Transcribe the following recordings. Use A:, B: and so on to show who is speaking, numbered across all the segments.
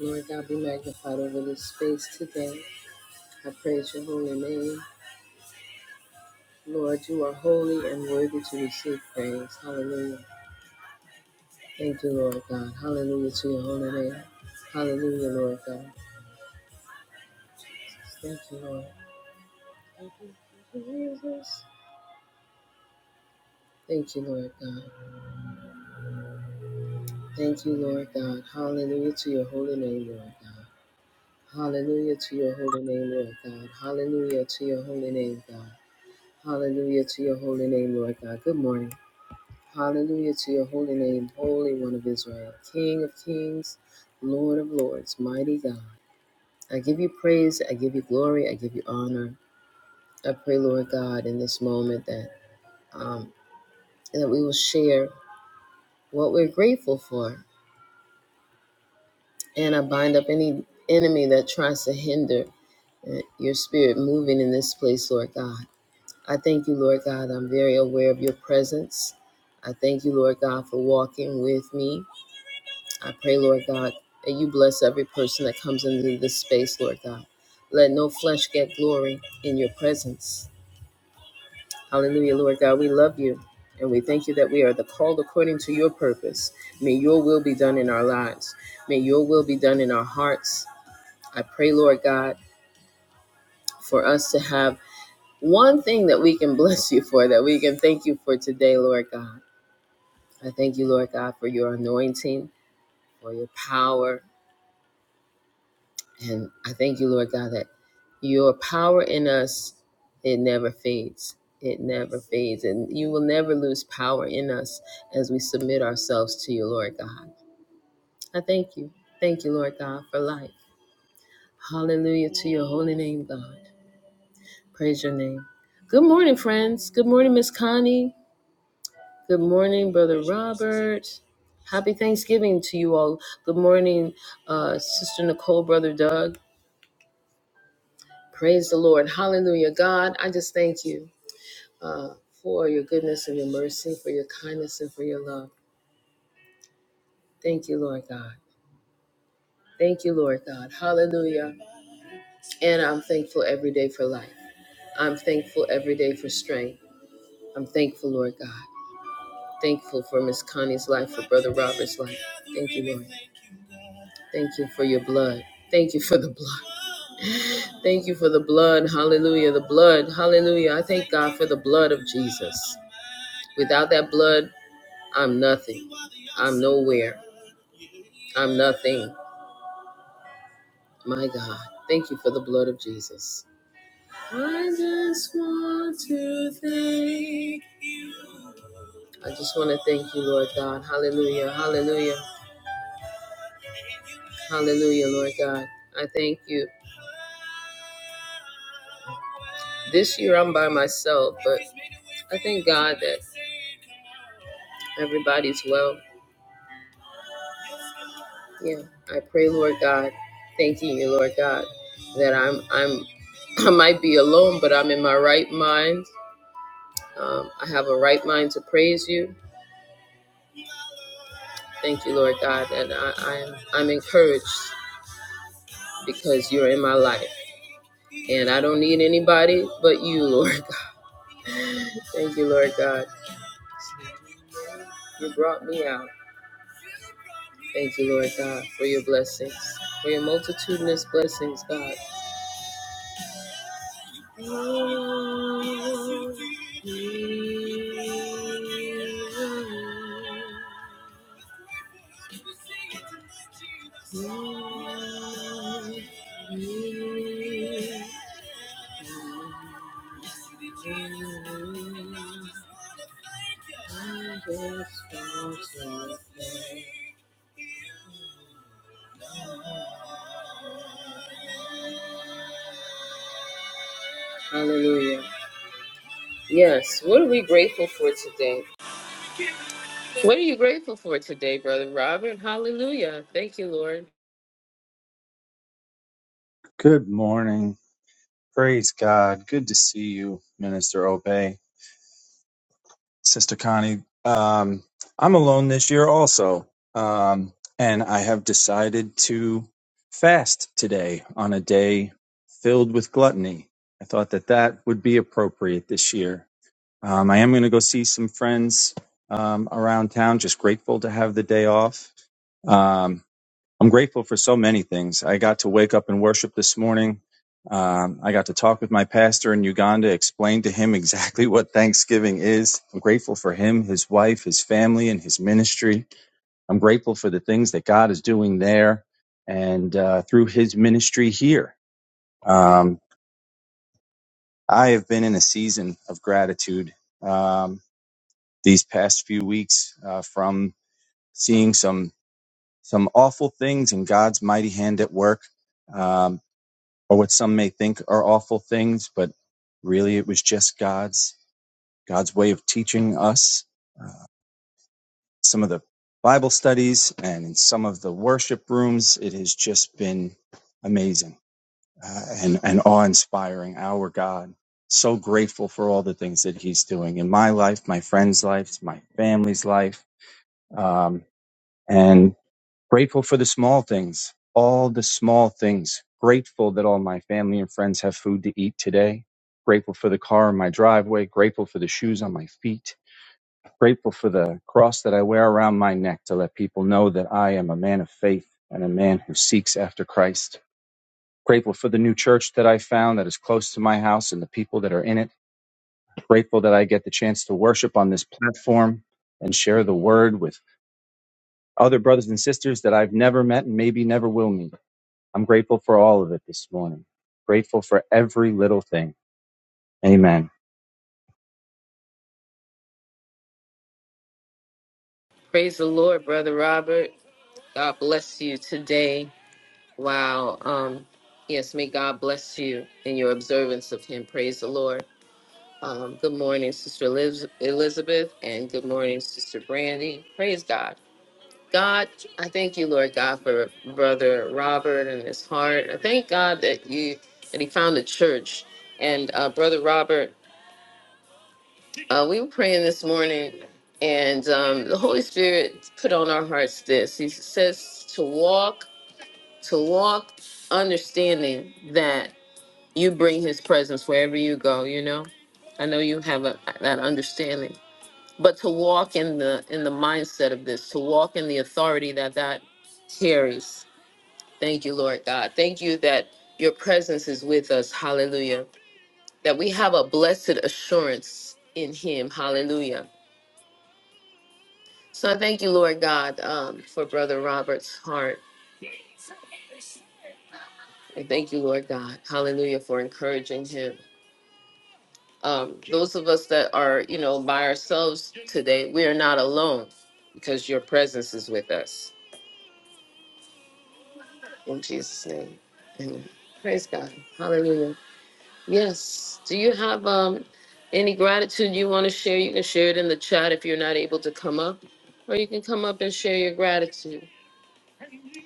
A: Lord God, be magnified over this space today. I praise your holy name. Lord, you are holy and worthy to receive praise. Hallelujah. Thank you, Lord God. Hallelujah to your holy name. Hallelujah, Lord God. Thank you, Lord. Thank you, Jesus. Thank you, Lord God. Thank you, Lord God. Hallelujah to your holy name, Lord God. Hallelujah to your holy name, Lord God. Hallelujah to your holy name, God. Hallelujah to your holy name, Lord God. Good morning. Hallelujah to your holy name, Holy One of Israel, King of kings, Lord of lords, mighty God. I give you praise, I give you glory, I give you honor. I pray, Lord God, in this moment that um, that we will share what we're grateful for, and I bind up any enemy that tries to hinder uh, your spirit moving in this place, Lord God. I thank you, Lord God. I'm very aware of your presence. I thank you, Lord God, for walking with me I pray, Lord God, that you bless every person that comes into this space, Lord God. Let no flesh get glory in your presence. Hallelujah, Lord God. We love you and we thank you that we are the called according to your purpose. May your will be done in our lives. May your will be done in our hearts. I pray, Lord God, for us to have one thing that we can bless you for, that we can thank you for today, Lord God. I thank you, Lord God, for your anointing, for your power, And I thank you, Lord God, that your power in us, it never fades. It never fades. And you will never lose power in us as we submit ourselves to you, Lord God. I thank you. Thank you, Lord God, for life. Hallelujah to your holy name, God. Praise your name. Good morning, friends. Good morning, Miss Connie. Good morning, Brother Robert. Happy Thanksgiving to you all. Good morning, uh, Sister Nicole, Brother Doug. Praise the Lord. Hallelujah. God, I just thank you uh, for your goodness and your mercy, for your kindness and for your love. Thank you, Lord God. Thank you, Lord God. Hallelujah. And I'm thankful every day for life. I'm thankful every day for strength. I'm thankful, Lord God. Thankful for Miss Connie's life, for Brother Robert's life. Thank you, Lord. Thank you for your blood. Thank you for the blood. Thank you for the blood. Hallelujah. The blood. Hallelujah. I thank God for the blood of Jesus. Without that blood, I'm nothing. I'm nowhere. I'm nothing. My God, thank you for the blood of Jesus. I just want to thank. I just want to thank you, Lord God. Hallelujah. Hallelujah. Hallelujah, Lord God. I thank you. This year I'm by myself, but I thank God that everybody's well. Yeah. I pray, Lord God, thanking you, Lord God, that I'm I'm I might be alone, but I'm in my right mind. Um, I have a right mind to praise you. Thank you, Lord God, that I, I'm I'm encouraged because you're in my life, and I don't need anybody but you, Lord. Thank you, Lord God. You brought me out. Thank you, Lord God, for your blessings, for your multitudinous blessings, God. Hallelujah. Yes. What are we grateful for today? What are you grateful for today, Brother Robert? Hallelujah. Thank you, Lord.
B: Good morning. Praise God. Good to see you, Minister Obey. Sister Connie, um, I'm alone this year also. Um, and I have decided to fast today on a day filled with gluttony. I thought that that would be appropriate this year. Um, I am going to go see some friends um, around town, just grateful to have the day off. Um, I'm grateful for so many things. I got to wake up and worship this morning. Um, I got to talk with my pastor in Uganda, explain to him exactly what Thanksgiving is. I'm grateful for him, his wife, his family, and his ministry. I'm grateful for the things that God is doing there and uh, through his ministry here. Um, I have been in a season of gratitude um, these past few weeks uh, from seeing some some awful things in God's mighty hand at work Um, or what some may think are awful things, but really it was just God's God's way of teaching us some of the Bible studies and in some of the worship rooms. It has just been amazing uh, and and awe inspiring. Our God, so grateful for all the things that He's doing in my life, my friends' lives, my family's life, um, and Grateful for the small things, all the small things. Grateful that all my family and friends have food to eat today. Grateful for the car in my driveway. Grateful for the shoes on my feet. Grateful for the cross that I wear around my neck to let people know that I am a man of faith and a man who seeks after Christ. Grateful for the new church that I found that is close to my house and the people that are in it. Grateful that I get the chance to worship on this platform and share the word with other brothers and sisters that I've never met and maybe never will meet I'm grateful for all of it this morning. Grateful for every little thing. Amen.
A: Praise the Lord, Brother Robert. God bless you today. Wow. Um, yes, may God bless you in your observance of Him. Praise the Lord. Um, good morning, Sister Eliz- Elizabeth, and good morning, Sister Brandy. Praise God. God, I thank you, Lord God, for Brother Robert and his heart. I thank God that you that he found a church. And uh, Brother Robert, uh, we were praying this morning, and um, the Holy Spirit put on our hearts this. He says to walk, to walk, understanding that you bring His presence wherever you go. You know, I know you have a, that understanding, but to walk in the in the mindset of this, to walk in the authority that that carries Thank you, Lord God. Thank you that your presence is with us. Hallelujah. That we have a blessed assurance in him. Hallelujah. So I thank you, Lord God, um, for Brother Robert's heart. And thank you, Lord God. Hallelujah for encouraging him. Um, those of us that are, you know, by ourselves today, we are not alone because your presence is with us. In Jesus' name. Amen. Praise God. Hallelujah. Yes. Do you have um any gratitude you want to share? You can share it in the chat if you're not able to come up, or you can come up and share your gratitude.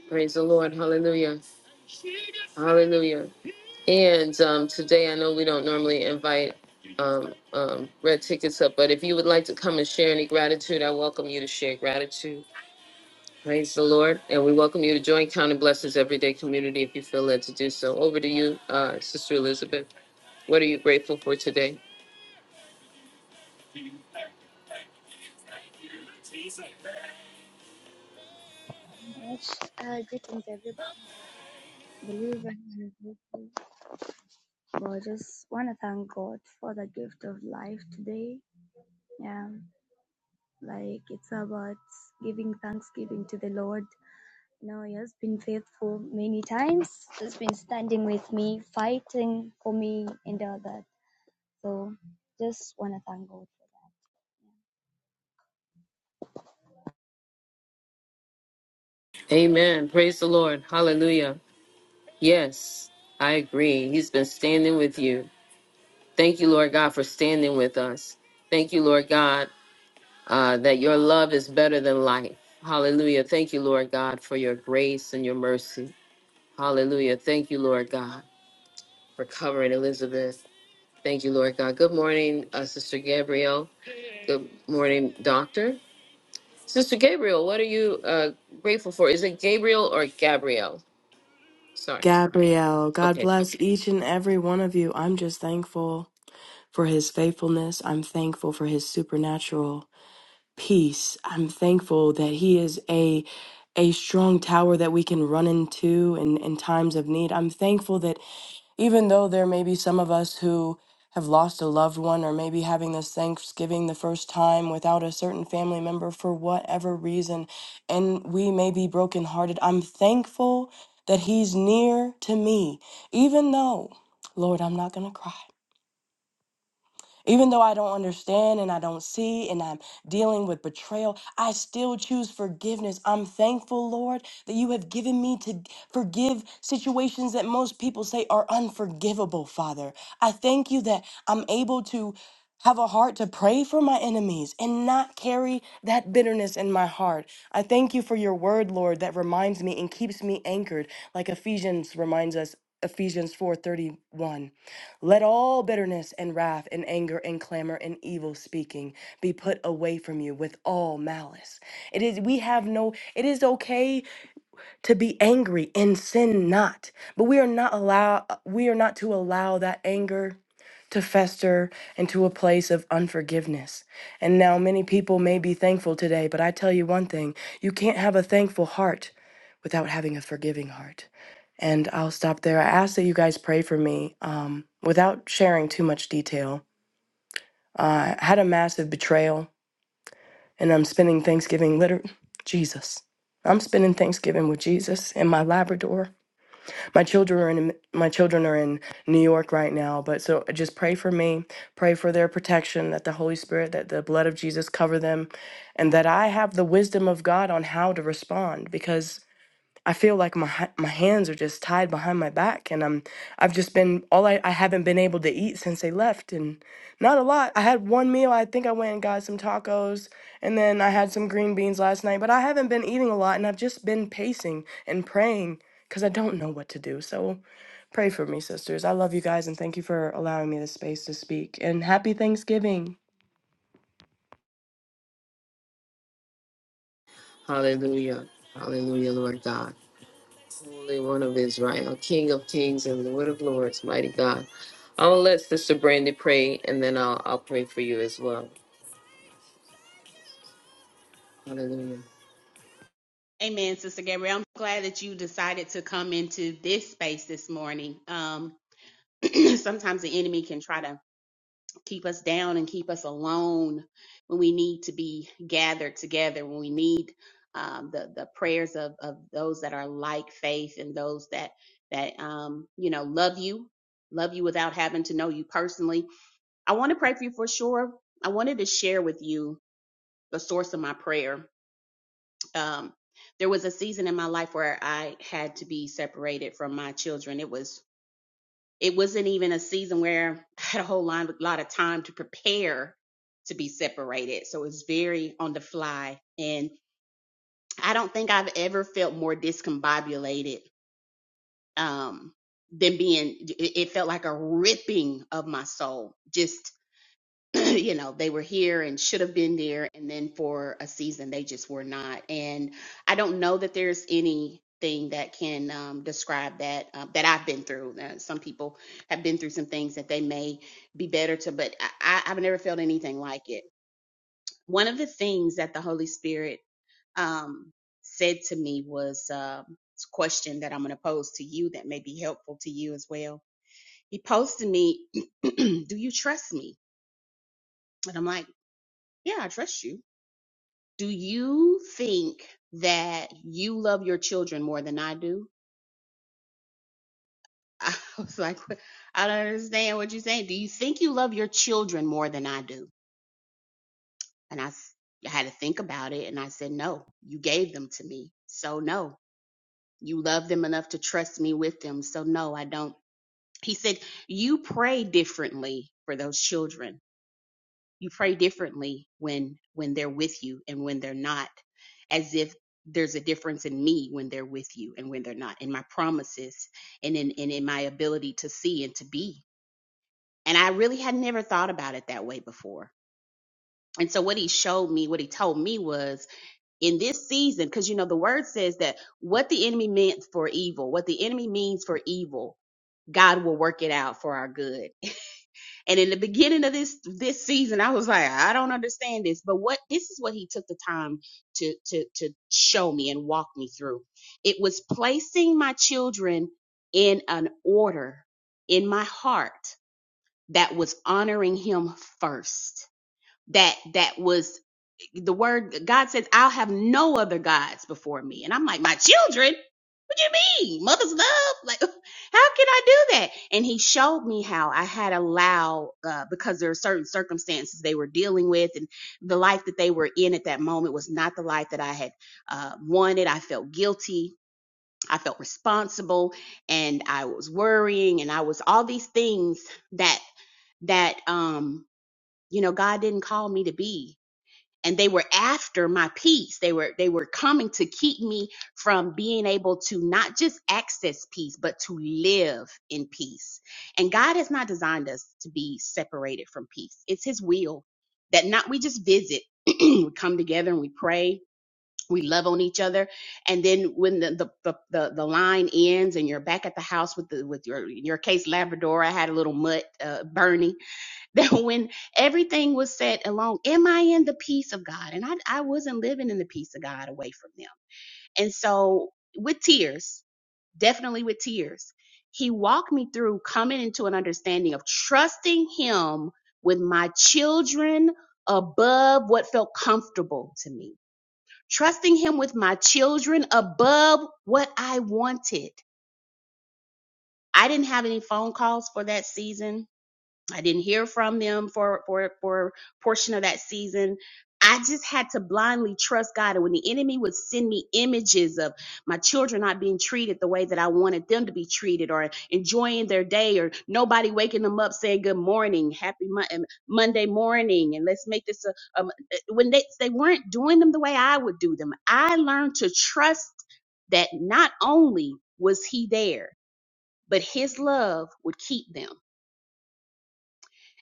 A: Praise the Lord. Hallelujah. Hallelujah. And um, today, I know we don't normally invite um, um, red tickets up, but if you would like to come and share any gratitude, I welcome you to share gratitude. Praise the Lord. And we welcome you to join Counting Blessings Everyday Community if you feel led to do so. Over to you, uh, Sister Elizabeth. What are you grateful for today?
C: Uh, greetings, everybody. Believer and grateful. Well, just want to thank God for the gift of life today. Yeah, like it's about giving thanksgiving to the Lord. You know, He has been faithful many times. He's been standing with me, fighting for me, and all that. So, just want to thank God for that.
A: Amen. Praise the Lord. Hallelujah. Yes, I agree. He's been standing with you. Thank you, Lord God, for standing with us. Thank you, Lord God, uh, that your love is better than life. Hallelujah. Thank you, Lord God, for your grace and your mercy. Hallelujah. Thank you, Lord God, for covering Elizabeth. Thank you, Lord God. Good morning, uh, Sister Gabrielle. Good morning, Doctor. Sister Gabriel, what are you uh, grateful for? Is it Gabriel or Gabrielle? Sorry.
D: Gabrielle, God
A: Okay.
D: bless each and every one of you. I'm just thankful for his faithfulness. I'm thankful for his supernatural peace. I'm thankful that he is a a strong tower that we can run into in, in times of need. I'm thankful that even though there may be some of us who have lost a loved one or maybe having this Thanksgiving the first time without a certain family member for whatever reason, and we may be brokenhearted, I'm thankful that He's near to me, even though, Lord, I'm not going to cry. Even though I don't understand and I don't see and I'm dealing with betrayal, I still choose forgiveness. I'm thankful, Lord, that you have given me to forgive situations that most people say are unforgivable, Father. I thank you that I'm able to have a heart to pray for my enemies and not carry that bitterness in my heart. I thank you for your word, Lord, that reminds me and keeps me anchored, like Ephesians reminds us, Ephesians 4:31. Let all bitterness and wrath and anger and clamor and evil speaking be put away from you with all malice. It is we have no it is okay to be angry and sin not, but we are not allow we are not to allow that anger to fester into a place of unforgiveness. And now many people may be thankful today, but I tell you one thing, you can't have a thankful heart without having a forgiving heart. And I'll stop there. I ask that you guys pray for me um, without sharing too much detail. Uh, I had a massive betrayal, and I'm spending Thanksgiving literally, Jesus. I'm spending Thanksgiving with Jesus in my Labrador. My children are in my children are in New York right now, but so just pray for me, pray for their protection, that the Holy Spirit, that the blood of Jesus cover them, and that I have the wisdom of God on how to respond. Because I feel like my my hands are just tied behind my back, and I'm I've just been all I I haven't been able to eat since they left, and not a lot. I had one meal. I think I went and got some tacos, and then I had some green beans last night. But I haven't been eating a lot, and I've just been pacing and praying because I don't know what to do. So pray for me, sisters. I love you guys, and thank you for allowing me the space to speak. And happy Thanksgiving.
A: Hallelujah. Hallelujah, Lord God. Holy One of Israel, King of Kings and Lord of Lords, mighty God. I'll let Sister Brandy pray and then I'll, I'll pray for you as well. Hallelujah.
E: Amen, Sister Gabrielle. I'm glad that you decided to come into this space this morning. Um, sometimes the enemy can try to keep us down and keep us alone when we need to be gathered together, when we need um, the the prayers of of those that are like faith and those that that um, you know love you, love you without having to know you personally. I want to pray for you for sure. I wanted to share with you the source of my prayer um, there was a season in my life where I had to be separated from my children. It was it wasn't even a season where I had a whole lot, lot of time to prepare to be separated. So it's very on the fly, and I don't think I've ever felt more discombobulated um, than being. It it felt like a ripping of my soul, just you know they were here and should have been there and then for a season they just were not and i don't know that there's anything that can um, describe that uh, that i've been through uh, some people have been through some things that they may be better to but I, I- i've never felt anything like it one of the things that the holy spirit um, said to me was um, this question that i'm going to pose to you that may be helpful to you as well he posed to me do you trust me and i'm like yeah i trust you Do you think that you love your children more than I do? I was like, "What- I don't understand what you're saying. Do you think you love your children more than I do? And I, s- I had to think about it and I said, no, you gave them to me. So, no, you love them enough to trust me with them. So, no, I don't. He said, you pray differently for those children. you pray differently when when they're with you and when they're not as if there's a difference in me when they're with you and when they're not in my promises and in and in my ability to see and to be and i really had never thought about it that way before and so what he showed me what he told me was in this season because you know the word says that what the enemy meant for evil what the enemy means for evil god will work it out for our good and in the beginning of this this season, I was like, I don't understand this, but what this is what he took the time to to to show me and walk me through. It was placing my children in an order in my heart that was honoring him first that that was the word God says, I'll have no other gods before me. And I'm like, my children? What do you mean? Mother's love? Like, how can I do that? And he showed me how I had allowed, uh, because there are certain circumstances they were dealing with, and the life that they were in at that moment was not the life that I had uh, wanted. I felt guilty. I felt responsible, and I was worrying, and I was all these things that that um you know God didn't call me to be and they were after my peace they were they were coming to keep me from being able to not just access peace but to live in peace and god has not designed us to be separated from peace it's his will that not we just visit we come together and we pray we love on each other and then when the the, the the the line ends and you're back at the house with the with your in your case labrador i had a little mutt uh, bernie that when everything was set along, am I in the peace of God? And I, I wasn't living in the peace of God away from them. And so, with tears, definitely with tears, he walked me through coming into an understanding of trusting him with my children above what felt comfortable to me, trusting him with my children above what I wanted. I didn't have any phone calls for that season. I didn't hear from them for for for a portion of that season. I just had to blindly trust God. And when the enemy would send me images of my children not being treated the way that I wanted them to be treated or enjoying their day or nobody waking them up saying good morning, happy Mon- um, Monday morning, and let's make this a, um, when they, they weren't doing them the way I would do them, I learned to trust that not only was he there, but his love would keep them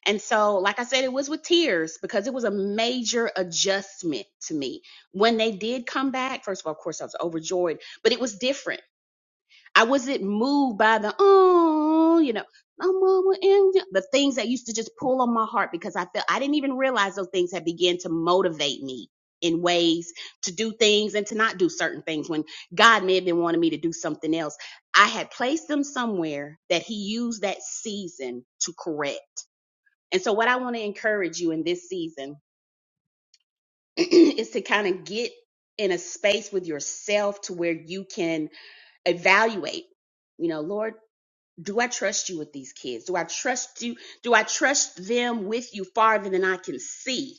E: and so, like I said, it was with tears because it was a major adjustment to me. When they did come back, first of all, of course, I was overjoyed, but it was different. I wasn't moved by the, oh, you know, no mama, and the things that used to just pull on my heart because I felt I didn't even realize those things had began to motivate me in ways to do things and to not do certain things when God may have been wanting me to do something else. I had placed them somewhere that He used that season to correct and so, what I want to encourage you in this season is to kind of get in a space with yourself to where you can evaluate, you know, Lord, do I trust you with these kids? Do I trust you? Do I trust them with you farther than I can see?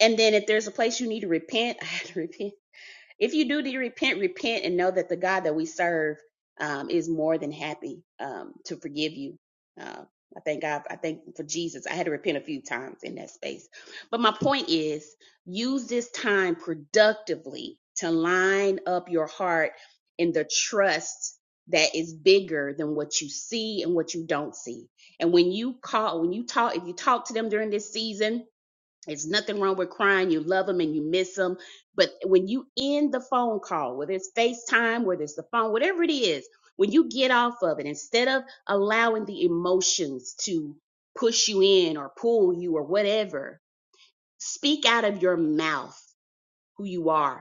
E: And then, if there's a place you need to repent, I had to repent if you do de- repent, repent and know that the God that we serve um, is more than happy um, to forgive you. Uh, I thank God. I thank for Jesus. I had to repent a few times in that space, but my point is, use this time productively to line up your heart in the trust that is bigger than what you see and what you don't see. And when you call, when you talk, if you talk to them during this season, it's nothing wrong with crying. You love them and you miss them. But when you end the phone call, whether it's FaceTime, whether it's the phone, whatever it is, when you get off of it, instead of allowing the emotions to push you in or pull you or whatever, speak out of your mouth who you are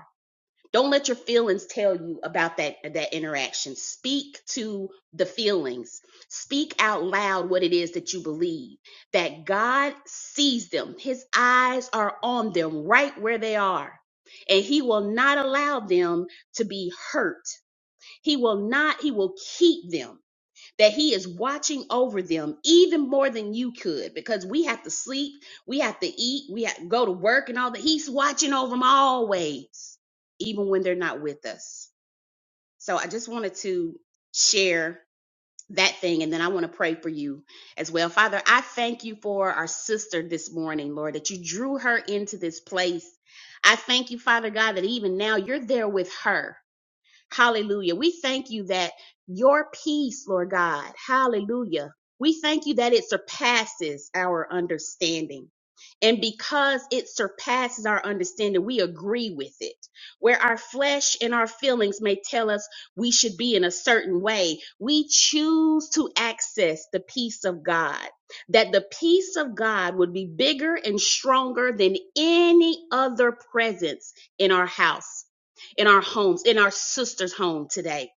E: don't let your feelings tell you about that that interaction speak to the feelings speak out loud what it is that you believe that god sees them his eyes are on them right where they are and he will not allow them to be hurt he will not he will keep them that he is watching over them even more than you could because we have to sleep, we have to eat, we have to go to work and all that. He's watching over them always, even when they're not with us. So I just wanted to share that thing and then I want to pray for you as well. Father, I thank you for our sister this morning, Lord, that you drew her into this place. I thank you, Father God, that even now you're there with her. Hallelujah. We thank you that your peace, Lord God, hallelujah. We thank you that it surpasses our understanding. And because it surpasses our understanding, we agree with it. Where our flesh and our feelings may tell us we should be in a certain way, we choose to access the peace of God. That the peace of God would be bigger and stronger than any other presence in our house in our homes, in our sister's home today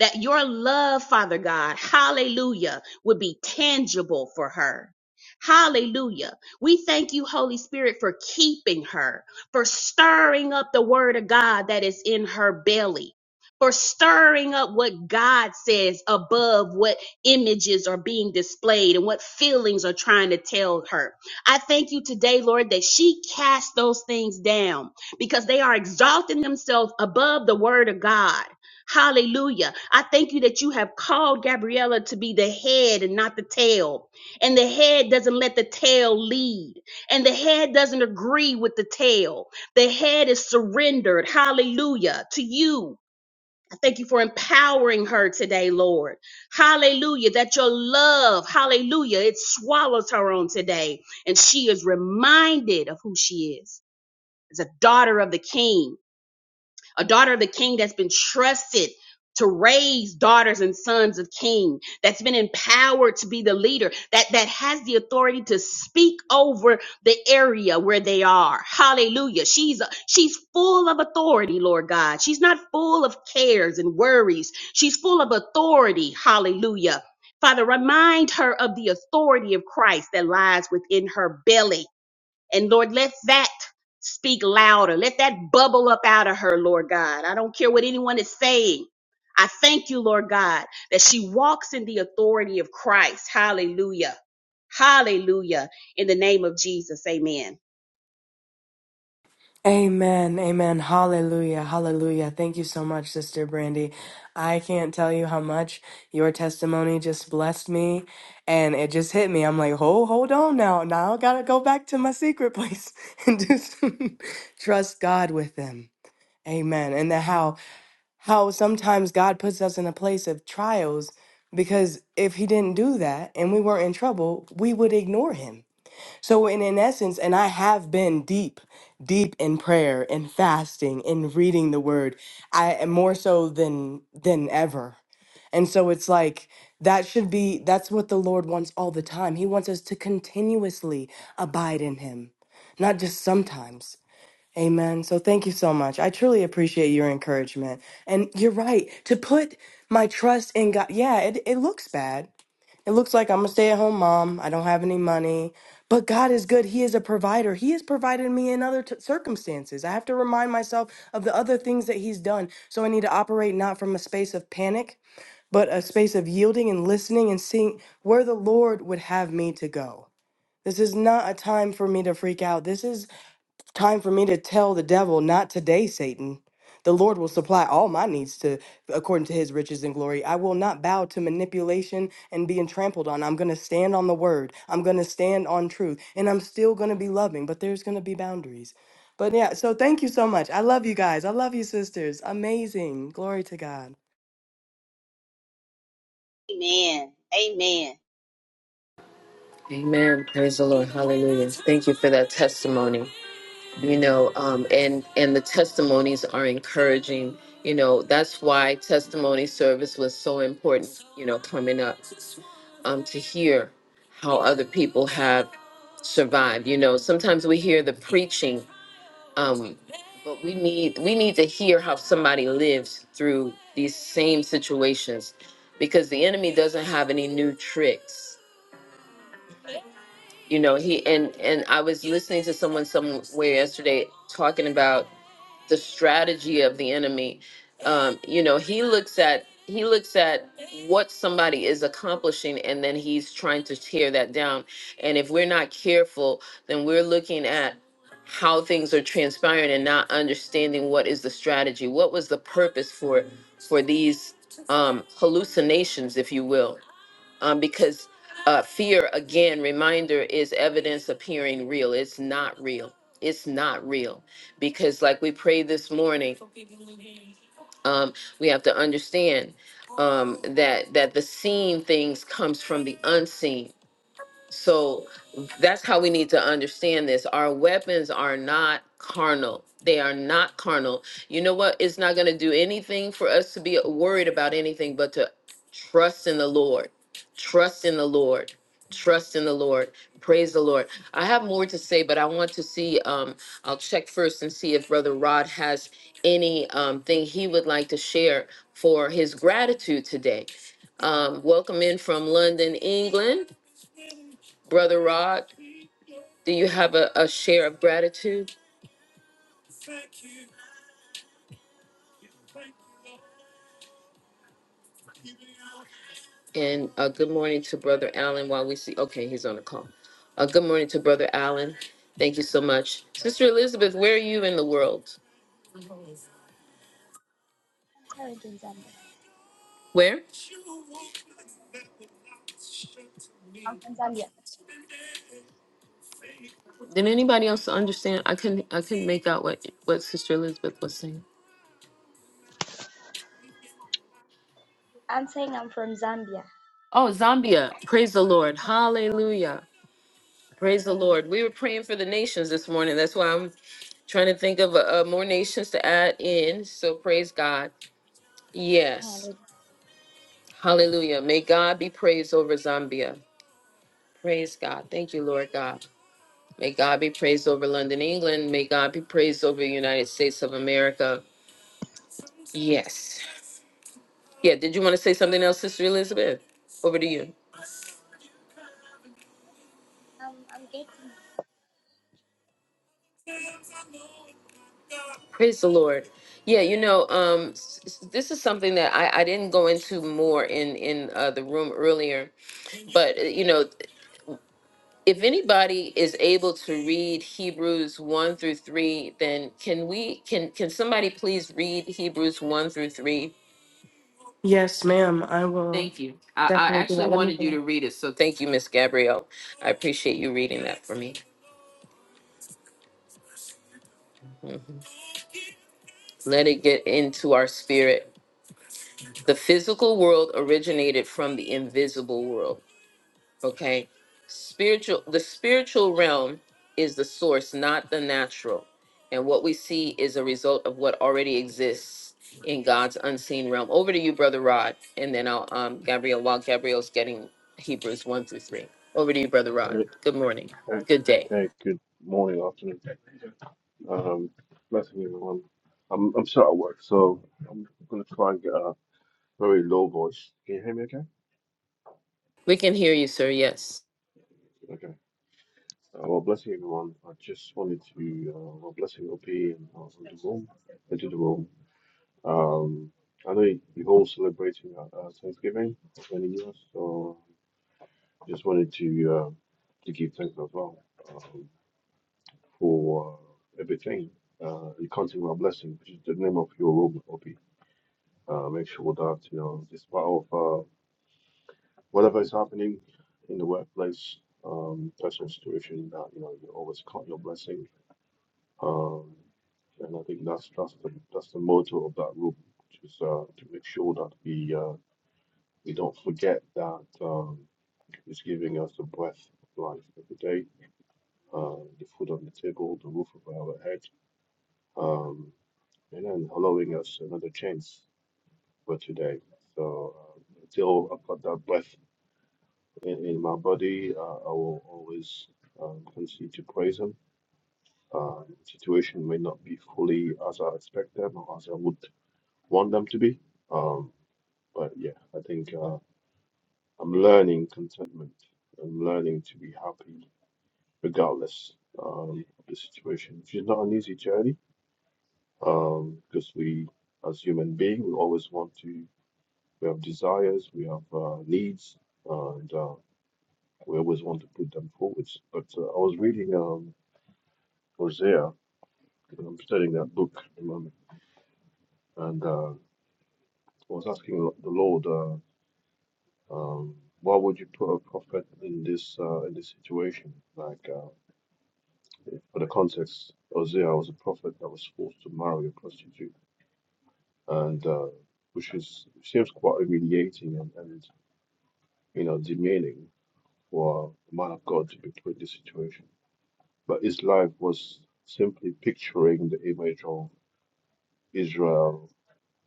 E: that your love, Father God, hallelujah, would be tangible for her. Hallelujah. We thank you, Holy Spirit, for keeping her, for stirring up the word of God that is in her belly, for stirring up what God says above what images are being displayed and what feelings are trying to tell her. I thank you today, Lord, that she cast those things down because they are exalting themselves above the word of God. Hallelujah. I thank you that you have called Gabriella to be the head and not the tail. And the head doesn't let the tail lead. And the head doesn't agree with the tail. The head is surrendered. Hallelujah. To you. I thank you for empowering her today, Lord. Hallelujah. That your love, hallelujah, it swallows her on today. And she is reminded of who she is as a daughter of the king a daughter of the king that's been trusted to raise daughters and sons of king that's been empowered to be the leader that that has the authority to speak over the area where they are hallelujah she's a, she's full of authority lord god she's not full of cares and worries she's full of authority hallelujah father remind her of the authority of christ that lies within her belly and Lord, let that speak louder. Let that bubble up out of her, Lord God. I don't care what anyone is saying. I thank you, Lord God, that she walks in the authority of Christ. Hallelujah. Hallelujah. In the name of Jesus. Amen.
D: Amen. Amen. Hallelujah. Hallelujah. Thank you so much, Sister Brandy. I can't tell you how much your testimony just blessed me. And it just hit me. I'm like, oh, hold on now. Now I gotta go back to my secret place and just trust God with them. Amen. And the how how sometimes God puts us in a place of trials because if he didn't do that and we weren't in trouble, we would ignore him so, in, in essence, and I have been deep, deep in prayer and fasting and reading the word, I am more so than than ever. And so it's like that should be that's what the Lord wants all the time. He wants us to continuously abide in him, not just sometimes. Amen. So thank you so much. I truly appreciate your encouragement. And you're right, to put my trust in God. Yeah, it, it looks bad. It looks like I'm a stay at home mom. I don't have any money. But God is good. He is a provider. He has provided me in other t- circumstances. I have to remind myself of the other things that He's done. So I need to operate not from a space of panic, but a space of yielding and listening and seeing where the Lord would have me to go. This is not a time for me to freak out. This is Time for me to tell the devil, not today, Satan. The Lord will supply all my needs to according to his riches and glory. I will not bow to manipulation and being trampled on. I'm going to stand on the word. I'm going to stand on truth and I'm still going to be loving, but there's going to be boundaries. But yeah, so thank you so much. I love you guys. I love you sisters. Amazing. Glory to God.
E: Amen. Amen.
A: Amen. Praise the Lord. Hallelujah. Thank you for that testimony. You know, um, and and the testimonies are encouraging. You know, that's why testimony service was so important. You know, coming up um, to hear how other people have survived. You know, sometimes we hear the preaching um but we need we need to hear how somebody lives through these same situations because the enemy doesn't have any new tricks you know he and and i was listening to someone somewhere yesterday talking about the strategy of the enemy. Um, you know, he looks at he looks at what somebody is accomplishing and then he's trying to tear that down. And if we're not careful, then we're looking at how things are transpiring and not understanding what is the strategy. What was the purpose for for these um hallucinations, if you will? um, because uh, fear, again, reminder is evidence appearing real. It's not real. It's not real. Because, like we prayed this morning, um, we have to understand um, that that the seen things comes from the unseen so that's how we need to understand this. Our weapons are not carnal. They are not carnal. You know what? It's not going to do anything for us to be worried about anything but to trust in the Lord. Trust in the Lord. Trust in the Lord. Praise the Lord. I have more to say, but I want to see. Um, I'll check first and see if Brother Rod has any um, thing he would like to share for his gratitude today. Um, welcome in from London, England. Brother Rod, do you have a, a share of gratitude? And uh, good morning to Brother Allen while we see. Okay, he's on the call. Uh, good morning to Brother Allen. Thank you so much. Sister Elizabeth, where are you in the world?
C: Where are you in Zambia?
A: Where?
C: I'm from Zambia.
A: Did anybody else understand? I couldn't I couldn't make out what, what Sister Elizabeth was saying.
C: I'm saying I'm from Zambia.
A: Oh, Zambia. Praise the Lord. Hallelujah. Praise the
C: Amen.
A: Lord. We were praying for the nations this morning. That's why I'm trying to think of uh, uh, more nations to add in. So praise God. Yes.
C: Hallelujah.
A: Hallelujah. May God be praised over Zambia. Praise God. Thank you, Lord God. May God be praised over London, England. May God be praised over the United States of America. Yes. Yeah, did you want to say something else, Sister Elizabeth? Over to you.
C: Um, I'm getting
A: Praise the Lord. Yeah, you know, um, s- s- this is something that I, I didn't go into more in in uh, the room earlier, but uh, you know, if anybody is able to read Hebrews 1 through 3, then can we can can somebody please read Hebrews 1 through 3?
D: Yes, ma'am. I will
A: Thank you. I, I
D: definitely do
A: actually
D: that. Let me
A: wanted you to read it, so thank you, Miss Gabrielle. I appreciate you reading that for me. Mhm. Let it get into our spirit. The physical world originated from the invisible world. Okay. Spiritual, the spiritual realm is the source, not the natural. And what we see is a result of what already exists in God's unseen realm. Over to you, Brother Rod, and then I'll, um, Gabriel, while Gabriel's getting Hebrews 1 through 3. Over to you, Brother Rod.
F: Hey,
A: Good morning.
F: hey,
A: Good day.
F: hey, good morning, afternoon. Um, blessing everyone. I'm I'm still at work, so I'm gonna try and get a very low voice. Can you hear me okay?
A: We can hear you, sir. Yes.
F: Okay. Uh, well, blessing everyone. I just wanted to, uh, well, blessing OP and uh, on the room, into the room. Um, I know you- you're all celebrating uh, uh, Thanksgiving, for many years, so just wanted to uh, to give thanks as well. Um, for uh, everything. Uh, you can't take my blessing, which is the name of your room, Obi. Uh, make sure that, you know, despite of uh, whatever is happening in the workplace, um, personal situation, that, you know, you always count your blessing. Um, and I think that's, that's, the, that's the motto of that room, which is uh, to make sure that we, uh, we don't forget that um, it's giving us the breath of life every day, uh, the food on the table, the roof over our head. Um, and then allowing us another chance for today. So uh, until I've got that breath in, in my body, uh, I will always um, continue to praise Him. Uh, situation may not be fully as I expect them or as I would want them to be, um, but yeah, I think uh, I'm learning contentment. I'm learning to be happy regardless um, of the situation, which is not an easy journey um, because we, as human beings, we always want to we have desires, we have uh, needs, and uh, we always want to put them forward. But uh, I was reading um, Hosea, and I'm studying that book at the moment, and uh, I was asking the Lord, uh, um, why would you put a prophet in this uh, in this situation? Like uh, for the context, Hosea was a prophet that was forced to marry a prostitute, and uh, which is seems quite humiliating and, and you know demeaning for a man of God to be put in this situation But his life was simply picturing the image of Israel,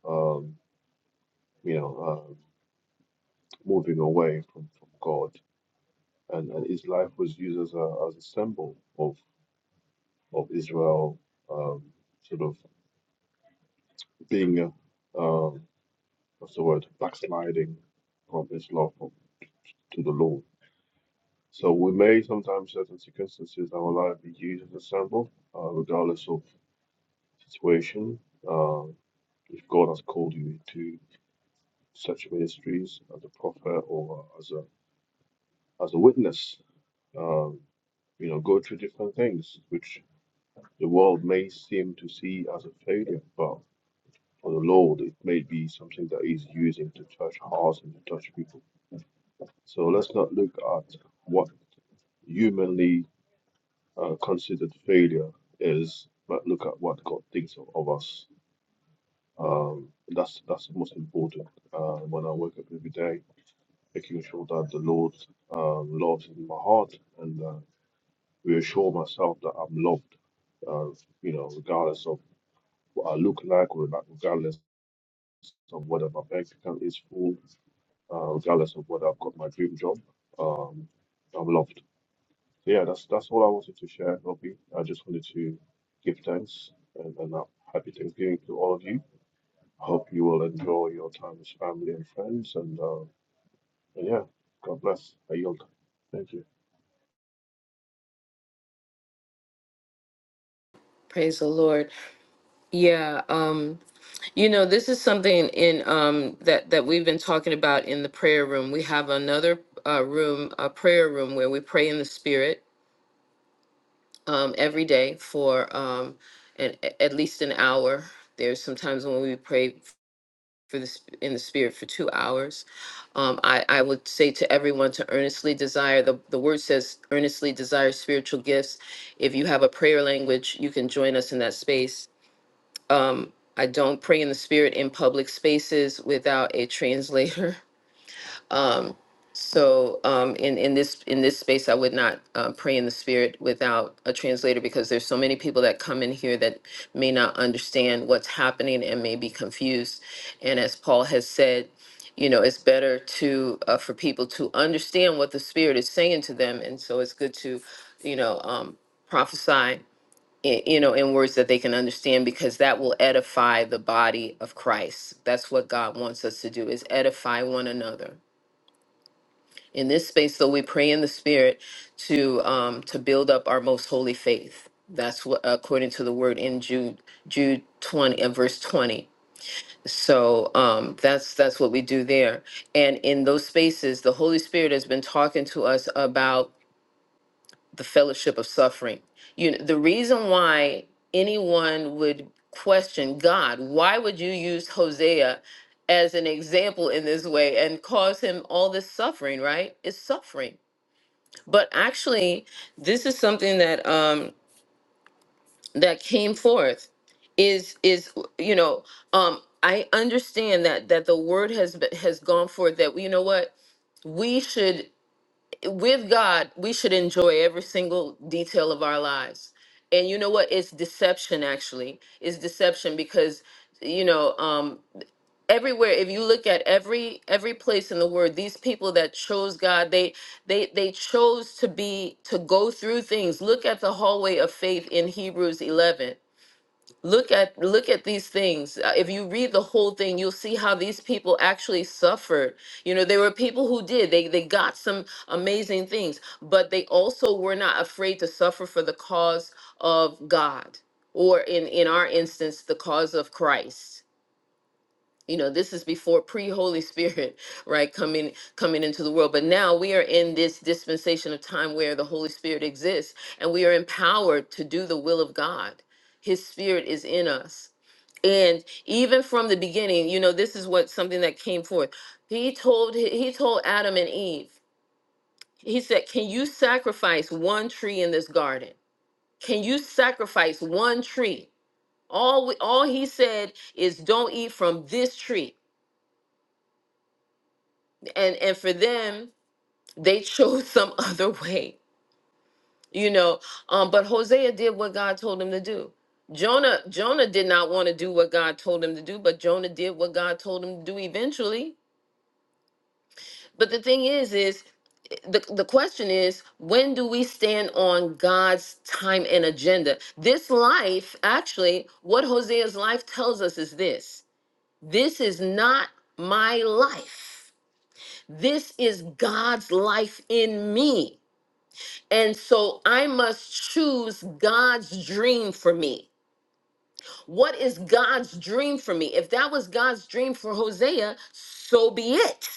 F: um, you know, uh, moving away from, from God. And, and his life was used as a, as a symbol of, of Israel um, sort of being, uh, um, what's the word, backsliding from his love for- to the Lord. So we may sometimes certain circumstances in our life be used as a symbol, uh, regardless of situation. Um, if God has called you to such ministries as a prophet or as a as a witness. Um, you know, go through different things which the world may seem to see as a failure, but for the Lord, it may be something that He's using to touch hearts and to touch people. So let's not look at what humanly uh, considered failure is, but look at what God thinks of, of us. Um, that's that's the most important. Uh, when I wake up every day. making sure that the Lord uh, loves in my heart and uh, reassure myself that I'm loved, uh, you know, regardless of what I look like, or not- regardless of whether my bank account is full, uh, regardless of whether I've got my dream job, um, I'm loved. So, Yeah, that's that's all I wanted to share, Robbie. I just wanted to give thanks and, and uh, happy Thanksgiving to all of you. Hope you will enjoy your time with family and friends, and, uh, and yeah, God bless. I yield. Thank you.
A: Praise the Lord. Yeah, um, you know, this is something in um that that we've been talking about in the prayer room. We have another uh room, a prayer room where we pray in the spirit um every day for um an, a- at least an hour. There's sometimes when we pray for this in the spirit for 2 hours. Um I I would say to everyone to earnestly desire the the word says earnestly desire spiritual gifts. If you have a prayer language, you can join us in that space um, I don't pray in the spirit in public spaces without a translator. Um, so um, in in this in this space, I would not uh, pray in the spirit without a translator because there's so many people that come in here that may not understand what's happening and may be confused. And as Paul has said, you know, it's better to uh, for people to understand what the spirit is saying to them, and so it's good to, you know, um, prophesy i- you know, in words that they can understand because that will edify the body of Christ. That's what God wants us to do is edify one another. In this space, though, we pray in the spirit to um, to build up our most holy faith. That's what according to the word in Jude Jude 20 and verse 20. So um, that's that's what we do there. And in those spaces, the Holy Spirit has been talking to us about the fellowship of suffering. You know, the reason why anyone would question God, why would you use Hosea as an example in this way and cause him all this suffering, right? It's suffering. But actually, this is something that um that came forth is is you know, um I understand that that the word has been, has gone forth that you know what? we should with God, we should enjoy every single detail of our lives. And you know what? It's deception, actually. It's deception because, you know, um, everywhere if you look at every every place in the word these people that chose god they they they chose to be to go through things look at the hallway of faith in hebrews 11 look at look at these things Uh, if you read the whole thing you'll see how these people actually suffered you know there were people who did they they got some amazing things but they also were not afraid to suffer for the cause of god or in in our instance the cause of christ you know this is before pre holy spirit right coming coming into the world but now we are in this dispensation of time where the holy spirit exists and we are empowered to do the will of god his spirit is in us and even from the beginning you know this is what something that came forth he told he told adam and eve he said can you sacrifice one tree in this garden can you sacrifice one tree all we, all he said is don't eat from this tree and and for them they chose some other way you know um but hosea did what god told him to do jonah jonah did not want to do what god told him to do but jonah did what god told him to do eventually but the thing is is the, the question is when do we stand on god's time and agenda this life actually what hosea's life tells us is this this is not my life this is god's life in me And so I must choose God's dream for me. What is God's dream for me? If that was God's dream for Hosea, so be it.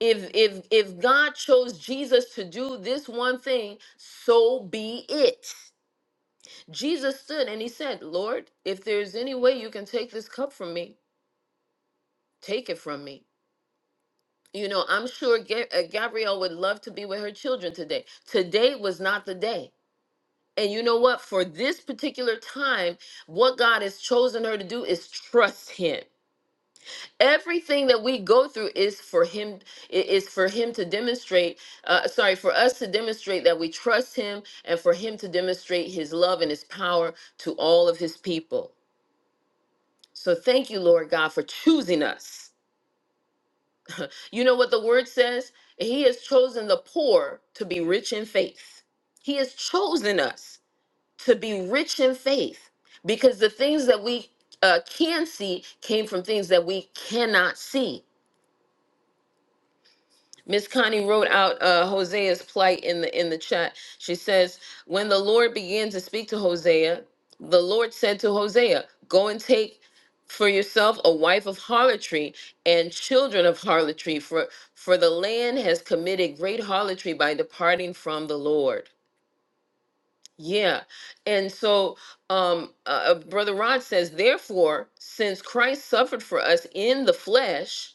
A: If if if God chose Jesus to do this one thing, so be it. Jesus stood and he said, "Lord, if there's any way you can take this cup from me, take it from me." You know, I'm sure Ga- uh, Gabrielle would love to be with her children today. Today was not the day. And you know what? For this particular time, what God has chosen her to do is trust him. Everything that we go through is for him i- is for him to demonstrate uh, sorry, for us to demonstrate that we trust him and for him to demonstrate his love and his power to all of his people. So thank you, Lord God, for choosing us. You know what the word says? He has chosen the poor to be rich in faith. He has chosen us. to be rich in faith because the things that we uh, can see came from things that we cannot see. Miss Connie wrote out uh, Hosea's plight in the in the chat. She says, "When the Lord began to speak to Hosea, the Lord said to Hosea, Go and take for yourself a wife of harlotry and children of harlotry, for for the land has committed great harlotry by departing from the Lord." Yeah. And so um uh, uh, brother Rod says therefore since Christ suffered for us in the flesh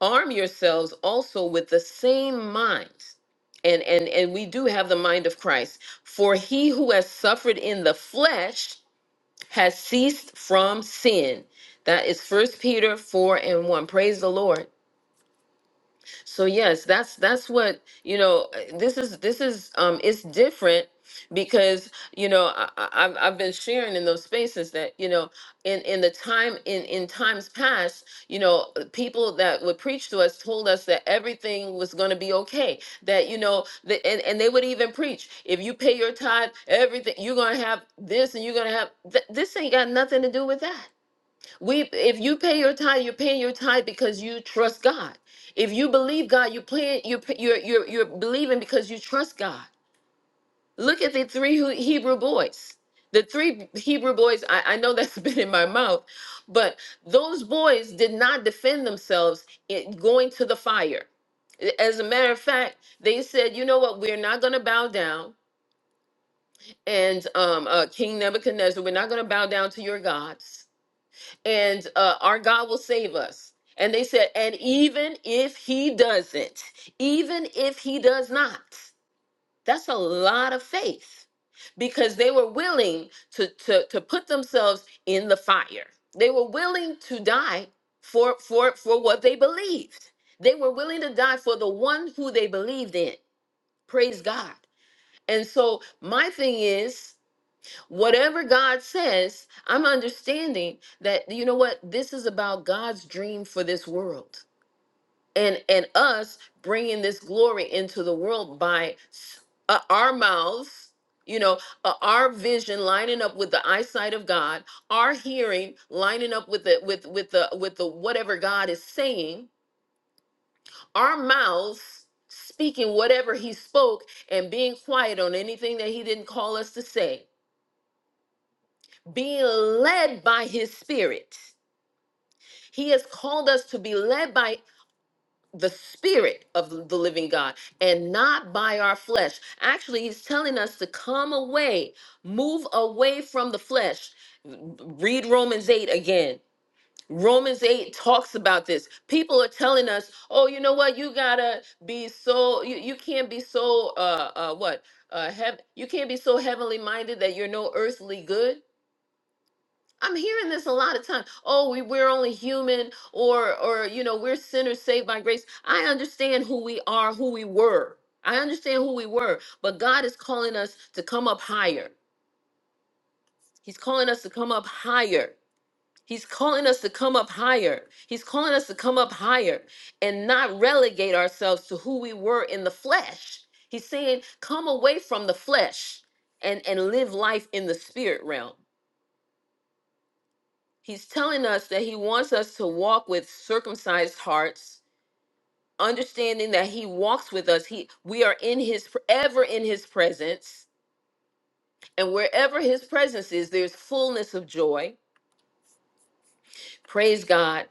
A: arm yourselves also with the same minds. And and and we do have the mind of Christ. For he who has suffered in the flesh has ceased from sin. That is first Peter 4 and 1. Praise the Lord so yes that's that's what you know uh, this is this is um it's different because you know I, I- I've, I've been sharing in those spaces that you know in in the time in in times past you know uh, people that would preach to us told us that everything was going to be okay that you know the, and and they would even preach if you pay your tithe everything you're going to have this and you're going to have th- this ain't got nothing to do with that we if you pay your tithe, you're paying your tithe because you trust God. If you believe God, you're paying you're you're you're, you're believing because you trust God. Look at the three Hu- Hebrew boys. The three Hebrew boys, I, I know that's been in my mouth, but those boys did not defend themselves in going to the fire. As a matter of fact, they said, you know what, we're not going to bow down. And um, uh, King Nebuchadnezzar, we're not going to bow down to your gods and uh, our God will save us. And they said, and even if he doesn't, even if he does not, that's a lot of faith because they were willing to, to, to put themselves in the fire. They were willing to die for, for, for what they believed. They were willing to die for the one who they believed in. Praise God. And so my thing is, whatever God says, I'm understanding that you know what this is about God's dream for this world and and us bringing this glory into the world by s- uh, our mouths you know uh, our vision lining up with the eyesight of god our hearing lining up with the with with the with the whatever god is saying our mouths speaking whatever he spoke and being quiet on anything that he didn't call us to say being led by his spirit. He has called us to be led by the spirit of the living God and not by our flesh. Actually, he's telling us to come away, move away from the flesh. Read Romans 8 again. Romans 8 talks about this. People are telling us, "Oh, you know what? You got to be so you, you can't be so uh uh what? Uh heav- you can't be so heavenly minded that you're no earthly good." I'm hearing this a lot of time. Oh, we, we're only human, or or you know, we're sinners saved by grace. I understand who we are, who we were. I understand who we were, but God is calling us to come up higher. He's calling us to come up higher. He's calling us to come up higher. He's calling us to come up higher and not relegate ourselves to who we were in the flesh. He's saying, come away from the flesh and, and live life in the spirit realm. He's telling us that he wants us to walk with circumcised hearts, understanding that he walks with us. He we are in his ever in his presence, and wherever his presence is, there's fullness of joy. Praise God.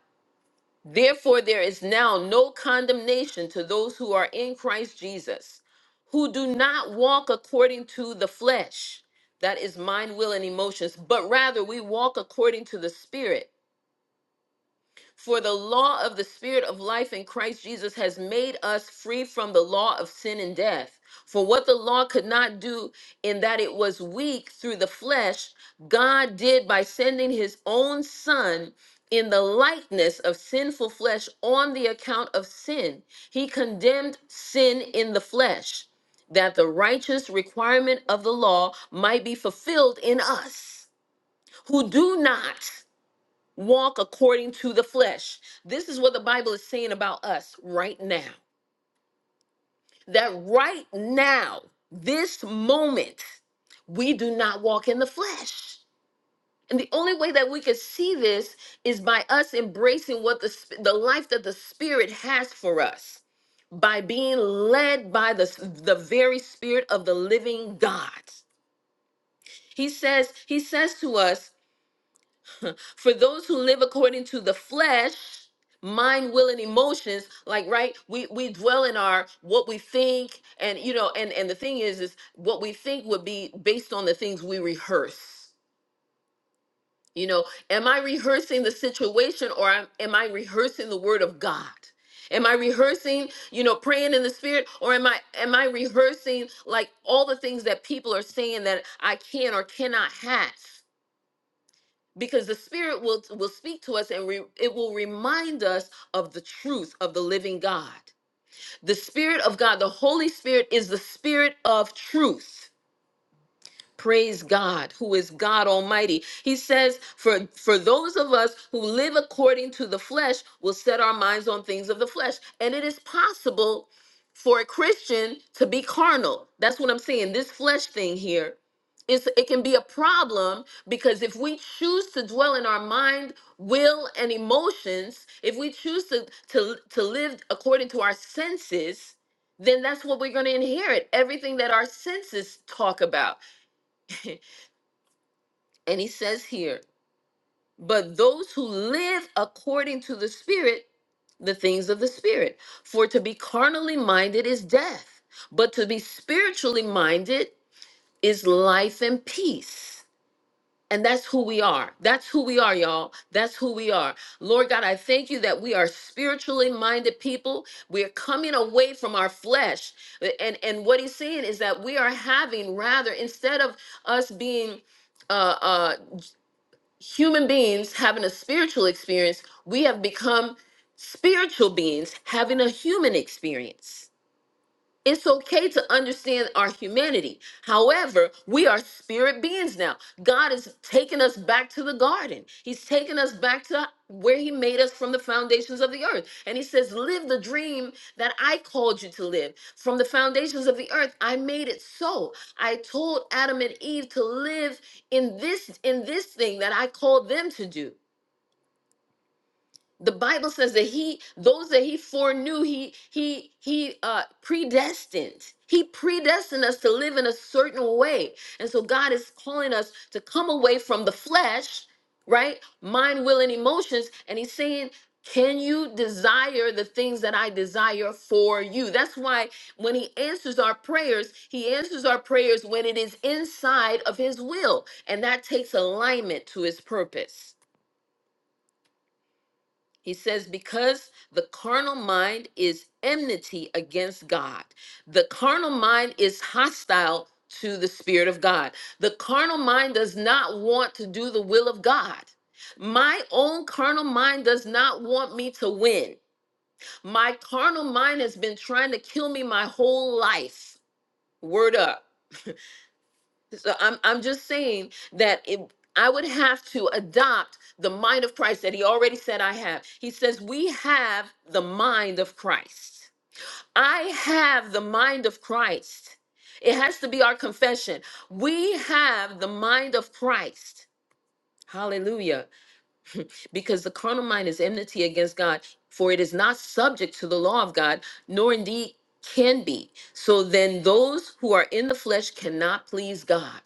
A: Therefore there is now no condemnation to those who are in Christ Jesus, who do not walk according to the flesh, that is mind, will and emotions, but rather we walk according to the spirit. For the law of the Spirit of life in Christ Jesus has made us free from the law of sin and death. For what the law could not do in that it was weak through the flesh, God did by sending his own Son in the likeness of sinful flesh on the account of sin. He condemned sin in the flesh, that the righteous requirement of the law might be fulfilled in us who do not walk according to the flesh. This is what the Bible is saying about us right now. That right now, this moment, we do not walk in the flesh. And the only way that we can see this is by us embracing what the sp- the life that the spirit has for us by being led by the s- the very spirit of the living God. He says he says to us For those who live according to the flesh, mind, will, and emotions, like right, we we dwell in our what we think, and you know, and and the thing is, is what we think would be based on the things we rehearse. You know, am I rehearsing the situation, or am am I rehearsing the word of God? Am I rehearsing, you know, praying in the spirit, or am I am I rehearsing like all the things that people are saying that I can or cannot have? because the spirit will will speak to us and re, it will remind us of the truth of the living god the spirit of god the holy spirit is the spirit of truth Praise God, who is God Almighty. He says, for, for those of us who live according to the flesh, will set our minds on things of the flesh. And it is possible for a Christian to be carnal. That's what I'm saying. This flesh thing here is it can be a problem because if we choose to dwell in our mind, will, and emotions, if we choose to to, to live according to our senses, then that's what we're going to inherit. Everything that our senses talk about. And he says here, but those who live according to the Spirit, the things of the Spirit. For to be carnally minded is death, but to be spiritually minded is life and peace. And that's who we are. That's who we are, y'all. That's who we are. Lord God, I thank you that we are spiritually minded people. We are coming away from our flesh. And, and what he's saying is that we are having, rather, instead of us being. uh. uh, human beings having a spiritual experience, we have become spiritual beings having a human experience. It's okay to understand our humanity. However, we are spirit beings now. God is taking us back to the garden. He's taking us back to where he made us from the foundations of the earth. And he says, "Live the dream that I called you to live. From the foundations of the earth, I made it so. I told Adam and Eve to live in this in this thing that I called them to do." the bible says that he those that he foreknew he he he uh predestined he predestined us to live in a certain way and so god is calling us to come away from the flesh right mind will and emotions and he's saying can you desire the things that I desire for you? That's why when he answers our prayers, he answers our prayers when it is inside of his will. And that takes alignment to his purpose. He says, because the carnal mind is enmity against God. The carnal mind is hostile to the Spirit of God. The carnal mind does not want to do the will of God. My own carnal mind does not want me to win. My carnal mind has been trying to kill me my whole life. Word up. So I'm I'm just saying that it I would have to adopt the mind of Christ that he already said I have. He says we have the mind of Christ. I have the mind of Christ. It has to be our confession. We have the mind of Christ. Hallelujah. Because the carnal mind is enmity against God, for it is not subject to the law of God, nor indeed can be. So then those who are in the flesh cannot please God.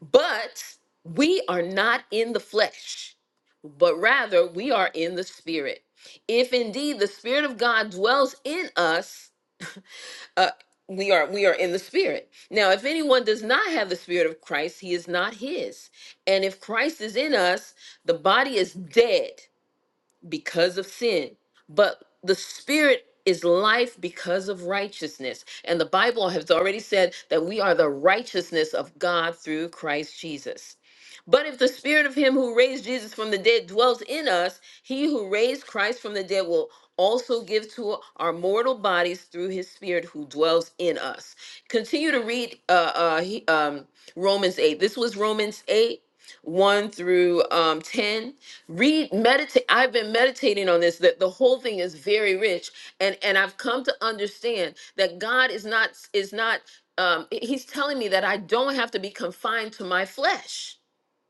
A: But we are not in the flesh, but rather we are in the spirit. If indeed the spirit of God dwells in us, uh, we are we are in the spirit. Now, if anyone does not have the spirit of Christ, he is not his. And if Christ is in us, the body is dead because of sin, but the spirit is life because of righteousness. And the Bible has already said that we are the righteousness of God through Christ Jesus. But if the spirit of him who raised Jesus from the dead dwells in us, he who raised Christ from the dead will also give to our mortal bodies through his spirit who dwells in us. Continue to read uh, uh, he- um, Romans 8. This was Romans 8, 1 through um, 10 read meditate i've been meditating on this that the whole thing is very rich and and i've come to understand that god is not is not um he- he's telling me that i don't have to be confined to my flesh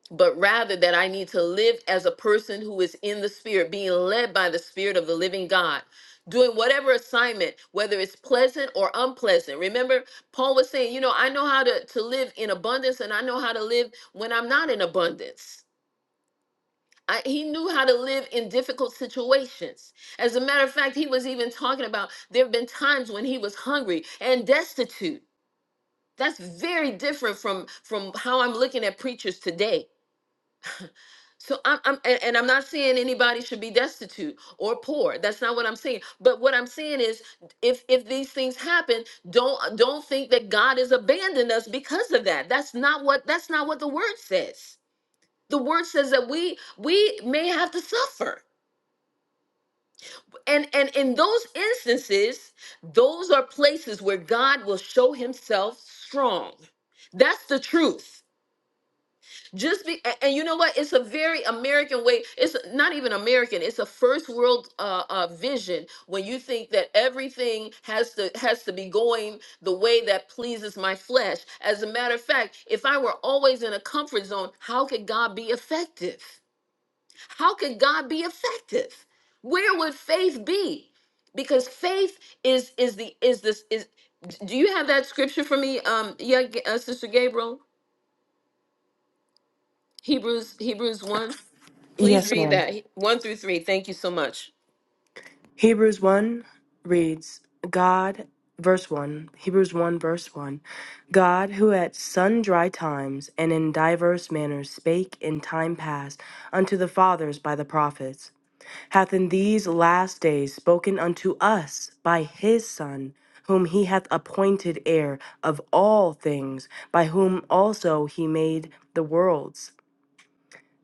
A: but rather that i need to live as a person who is in the spirit being led by the spirit of the living god doing whatever assignment whether it's pleasant or unpleasant remember paul was saying you know i know how to to live in abundance and i know how to live when i'm not in abundance I, he knew how to live in difficult situations. As a matter of fact, he was even talking about there have been times when he was hungry and destitute. That's very different from from how I'm looking at preachers today. So I'm, I'm and, and I'm not saying anybody should be destitute or poor. That's not what I'm saying. But what I'm saying is, if if these things happen, don't don't think that God has abandoned us because of that. That's not what that's not what the word says. The word says that we we may have to suffer And and in those instances, those are places where God will show himself strong. That's the truth. Just be a- and you know what? It's a very American way. It's not even American. It's a first world uh, uh, vision when you think that everything has to has to be going the way that pleases my flesh. As a matter of fact, if I were always in a comfort zone, how could God be effective? How could God be effective? Where would faith be? Because faith is is the is this is. Do you have that scripture for me, um, yeah, G- uh, Sister Gabriel? Hebrews Hebrews one. Please
D: Yes,
A: read
D: ma'am.
A: that He- one through three. Thank you so much.
D: Hebrews 1 reads, God, verse 1, Hebrews 1, verse 1, God, who at sundry times and in diverse manners spake in time past unto the fathers by the prophets, hath in these last days spoken unto us by his Son, whom he hath appointed heir of all things, by whom also he made the worlds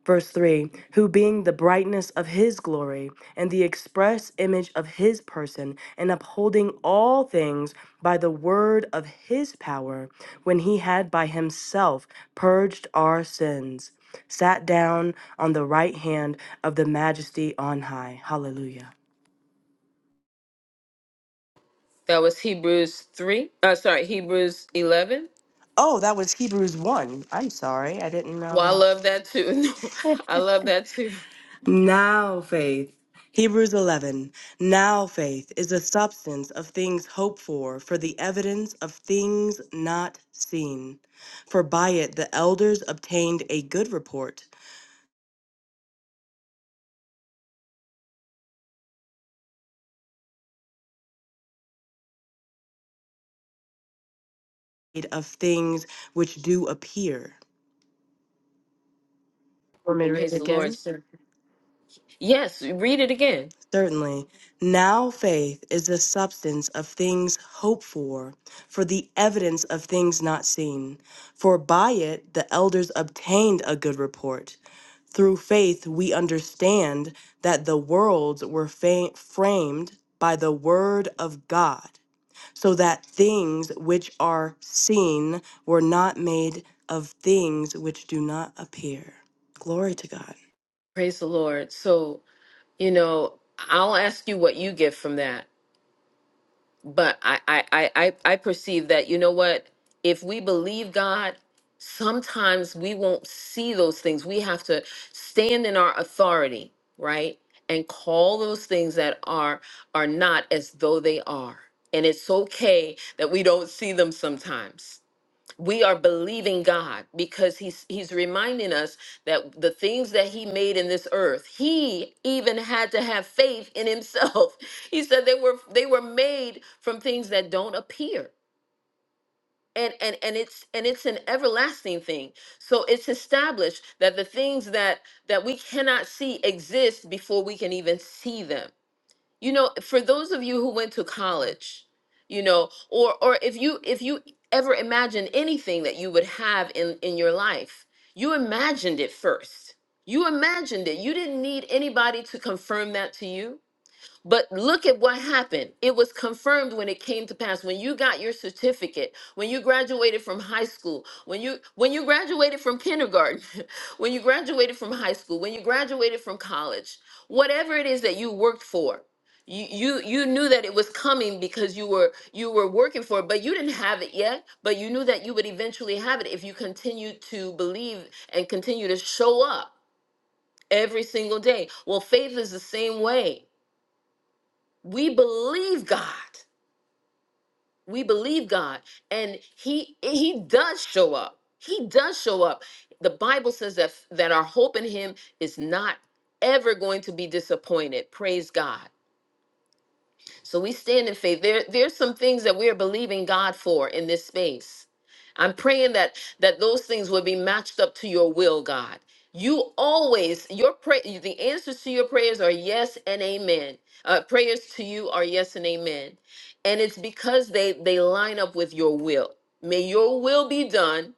D: Verse 3 Who being the brightness of his glory and the express image of his person, and upholding all things by the word of his power, when he had by himself purged our sins, sat down on the right hand of the majesty on high. Hallelujah.
A: That was Hebrews three. Uh, sorry, Hebrews eleven.
D: Oh, that was Hebrews 1. I'm sorry. I didn't
A: Well, I
D: know.
A: love that too. No, I love that too.
D: Now faith. Hebrews 11. Now faith is the substance of things hoped for, for the evidence of things not seen. For by it the elders obtained a good report of things which do appear. Want me to read it
A: Praise the Lord,
D: again?
A: sir. Yes, read it again.
D: Certainly. Now faith is the substance of things hoped for, for the evidence of things not seen. For by it the elders obtained a good report. Through faith, we understand that the worlds were fa- framed by the word of God, so that things which are seen were not made of things which do not appear. Glory to God.
A: Praise the Lord. So you know, I'll ask you what you get from that but I, I I I I perceive that you know what if we believe God sometimes we won't see those things we have to stand in our authority right and call those things that are are not as though they are and it's okay that we don't see them sometimes we are believing God because he's he's reminding us that the things that he made in this earth he even had to have faith in himself he said they were they were made from things that don't appear and and and it's and it's an everlasting thing so it's established that the things that that we cannot see exist before we can even see them you know for those of you who went to college you know or or if you if you ever imagined anything that you would have in in your life you imagined it first you imagined it you didn't need anybody to confirm that to you but look at what happened. It was confirmed when it came to pass. When you got your certificate, when you graduated from high school, when you when you graduated from kindergarten, when you graduated from high school, when you graduated from college, whatever it is that you worked for, you you, you knew that it was coming because you were you were working for it, but you didn't have it yet, but you knew that you would eventually have it if you continued to believe and continue to show up every single day. Well, faith is the same way we believe God. We believe God and he he does show up. He does show up. The Bible says that that our hope in him is not ever going to be disappointed. Praise God. So we stand in faith. There, there's some things that we are believing God for in this space. I'm praying that that those things will be matched up to your will, God. You always your pray the answers to your prayers are yes and amen. Uh, prayers to you are yes and amen, and it's because they they line up with your will. May your will be done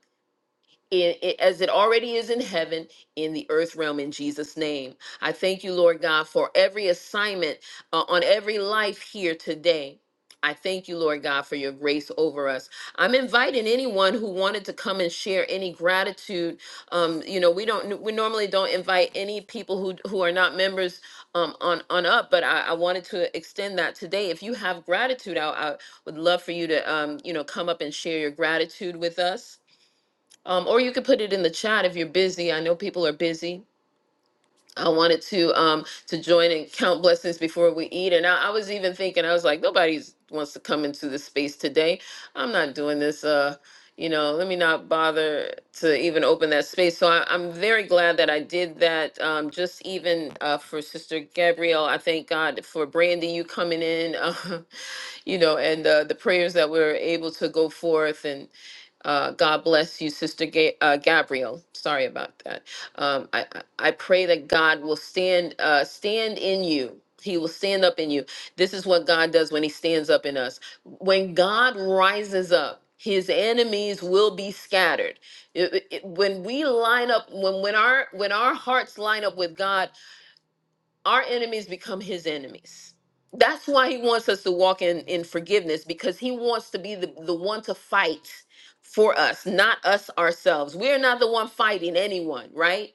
A: i- i- as it already is in heaven, in the earth realm, in Jesus' name. I thank you, Lord God, for every assignment uh, on every life here today. I thank you, Lord God, for your grace over us. I'm inviting anyone who wanted to come and share any gratitude. Um, you know, we don't, we normally don't invite any people who who are not members um, on on up, but I, I wanted to extend that today. If you have gratitude, I, I would love for you to, um, you know, come up and share your gratitude with us um, or you could put it in the chat if you're busy. I know people are busy. I wanted to um to join and count blessings before we eat. And I, I was even thinking, I was like, nobody wants to come into this space today. I'm not doing this. Uh, you know, let me not bother to even open that space. So I, I'm very glad that I did that. Um, just even uh, for Sister Gabrielle, I thank God for Brandy you coming in. Uh, you know, and uh, the prayers that we're able to go forth and uh, God bless you, Sister Ga- uh, Gabriel. Sorry about that. Um, I, I I pray that God will stand uh, stand in you. He will stand up in you. This is what God does when He stands up in us. When God rises up, His enemies will be scattered. It- it- it- when we line up, when when our when our hearts line up with God our enemies become his enemies. That's why he wants us to walk in, in forgiveness because he wants to be the, the one to fight for us, not us ourselves. We're not the one fighting anyone, right?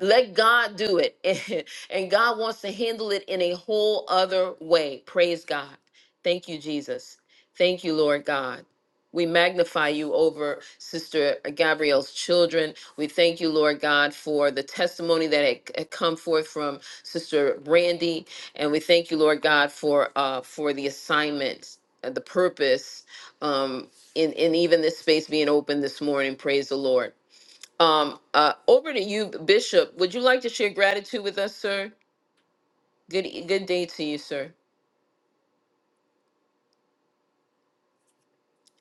A: Let God do it. And God wants to handle it in a whole other way. Praise God. Thank you, Jesus. Thank you, Lord God. We magnify you over Sister Gabrielle's children. We thank you, Lord God, for the testimony that had had come forth from Sister Brandy, and we thank you, Lord God, for uh, for the assignment, uh, the purpose, um, in in even this space being open this morning. Praise the Lord. Um, uh, over to you, Bishop. Would you like to share gratitude with us, sir? Good, e- good day to you, sir.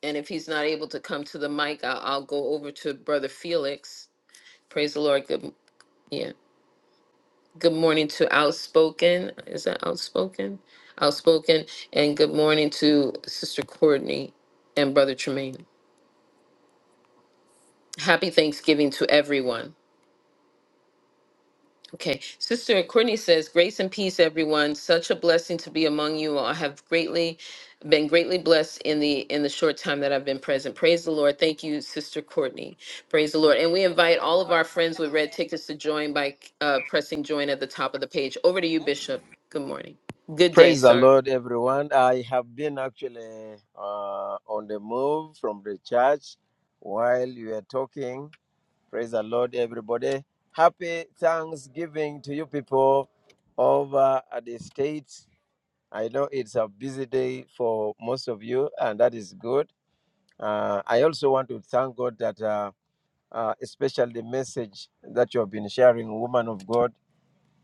A: And if he's not able to come to the mic, I'll, I'll go over to Brother Felix. Praise the Lord. Good, m- yeah. Good morning to Outspoken. Is that Outspoken? Outspoken. And good morning to Sister Courtney and Brother Tremaine. Happy Thanksgiving to everyone. Okay, Sister Courtney says, "Grace and peace, everyone. Such a blessing to be among you all. I have greatly been greatly blessed in the in the short time that I've been present. Praise the Lord. Thank you, Sister Courtney. Praise the Lord. And we invite all of our friends with red tickets to join by uh, pressing join at the top of the page. Over to you, Bishop. Good morning. Good day.
G: Praise the
A: Sorry.
G: Lord, everyone. I have been actually uh, on the move from the church while you were talking. Praise the Lord, everybody. Happy Thanksgiving to you people over at the States. I know it's a busy day for most of you, and that is good. Uh, I also want to thank God that, uh, uh, especially the message that you have been sharing, woman of God,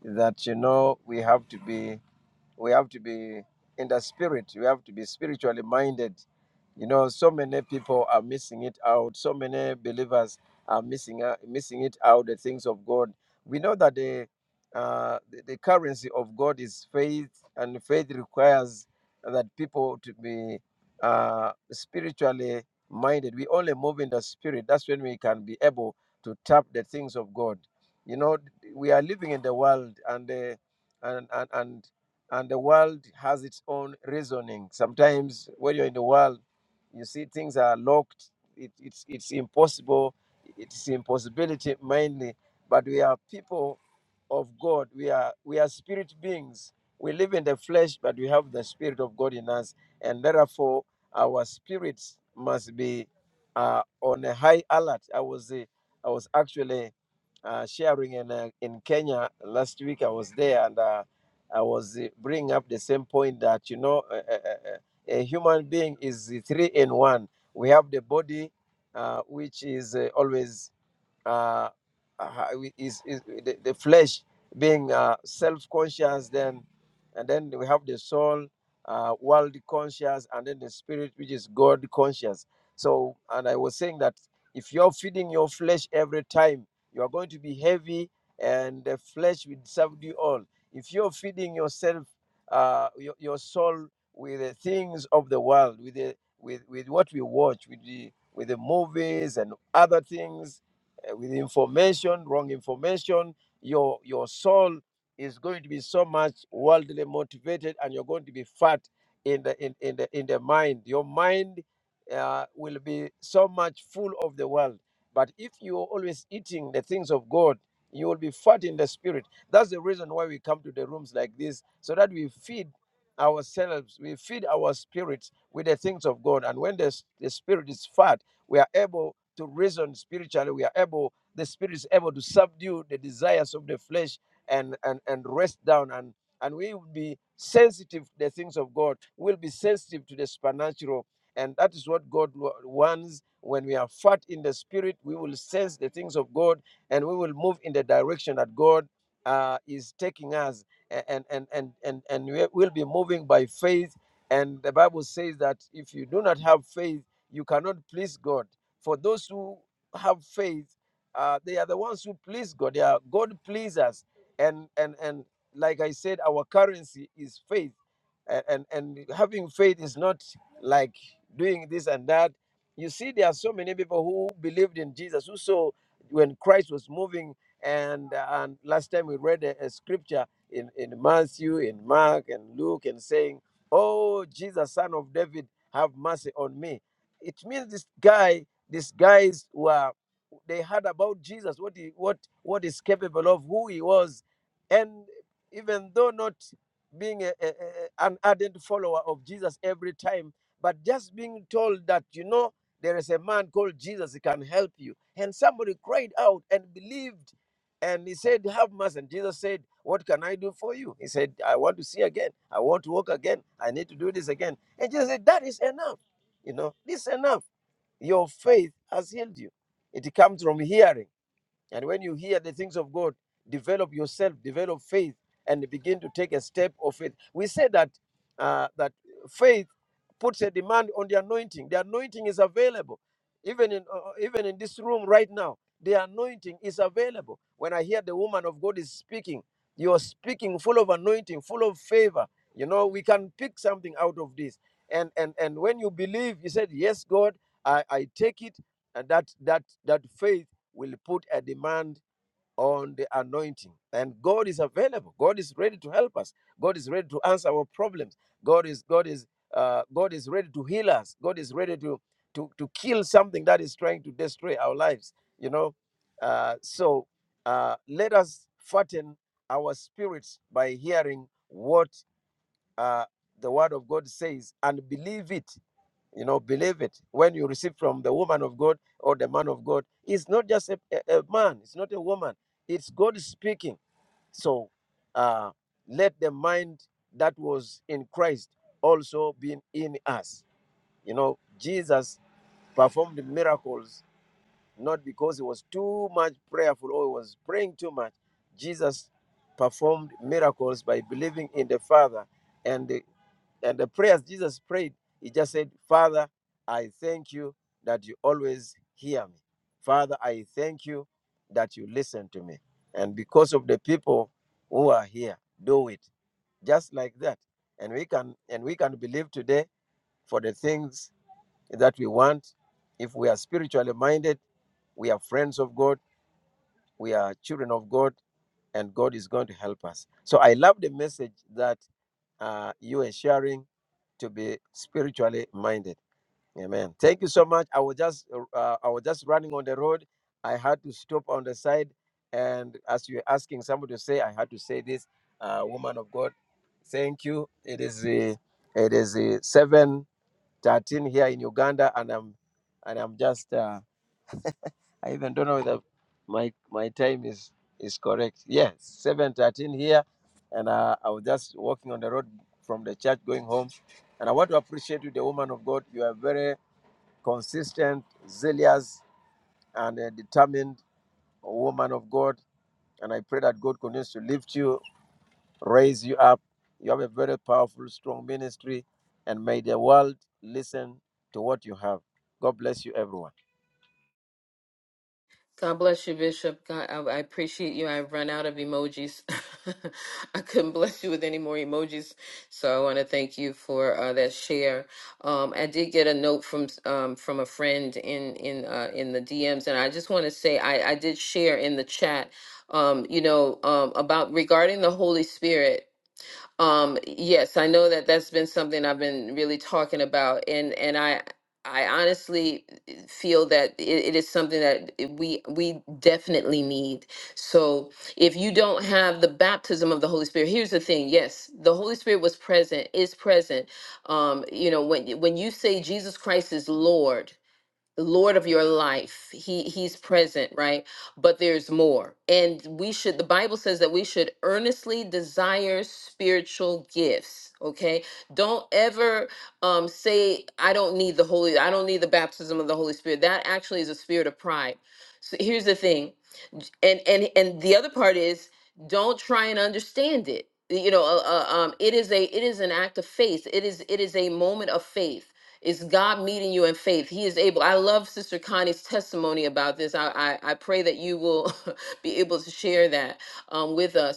G: that you know we have to be. We have to be in the spirit. We have to be spiritually minded. You know, so many people are missing it out. So many believers are missing out, missing it out. The things of God. We know that the uh, the, the currency of God is faith, and faith requires that people to be uh, spiritually minded. We only move in the spirit. That's when we can be able to tap the things of God. You know, we are living in the world, and uh, and and and and the world has its own reasoning. Sometimes when you're in the world, you see things are locked. It, it's it's impossible. It's impossibility mainly. But we are people of God. We are we are spirit beings. We live in the flesh, but we have the spirit of God in us, and therefore our spirits must be uh, on a high alert. I was uh, I was actually uh, sharing in uh, in Kenya last week. I was there and. Uh, I was eh, bringing up the same point that you know a, a, a a human being is the three in one. We have the body, uh, which is uh, always uh, uh, is, is the, the flesh being uh, self-conscious then and then we have the soul uh, world conscious and then the spirit which is god conscious so and i was saying that if you're feeding your flesh every time you are going to be heavy and the flesh will serve you all if you're feeding yourself, uh, your, your soul with the things of the world, with the, with with what we watch, with the with the movies and other things, uh, with information, wrong information, your your soul is going to be so much worldly motivated, and you're going to be fat in the in, in the in the mind. Your mind uh, will be so much full of the world. But if you're always eating the things of God, you will be fat in the spirit that's the reason why we come to the rooms like this, so that we feed ourselves, we feed our spirits with the things of God. And when the, s- the spirit is fat, we are able to reason spiritually. We are able, the spirit is able to subdue the desires of the flesh and and, and rest down and and we will be sensitive to the things of God. We'll be sensitive to the supernatural. And that is what God wa- wants. When we are fat in the spirit, we will sense the things of God and we will move in the direction that God uh, is taking us a- and and and and and we- will be moving by faith and the bible says that if you do not have faith you cannot please god for those who have faith uh, they are the ones who please god they are god pleasers and and and like i said our currency is faith A- and and having faith is not like doing this and that you see there are so many people who believed in jesus who saw when christ was moving and, uh, and last time we read a, a scripture in, in Matthew, in Mark, and Luke, and saying, Oh, Jesus, son of David, have mercy on me. It means this guy, these guys were, they heard about Jesus, what he, what, what is capable of, who he was. And even though not being a, a, a- an ardent follower of Jesus every time, but just being told that, you know, there is a man called Jesus, he can help you. And somebody cried out and believed and he said, Have mercy. And Jesus said, What can I do for you? He said, I want to see again. I want to walk again. I need to do this again. And Jesus said, That is enough. You know, this is enough. Your faith has healed you. It comes from hearing. And when you hear the things of God, develop yourself, develop faith, and begin to take a step of faith. We say that uh, that faith puts a demand on the anointing. The anointing is available, even in uh, uh, even in this room right now. The anointing is available. When I hear the woman of God is speaking, you are speaking full of anointing, full of favor. You know we can pick something out of this. And and and when you believe, you said, "Yes, God, I, I take it." And that that that faith will put a demand on the anointing. And God is available. God is ready to help us. God is ready to answer our problems. God is God is uh, God is ready to heal us. God is ready to to to kill something that is trying to destroy our lives. You know, uh, so uh, let us fatten our spirits by hearing what uh, the Word of God says and believe it you know believe it when you receive from the woman of god or the man of god it's not just a, a, a man it's not a woman it's god speaking so uh let the mind that was in christ also be in us you know jesus performed miracles not because he was too much prayerful or he was praying too much jesus performed miracles by believing in the father and and the prayers Jesus prayed, he just said, Father, I thank you that you always hear me. Father, I thank you that you listen to me. And because of the people who are here, do it just like that. And we can and we can believe today for the things that we want. If we are spiritually minded, we are friends of God, we are children of God, and God is going to help us. So I love the message that uh, you are sharing to be spiritually minded. Amen. Thank you so much. I was just uh, I was just running on the road. I had to stop on the side, and as you're asking somebody to say, I had to say this. Uh, woman of God, thank you. It is uh, it is uh, seven thirteen here in Uganda, and I'm and I'm just uh, I even don't know whether my my time is is correct. Yes, seven thirteen here, and uh, I was just walking on the road from the church going home, and I want to appreciate you, the woman of God. You are very consistent, zealous, and a determined woman of God, and I pray that God continues to lift you, raise you up. You have a very powerful, strong ministry, and may the world listen to what you have. God bless you, everyone.
A: God bless you, Bishop. God, I, I appreciate you. I've run out of emojis. I couldn't bless you with any more emojis. So I want to thank you for uh, that share. Um, I did get a note from um, from a friend in in uh, in the DMs, and I just want to say I, I did share in the chat. Um, you know um, about regarding the Holy Spirit. Um, yes, I know that that's been something I've been really talking about, and and I I honestly eh, feel that it, it is something that we we definitely need. So if you don't have the baptism of the Holy Spirit, here's the thing: yes, the Holy Spirit was present, is present. Um, you know, when when you say Jesus Christ is Lord. Lord of your life. He he's present, right? But there's more. And we should the Bible says that we should earnestly desire spiritual gifts, okay? Don't ever um say I don't need the holy I don't need the baptism of the Holy Spirit. That actually is a spirit of pride. So here's the thing. And and and the other part is don't try and understand it. You know, uh, uh, um it is a it is an act of faith. It is it is a moment of faith it's God meeting you in faith. He is able. I love Sister Connie's testimony about this. I I, I pray that you will be able to share that um, with us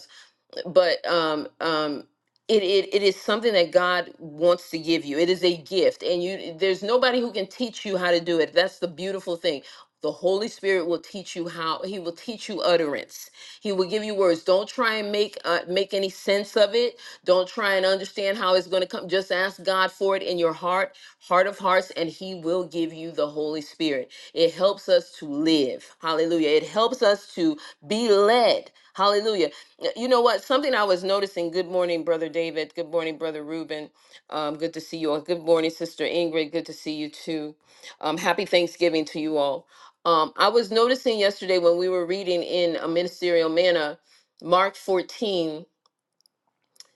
A: but um um it, it it is something that God wants to give you. It is a gift and you there's nobody who can teach you how to do it. That's the beautiful thing. The Holy Spirit will teach you how he will teach you utterance. He will give you words. Don't try and make uh, make any sense of it. Don't try and understand how it's going to come. Just ask God for it in your heart, heart of hearts and he will give you the Holy Spirit. It helps us to live. Hallelujah. It helps us to be led. Hallelujah Y- You know what? Something I was noticing. Good morning, Brother David. Good morning, Brother Reuben. Um, good to see you all. Good morning, Sister Ingrid. Good to see you too. Um, happy Thanksgiving to you all. Um, I was noticing yesterday when we were reading in a ministerial manner, Mark 14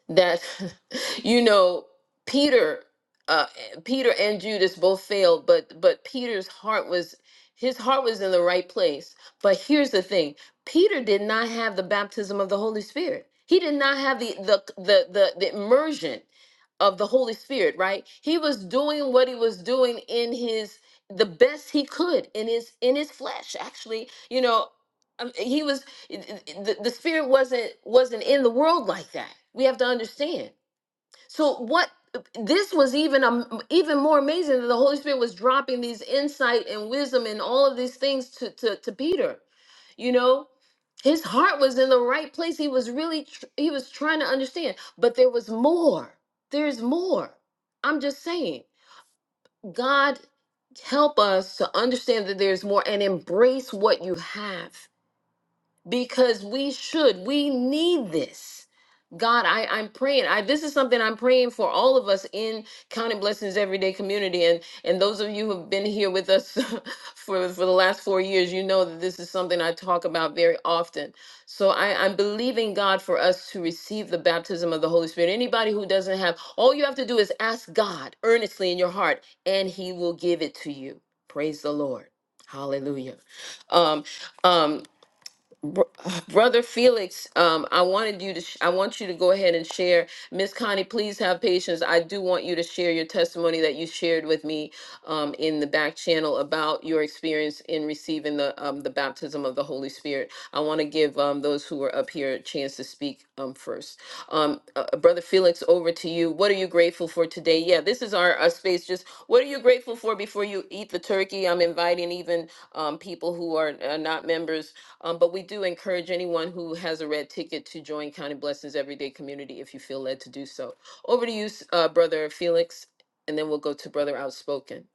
A: that you know Peter uh Peter and Judas both failed but but Peter's heart was his heart was in the right place but here's the thing Peter did not have the baptism of the Holy Spirit he did not have the the the the, the immersion of the Holy Spirit right he was doing what he was doing in his the best he could in his in his flesh actually you know um, he was it- it- the, the spirit wasn't wasn't in the world like that we have to understand so what this was even um, even more amazing that the holy spirit was dropping these insight and wisdom and all of these things to to, to peter you know his heart was in the right place he was really tr- he was trying to understand but there was more there's more i'm just saying god help us to understand that there's more and embrace what you have because we should we need this god I, i'm praying i this is something i'm praying for all of us in counting blessings everyday community and and those of you who have been here with us for for the last four years you know that this is something i talk about very often so i i'm believing god for us to receive the baptism of the holy spirit anybody who doesn't have all you have to do is ask god earnestly in your heart and he will give it to you praise the lord hallelujah um um Br- Brother Felix, um, I wanted you to. Sh- I want you to go ahead and share. Miss Connie, please have patience. I do want you to share your testimony that you shared with me um, in the back channel about your experience in receiving the um, the baptism of the Holy Spirit. I want to give um, those who are up here a chance to speak um, first. Um, uh, uh, Brother Felix, over to you. What are you grateful for today? Yeah, this is our, our space. Just what are you grateful for before you eat the turkey? I'm inviting even um, people who are uh, not members um, but we do encourage anyone who has a red ticket to join County Blessings Everyday Community if you feel led to do so. Over to you, uh, Brother Felix, and then we'll go to Brother Outspoken.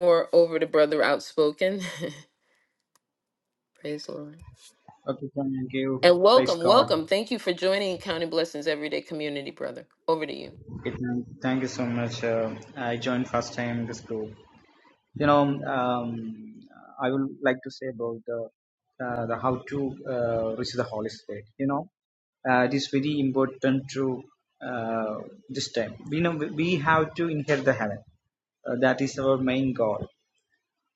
A: Or over to Brother Outspoken. Praise the Lord.
H: Okay, thank you.
A: And
H: Praise
A: welcome,
H: God.
A: welcome. Thank you for joining County Blessings Everyday Community, brother. Over to you.
H: It, thank you so much. Uh, I joined first time this group. You know, um, I would like to say about the, uh, the how to uh, receive the Holy Spirit. You know, uh, it is very important to uh, this time. We know we have to inherit the heaven. Uh, that is our main goal.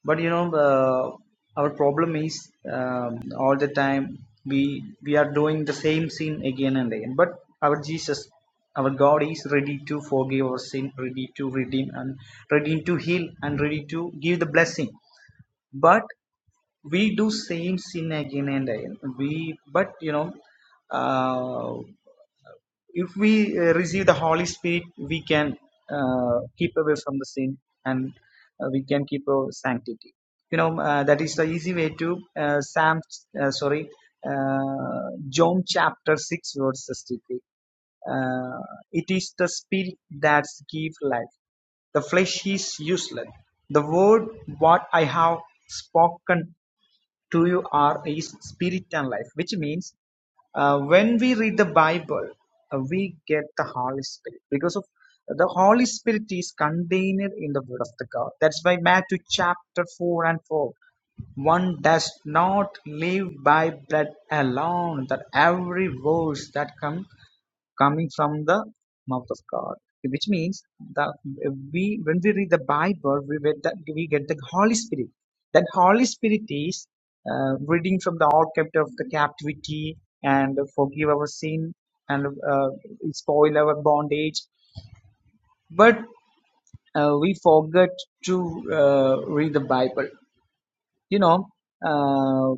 H: but you know uh, our problem is um, all the time we we are doing the same sin again and again but our jesus our god is ready to forgive our sin ready to redeem and ready to heal and ready to give the blessing but we do same sin again and again we but you know uh, if we uh, receive the holy spirit we can uh, keep away from the sin and uh, we can keep our sanctity you know uh, that is the easy way to uh, sam uh, sorry uh, john chapter 6 verse 63 uh, it is the spirit that gives life the flesh is useless the word what i have spoken to you are is spirit and life, which means uh, when we read the Bible, uh, we get the Holy Spirit because of uh, the Holy Spirit is contained in the Word of the God. That's why Matthew chapter four and four one does not live by bread alone that every verse that comes coming from the mouth of God, which means that we when we read the Bible, we get the, we get the Holy Spirit. That Holy Spirit is uh, reading from the all captive of the captivity and forgive our sin and uh, spoil our bondage, but uh, we forget to uh, read the Bible. You know, uh,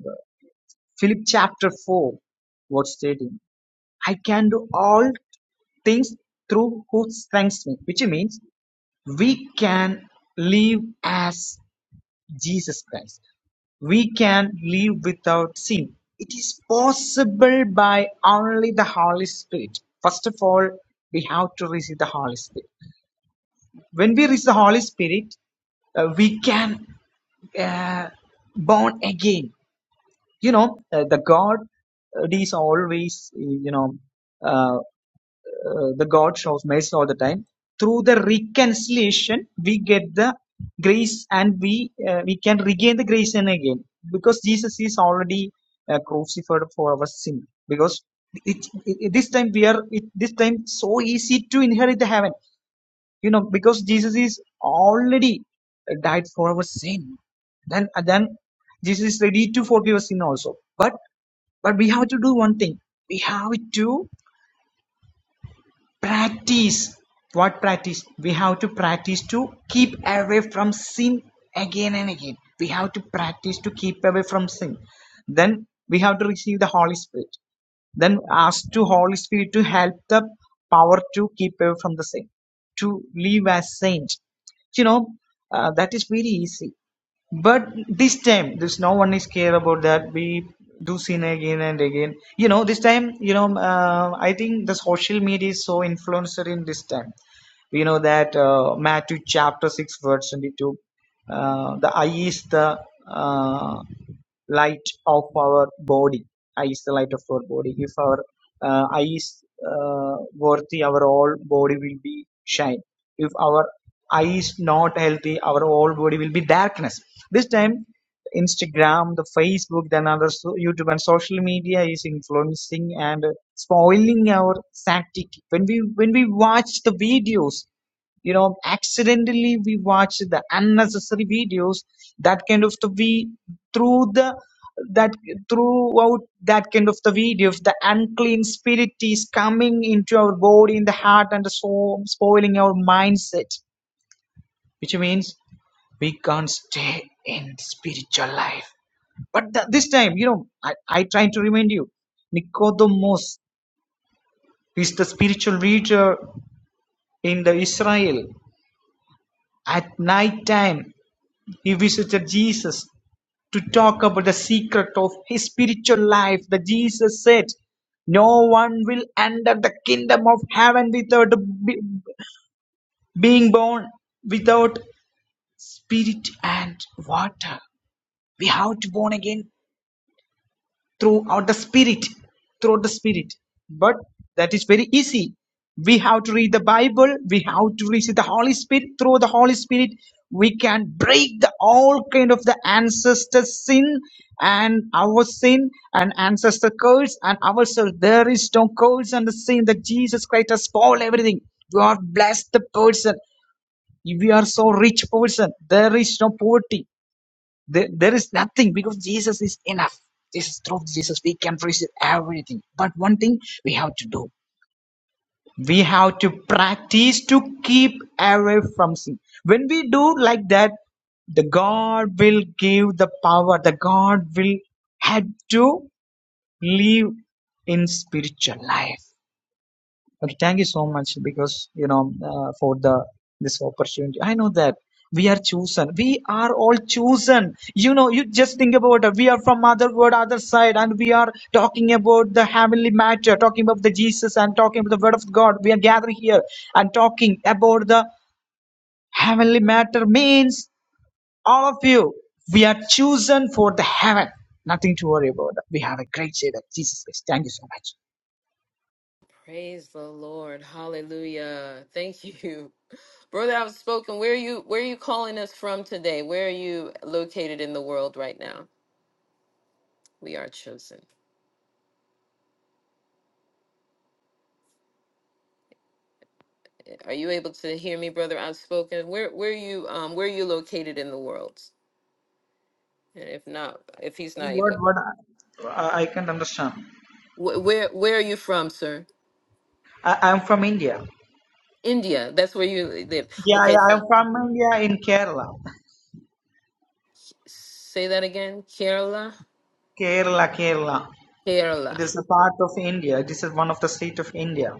H: Philip chapter four, what's stating? I can do all things through who strengthens me, which means we can live as Jesus Christ. We can live without sin. It is possible by only the Holy Spirit. First of all, we have to receive the Holy Spirit. When we receive the Holy Spirit, uh, we can uh, born again. You know, uh, the God uh, is always, you know, uh, uh, the gods of mercy all the time. Through the reconciliation, we get the grace and we uh, we can regain the grace and again because Jesus is already uh, crucified for our sin. Because it, it, this time we are it, this time so easy to inherit the heaven, you know, because Jesus is already uh, died for our sin. Then uh, then Jesus is ready to forgive our sin also. But but we have to do one thing. We have to Practice. What practice? We have to practice to keep away from sin again and again. We have to practice to keep away from sin. Then we have to receive the Holy Spirit. Then ask to Holy Spirit to help the power to keep away from the sin, to live as saint. You know, uh, that is very easy. But this time, there's no one is care about that. We do sin again and again. You know, this time, you know, uh, I think the social media is so influencer in this time we know that uh, matthew chapter 6 verse 22 uh, the eye is the uh, light of our body eye is the light of our body if our uh, eye is uh, worthy our whole body will be shine if our eye is not healthy our whole body will be darkness this time Instagram, the Facebook, then other so- YouTube and social media is influencing and spoiling our static. When we when we watch the videos, you know, accidentally we watch the unnecessary videos. That kind of the we through the that throughout that kind of the videos, the unclean spirit is coming into our body, in the heart, and the soul, spoiling our mindset. Which means we can't stay in spiritual life but th- this time, you know, I, I trying to remind you, Nicodemus is the spiritual leader in the Israel. At night time, he visited Jesus to talk about the secret of his spiritual life. That Jesus said, "No one will enter the kingdom of heaven without be- being born without spirit and water." We have to born again throughout the spirit throughout the spirit but that is very easy we have to read the bible we have to receive the holy spirit through the holy spirit we can break the all kind of the ancestor sin and our sin and ancestor curse and ourselves there is no curse and the sin that jesus christ has spoiled everything god bless the person we are so rich person there is no poverty there, there is nothing because Jesus is enough. This through Jesus we can receive everything. But one thing we have to do. We have to practice to keep away from sin. When we do like that, the God will give the power. The God will help to live in spiritual life. Okay, thank you so much because you know uh, for the this opportunity. I know that we are chosen. We are all chosen. You know, you just think about it. We are from other world, other side, and we are talking about the heavenly matter, talking about the Jesus, and talking about the Word of God. We are gathering here and talking about the heavenly matter. Means all of you, we are chosen for the heaven. Nothing to worry about. We have a great Savior, Jesus Christ. Thank you so much.
A: Praise the Lord. Hallelujah. Thank you. Brother Outspoken, where are you where are you calling us from today? Where are you located in the world right now? We are chosen. Are you able to hear me, brother? Outspoken. Where where are you um where are you located in the world? And if not, if he's not
H: What
A: able,
H: what I, I can't understand.
A: wh- where where are you from, sir?
H: I, I'm from India.
A: India. That's where you live.
H: Yeah,
A: Okay,
H: yeah, I'm
A: so
H: from India in Kerala.
A: say that again. Kerala.
H: Kerala, Kerala. It
A: Kerala.
H: is a part of India. It is one of the state of India.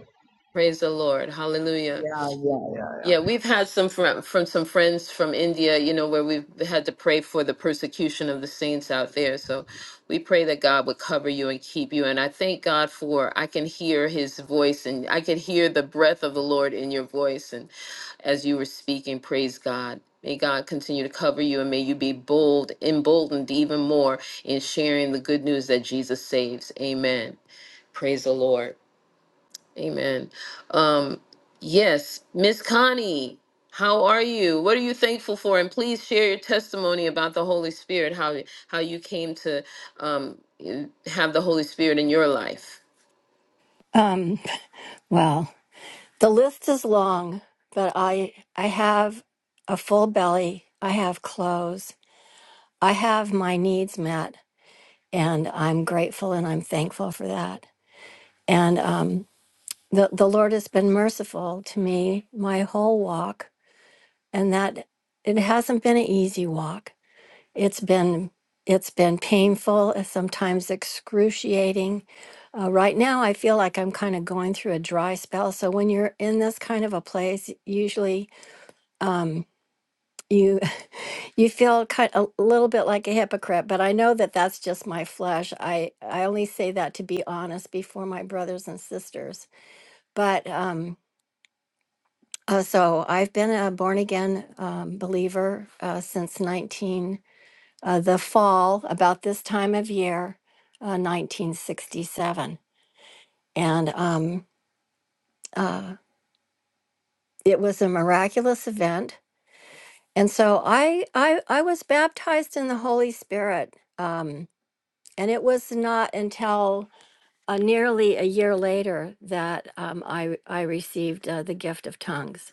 A: Praise the Lord. Hallelujah.
H: Yeah, yeah, yeah, yeah.
A: Yeah, we've had some from from some friends from India, you know, where we've had to pray for the persecution of the saints out there. So we pray that God would cover you and keep you. And I thank God for I can hear his voice and I could hear the breath of the Lord in your voice and as you were speaking, praise God. May God continue to cover you and may you be bold, emboldened even more in sharing the good news that Jesus saves. Amen. Praise the Lord. Amen. Um, yes, Miss Connie, how are you? What are you thankful for? And please share your testimony about the Holy Spirit, how how you came to um, have the Holy Spirit in your life.
I: Um, well, the list is long, but I I have a full belly. I have clothes. I have my needs met, and I'm grateful and I'm thankful for that. And um, the the Lord has been merciful to me my whole walk, and that it hasn't been an easy walk. It's been it's been painful, uh, sometimes excruciating. Uh, right now, I feel like I'm kind of going through a dry spell. So when you're in this kind of a place, usually um, you you feel kind a little bit like a hypocrite. But I know that that's just my flesh. I I only say that to be honest before my brothers and sisters. But um, uh, so I've been a born again um, believer uh, since 19. uh, the fall, about this time of year, uh, 1967. And um, uh, it was a miraculous event. And so I, I, I was baptized in the Holy Spirit. Um, and it was not until uh, nearly a year later that um, I, I received uh, the gift of tongues.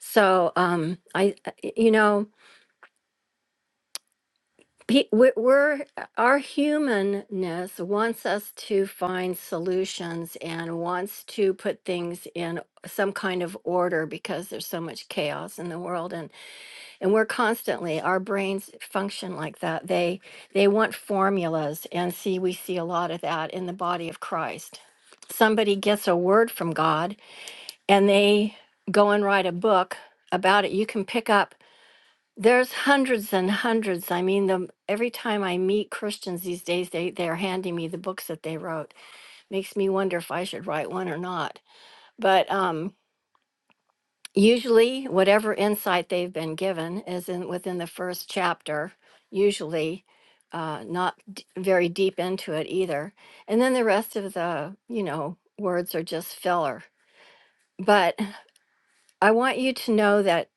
I: So um, I, you know, pe- we're, we're our humanness wants us to find solutions and wants to put things in some kind of order because there's so much chaos in the world and and we're constantly our brains function like that they they want formulas and see we see a lot of that in the body of Christ somebody gets a word from God and they go and write a book about it you can pick up there's hundreds and hundreds. I mean, the, every time I meet Christians these days, they they're handing me the books that they wrote. Makes me wonder if I should write one or not. But um, usually, whatever insight they've been given is in within the first chapter. Usually, uh, not d- very deep into it either. And then the rest of the you know words are just filler. But I want you to know that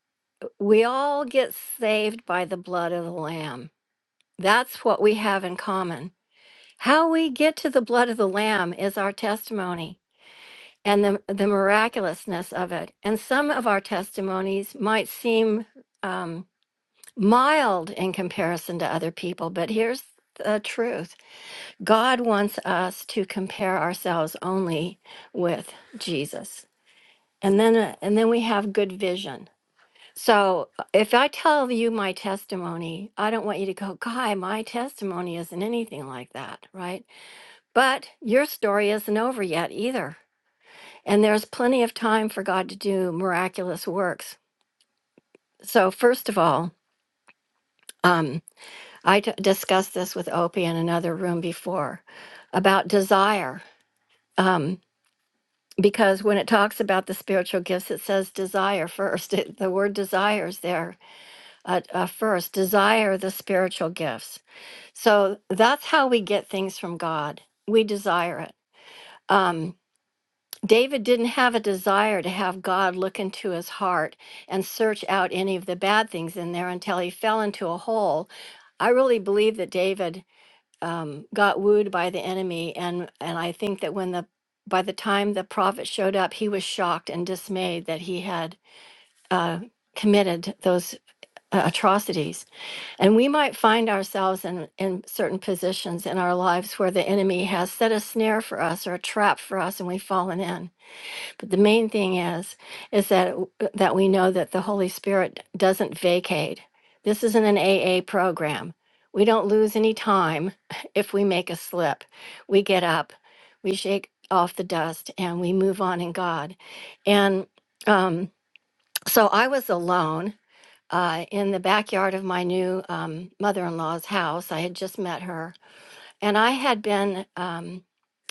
I: we all get saved by the blood of the Lamb That's what we have in common. How we get to the blood of the Lamb is our testimony and the, the miraculousness of it. And some of our testimonies might seem um, mild in comparison to other people, but here's the truth God wants us to compare ourselves only with Jesus. And then, uh, and then we have good vision so uh, if I tell you my testimony, I don't want you to go, Guy, my testimony isn't anything like that, right? But your story isn't over yet either. And there's plenty of time for God to do miraculous works. So, first of all, um, I d- discussed this with Opie in another room before about desire. Um, because when it talks about the spiritual gifts, it says desire first. It, the word desire is there uh, uh, first. Desire the spiritual gifts. So that's how we get things from God. We desire it. Um, David didn't have a desire to have God look into his heart and search out any of the bad things in there until he fell into a hole. I really believe that David um, got wooed by the enemy, and and I think that when the by the time the prophet showed up, he was shocked and dismayed that he had uh, committed those uh, atrocities. And we might find ourselves in, in certain positions in our lives where the enemy has set a snare for us or a trap for us and we've fallen in. But the main thing is, is that, that we know that the Holy Spirit doesn't vacate. This isn't an AA program. We don't lose any time if we make a slip. We get up, we shake off the dust, and we move on in God. And um, so I was alone uh, in the backyard of my new um, mother in law's house. I had just met her. And I had been um,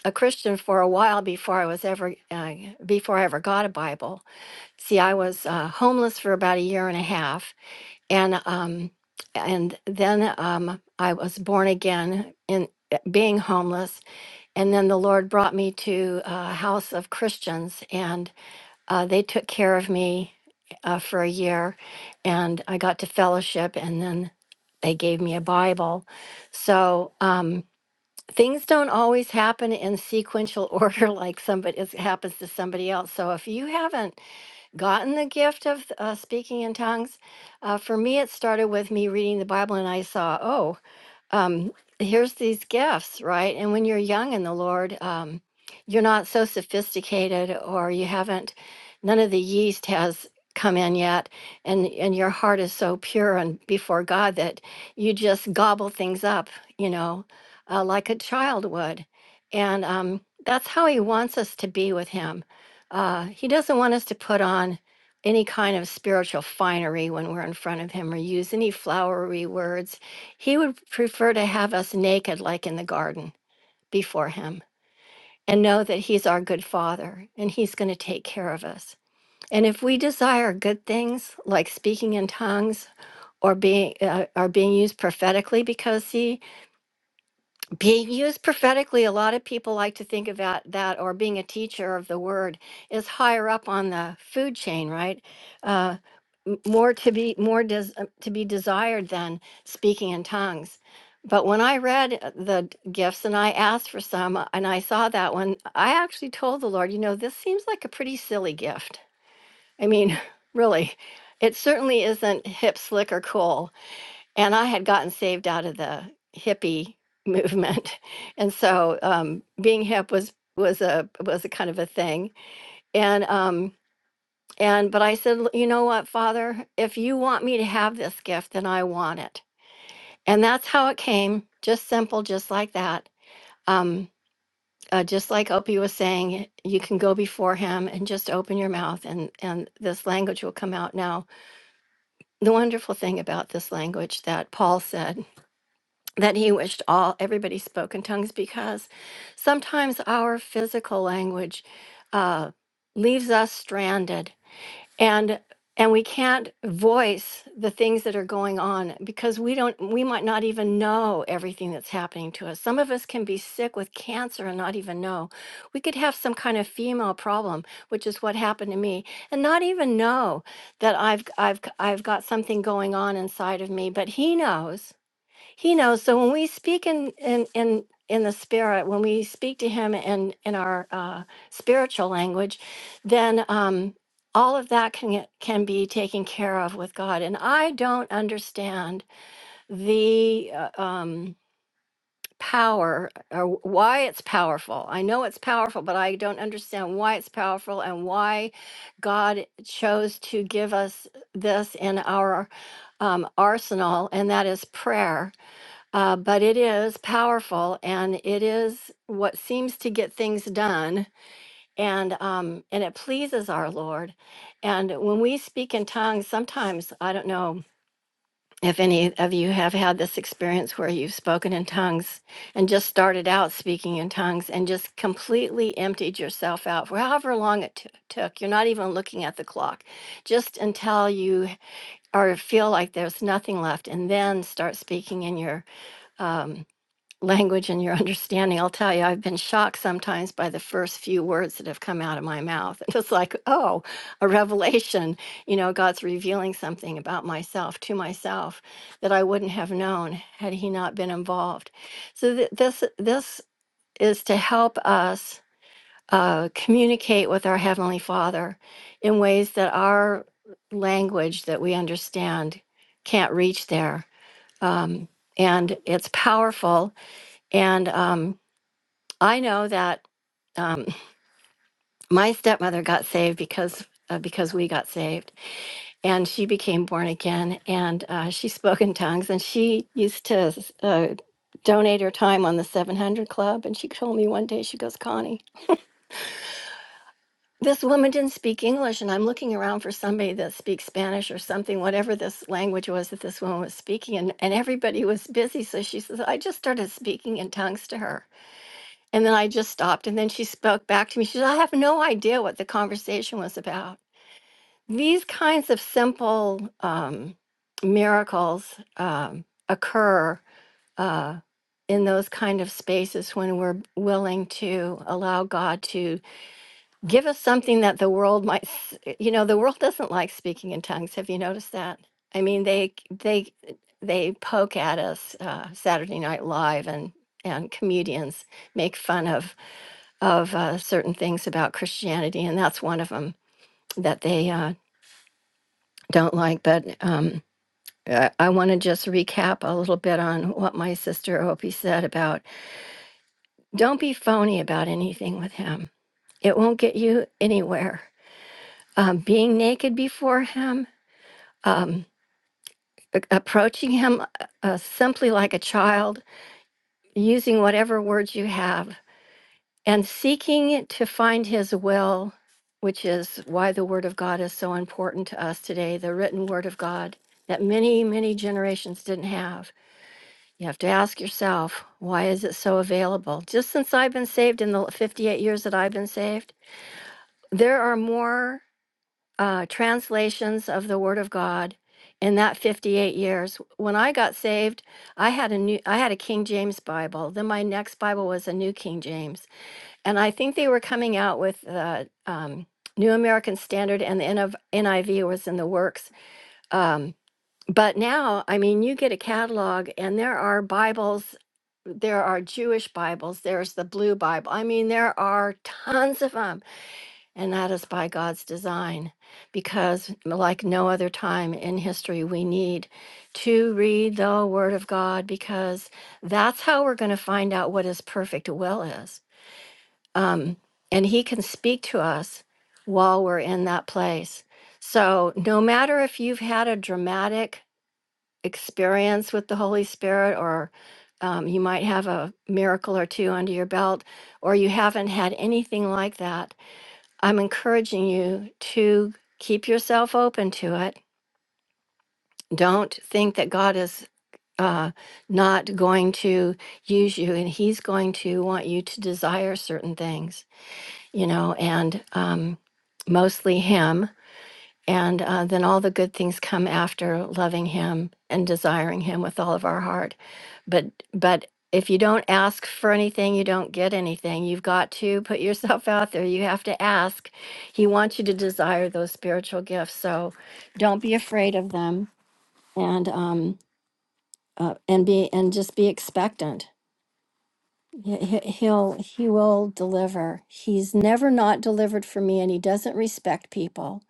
I: a Christian for a while before I was ever, uh, before I ever got a Bible. See, I was uh, homeless for about a year and a half. And, um, and then um, I was born again in being homeless. And then the Lord brought me to a house of Christians. and. Uh, they took care of me uh, for a year, and I got to fellowship, and then they gave me a Bible. So um, things don't always happen in sequential order, like somebody it happens to somebody else. So if you haven't gotten the gift of uh, speaking in tongues, uh, for me it started with me reading the Bible, and I saw, oh um, here's these gifts, right? And when you're young in the Lord, um, you're not so sophisticated or you haven't, none of the yeast has come in yet and and your heart is so pure and before god that you just gobble things up you know uh, like a child would and um, that's how he wants us to be with him uh, he doesn't want us to put on any kind of spiritual finery when we're in front of him or use any flowery words he would prefer to have us naked, like in the garden, before Him, and know that He's our good Father and He's going to take care of us. And if we desire good things like speaking in tongues or being uh, or being used prophetically, because see, being used prophetically a lot of people like to think about that or being a teacher of the word is higher up on the food chain right uh, m- more to be more des- uh, to be desired than speaking in tongues but when i read uh, the d- gifts and i asked for some uh, and i saw that one i actually told the lord you know this seems like a pretty silly gift i mean really it certainly isn't hip slick or cool and I had gotten saved out of the hippie movement, and so um, being hip was was a was a kind of a thing. And um, and but I said, "L- you know what, Father, if you want me to have this gift, then I want it. And that's how it came, just simple, just like that. Um, uh, just like Opie was saying, you can go before him and just open your mouth, and and this language will come out. Now, the wonderful thing about this language that Paul said that he wished all everybody spoke in tongues because sometimes our physical language uh, leaves us stranded and and we can't voice the things that are going on because we don't we might not even know everything that's happening to us some of us can be sick with cancer and not even know we could have some kind of female problem which is what happened to me and not even know that i've i've i've got something going on inside of me but he knows he knows. So when we speak in in in in the spirit, when we speak to Him in in our uh, spiritual language, then um, all of that can get- can be taken care of with God. And I don't understand the uh, um, power or why it's powerful. I know it's powerful, but I don't understand why it's powerful and why God chose to give us this in our um, arsenal, and that is prayer uh, but it is powerful and it is what seems to get things done and um, and it pleases our Lord. And when we speak in tongues, sometimes I don't know if any of you have had this experience where you've spoken in tongues and just started out speaking in tongues and just completely emptied yourself out for however long it t- took. You're not even looking at the clock, just until you or feel like there's nothing left, and then start speaking in your um, language and your understanding. I'll tell you, I've been shocked sometimes by the first few words that have come out of my mouth. And it's like, oh, a revelation. You know, God's revealing something about myself to myself that I wouldn't have known had He not been involved. So th- this this is to help us uh, communicate with our Heavenly Father in ways that our language that we understand can't reach there. Um, and it's powerful and um, I know that um, my stepmother got saved because uh, because we got saved, and she became born again, and uh, she spoke in tongues, and she used to uh, donate her time on the 700 Club, and she told me one day, she goes, Connie. This woman didn't speak English, and I'm looking around for somebody that speaks Spanish or something, whatever this language was that this woman was speaking, and, and everybody was busy. So she says, I just started speaking in tongues to her. And then I just stopped. And then she spoke back to me. She said, I have no idea what the conversation was about. These kinds of simple um, miracles um, occur uh, in those kind of spaces when we're willing to allow God to give us something that the world might, s- you know, the world doesn't like speaking in tongues. Have you noticed that? I mean, they, they, they poke at us uh, Saturday Night Live and, and comedians make fun of of uh, certain things about Christianity, and that's one of them that they uh, don't like. But um, uh, I want to just recap a little bit on what my sister Opie said about don't be phony about anything with him. It won't get you anywhere. Um, being naked before him, um, a- approaching him uh, uh, simply like a child, using whatever words you have and seeking to find his will, which is why the word of God is so important to us today, the written word of God that many, many generations didn't have. You have to ask yourself, why is it so available? Just since I've been saved in the 58 years that I've been saved, there are more uh, translations of the word of God in that 58 years when i got saved i had a new i had a king james bible then my next bible was a new king james and I think they were coming out with uh, um, New American Standard, and the NIV, NIV was in the works. Um, but now, I mean, you get a catalog, and there are Bibles. There are Jewish Bibles. There's the Blue Bible. I mean, there are tons of them, and that is by God's design, because like no other time in history, we need to read the Word of God because that's how we're going to find out what His perfect will is um, and he can speak to us while we're in that place. So, no matter if you've had a dramatic experience with the Holy Spirit, or um, you might have a miracle or two under your belt, or you haven't had anything like that, I'm encouraging you to keep yourself open to it. Don't think that God is uh, not going to use you and He's going to want you to desire certain things. you know, and um, mostly Him. And uh, then all the good things come after loving Him and desiring Him with all of our heart. But but if you don't ask for anything, you don't get anything. You've got to put yourself out there. You have to ask. He wants you to desire those spiritual gifts. So don't be afraid of them, and um, uh, and be and just be expectant he- he- He'll he will deliver. He's never not delivered for me and he doesn't respect people.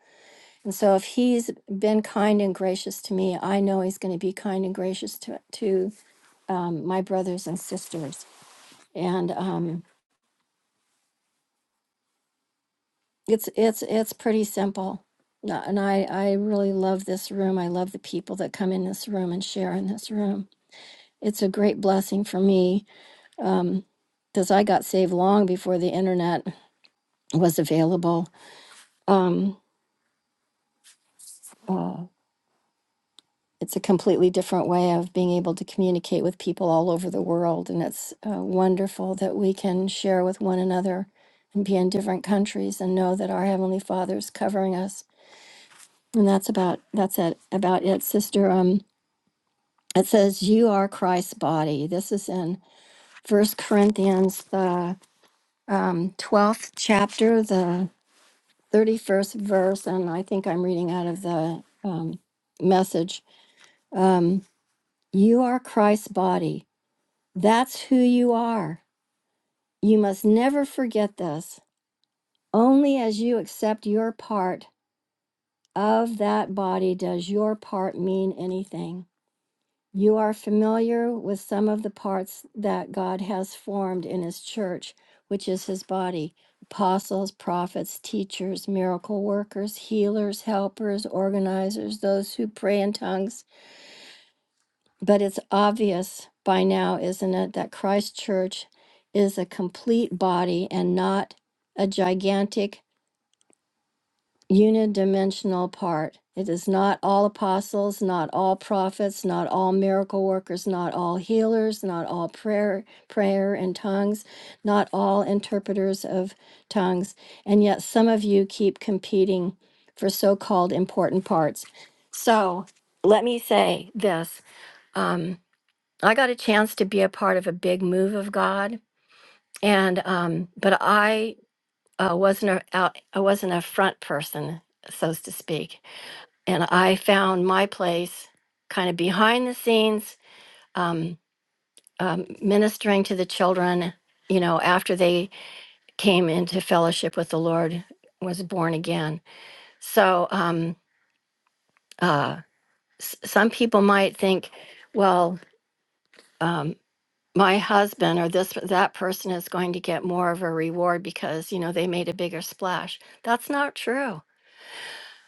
I: And so if he's been kind and gracious to me, I know he's going to be kind and gracious to to um, my brothers and sisters. And um, it's it's it's pretty simple. No- And I I really love this room. I love the people that come in this room and share in this room. It's a great blessing for me because I got saved long before the internet was available. Um, uh, it's a completely different way of being able to communicate with people all over the world. And it's uh, wonderful that we can share with one another and be in different countries and know that our Heavenly Father is covering us. And that's about that's it about it, sister. Um, it says you are Christ's body. This is in First Corinthians, the um, twelfth chapter, the thirty-first verse, and I think I'm reading out of the um, message. Um, you are Christ's body That's who you are. You must never forget this. Only as you accept your part of that body does your part mean anything. You are familiar with some of the parts that God has formed in His church, which is His body apostles, prophets, teachers, miracle workers, healers, helpers, organizers, those who pray in tongues But it's obvious by now, isn't it, that Christ Church is a complete body and not a gigantic unidimensional part. It is not all apostles, not all prophets, not all miracle workers, not all healers, not all prayer prayer and tongues, not all interpreters of tongues. And yet some of you keep competing for so-called important parts. So, let me say this. Um, I got a chance to be a part of a big move of God, and um, but I uh, wasn't a out, I wasn't a front person, so to speak, and I found my place kind of behind the scenes, um, um, ministering to the children. You know, after they came into fellowship with the Lord, was born again. So um, uh, s- some people might think, well. um, my husband or this that person is going to get more of a reward because you know they made a bigger splash that's not true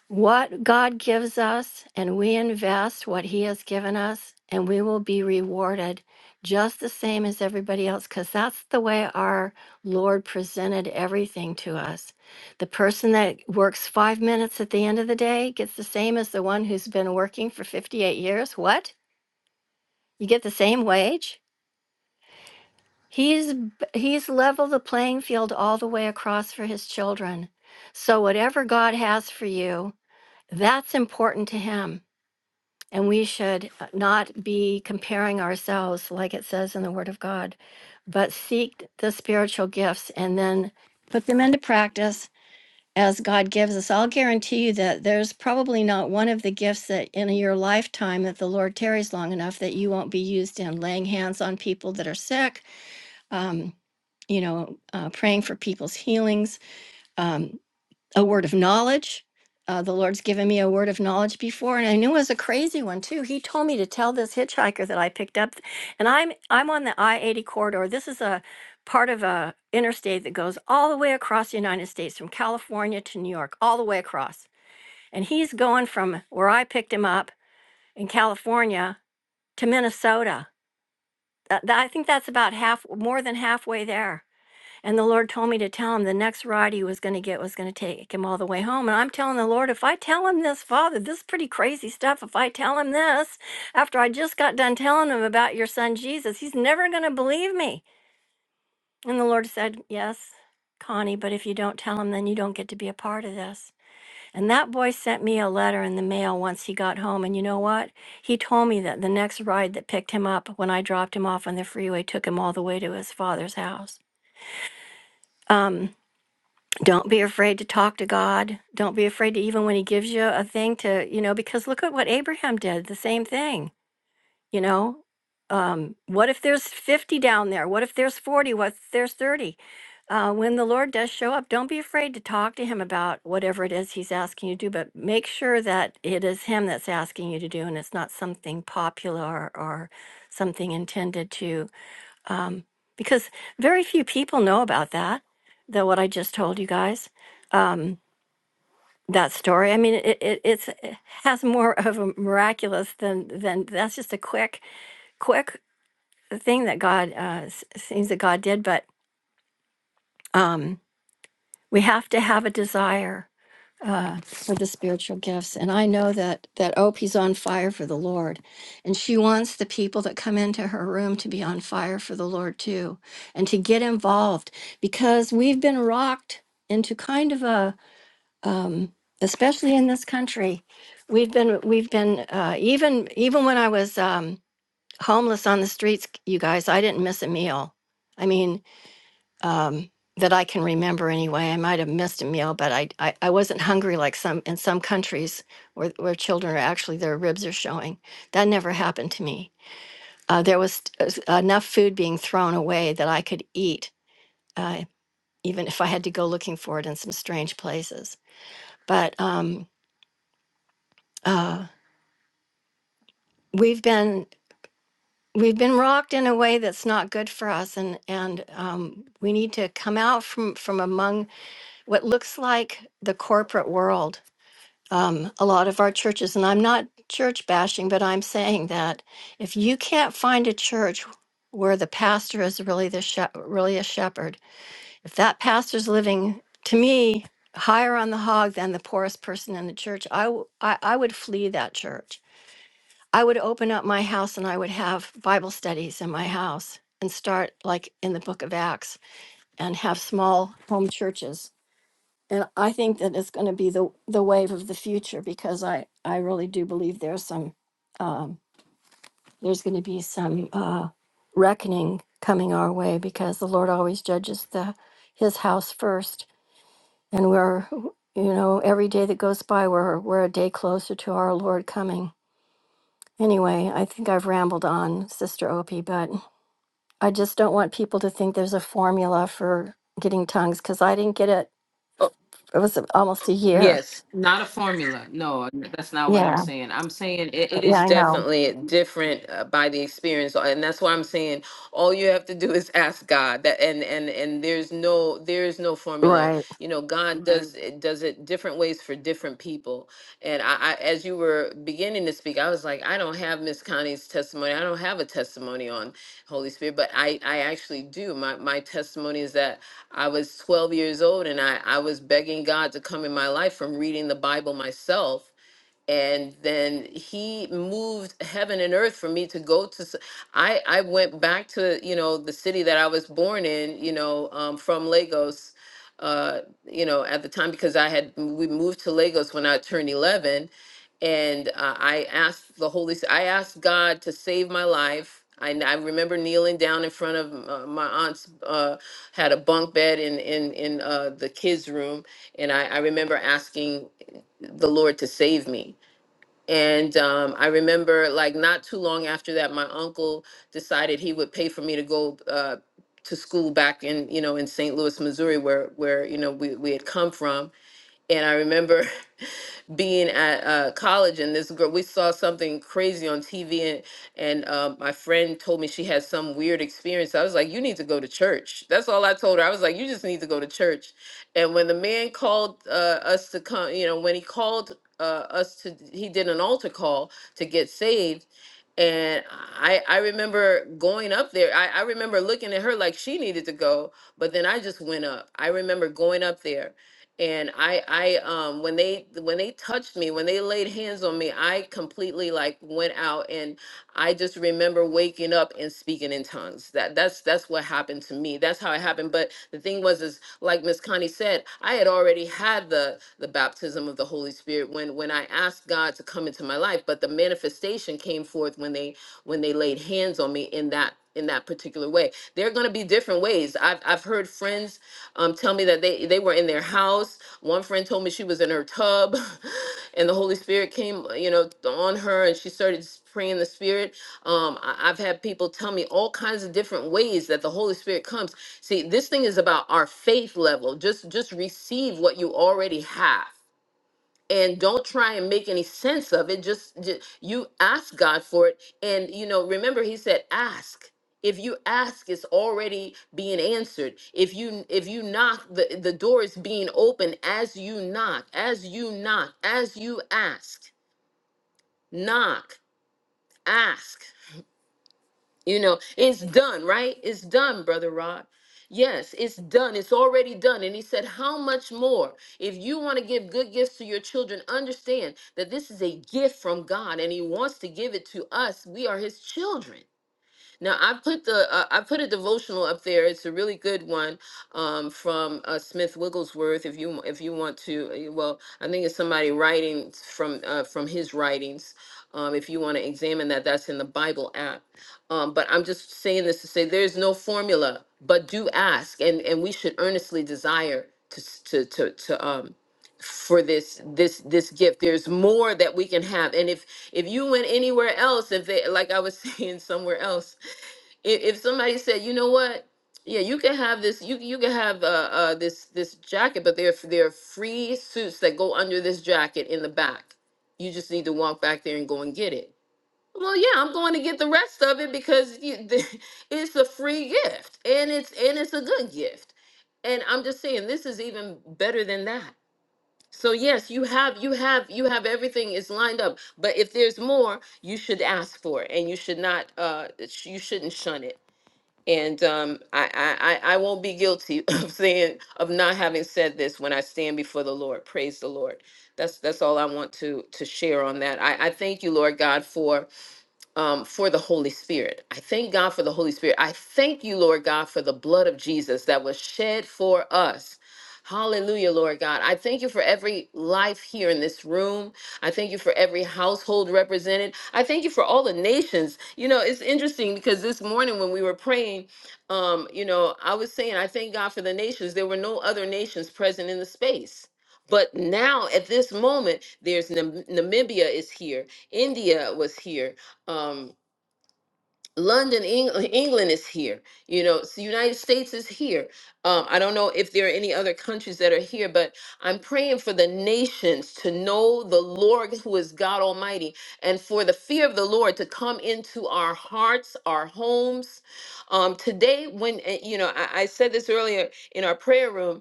I: what god gives us and we invest what he has given us and we will be rewarded just the same as everybody else because that's the way our lord presented everything to us the person that works five minutes at the end of the day gets the same as the one who's been working for 58 years what you get the same wage He's b- he's leveled the playing field all the way across for his children. So whatever God has for you, that's important to him. And we should uh, not be comparing ourselves like it says in the word of God, but seek the spiritual gifts and then put them into practice as God gives us. I'll guarantee you that there's probably not one of the gifts that in your lifetime that the Lord tarries long enough that you won't be used in laying hands on people that are sick um, you know, uh, praying for people's healings, um, a word of knowledge. Uh, the Lord's given me a word of knowledge before, and I knew it was a crazy one too. He told me to tell this hitchhiker that I picked up, and I'm I'm on the I eighty corridor. This is a part of a interstate that goes all the way across the United States, from California to New York, all the way across. And he's going from where I picked him up in California to Minnesota. That, that- I think that's about half, more than halfway there and the Lord told me to tell him the next ride he was going to get was going to take him all the way home. And I'm telling the Lord, if I tell him this, Father, this is pretty crazy stuff. If I tell him this after I just got done telling him about your son Jesus, he's never going to believe me. And the Lord said, Yes, Connie, but if you don't tell him, then you don't get to be a part of this. And that boy sent me a letter in the mail once he got home. And you know what? He told me that the next ride that picked him up when I dropped him off on the freeway took him all the way to his father's house. Um. Don't be afraid to talk to God. Don't be afraid to even when He gives you a thing to, you know, because look at what Abraham did, the same thing, you know. Um, what if there's 50 down there? What if there's 40? What if there's 30? Uh, when the Lord does show up, don't be afraid to talk to Him about whatever it is He's asking you to do, but make sure that it is Him that's asking you to do and it's not something popular or something intended to because very few people know about that the what i just told you guys um, that story i mean it, it it's it has more of a miraculous than than that's just a quick quick thing that god uh, s- things that god did but um, we have to have a desire uh, for the spiritual gifts. And I know that that Opie's on fire for the Lord, and she wants the people that come into her room to be on fire for the Lord too, and to get involved because we've been rocked into kind of a, um, especially in this country, we've been we've been uh, even even when I was um, homeless on the streets, you guys, I didn't miss a meal. I mean, um, that I can remember anyway. I might have missed a meal, but I, I, I wasn't hungry like some in some countries where, where children are actually their ribs are showing. That never happened to me. Uh, there was s- enough food being thrown away that I could eat, uh, even if I had to go looking for it in some strange places. But um, uh, we've been we've been rocked in a way that's not good for us, and and um, we need to come out from from among what looks like the corporate world um, a lot of our churches, and I'm not church bashing, but I'm saying that if you can't find a church where the pastor is really the shep really a shepherd, if that pastor's living to me higher on the hog than the poorest person in the church, I, w- I I would flee that church. I would open up my house and I would have Bible studies in my house and start like in the book of Acts and have small home churches and I think that it's going to be the the wave of the future because I I really do believe there's some um, there's going to be some uh, reckoning coming our way because the Lord always judges the His house first, and we're you know every day that goes by we're we're a day closer to our Lord coming. Anyway, I think I've rambled on, Sister Opie, but I just don't want people to think there's a formula for getting tongues because I didn't get it. It was almost a year.
A: Yes, not a formula. No, that's not what I'm
I: Yeah,
A: saying. I'm saying it, it
I: yeah,
A: is
I: I know.
A: definitely different uh, by the experience, and that's why I'm saying all you have to do is ask God. That and and and there's no there is no formula.
I: Right.
A: You know, God Mhm. does it does it different ways for different people. And I, I as you were beginning to speak, I was like, I don't have Miss Connie's testimony. I don't have a testimony on Holy Spirit, but I I actually do. My my testimony is that I was 12 years old and I, I was begging God to come in my life from reading the Bible myself and then he moved heaven and earth for me to go to s- i I went back to you know the city that i was born in you know um, from lagos uh you know at the time because i had we moved to lagos when i turned 11 and uh, i asked the holy S- i asked god to save my life i, n- I remember kneeling down in front of uh, my aunt's uh, had a bunk bed in in in uh, the kids room and I, I remember asking the Lord to save me and um, I remember, like, not too long after that, my uncle decided he would pay for me to go uh, to school back in, you know, in St. Louis, Missouri, where where you know we we had come from. And I remember being at uh, college and this girl we saw something crazy on tv and and uh, my friend told me she had some weird experience i was like you need to go to church that's all i told her i was like you just need to go to church and when the man called uh, us to come you know when he called uh, us to he did an altar call to get saved and I I remember going up there. I, I remember looking at her like she needed to go, but then I just went up. I remember going up there and I I um when they when they touched me, when they laid hands on me, I completely like went out and I just remember waking up and speaking in tongues. That that's that's what happened to me. That's how it happened. But the thing was is like Miss Connie said, I had already had the the baptism of the Holy Spirit when when I asked God to come into my life, but the manifestation came forth when they when they laid hands on me in that in that particular way. There are going to be different ways. I've I've heard friends um, tell me that they they were in their house. One friend told me she was in her tub, and the Holy Spirit came, you know, on her, and she started praying in the Spirit. Um, I, I've had people tell me all kinds of different ways that the Holy Spirit comes. See, this thing is about our faith level. Just just receive what you already have. And don't try and make any sense of it. Just, just you ask God for it. And you know, remember he said, ask. If you ask, it's already being answered. If you if you knock, the, the door is being opened as you knock, as you knock, as you ask. Knock, ask. You know, it's done, right? It's done, Brother Rod. Yes, it's done. It's already done. And he said, How much more? If you want to give good gifts to your children, understand that this is a gift from God and he wants to give it to us. We are his children. Now I put the uh, I put a devotional up there. It's a really good one um, from uh, Smith Wigglesworth. If you if you want to, uh, well, I think it's somebody writing from uh, from his writings. Um, if you want to examine that, that's in the Bible app. Um, but I'm just saying this to say there's no formula, but do ask, and and we should earnestly desire to s- to to, to um for this this this gift there's more that we can have and if if you went anywhere else if they like i was saying somewhere else if, if somebody said, you know what, yeah, you can have this, you you can have uh, uh this this jacket, but there are- there are free suits that go under this jacket in the back. You just need to walk back there and go and get it. Well, yeah, I'm going to get the rest of it because you, it's a free gift and it's and it's a good gift. And I'm just saying this is even better than that. So yes, you have you have you have everything is lined up, but if there's more, you should ask for it and you should not uh sh- you shouldn't shun it. And um, I, I, I I won't be guilty of saying of not having said this when I stand before the Lord. Praise the Lord. That's that's all I want to to share on that. I, I thank you, Lord God, for um, for the Holy Spirit. I thank God for the Holy Spirit. I thank you, Lord God, for the blood of Jesus that was shed for us. Hallelujah, Lord God. I thank you for every life here in this room. I thank you for every household represented. I thank you for all the nations. You know, it's interesting because this morning when we were praying, um, you know, I was saying, I thank God for the nations. There were no other nations present in the space. But now at this moment, there's Nam- Namibia is here, India was here, um London, England, England is here. You know, it's the United States is here. Um, I don't know if there are any other countries that are here, but I'm praying for the nations to know the Lord who is God Almighty and for the fear of the Lord to come into our hearts, our homes. Um, today, when, uh, you know, I, I said this earlier in our prayer room,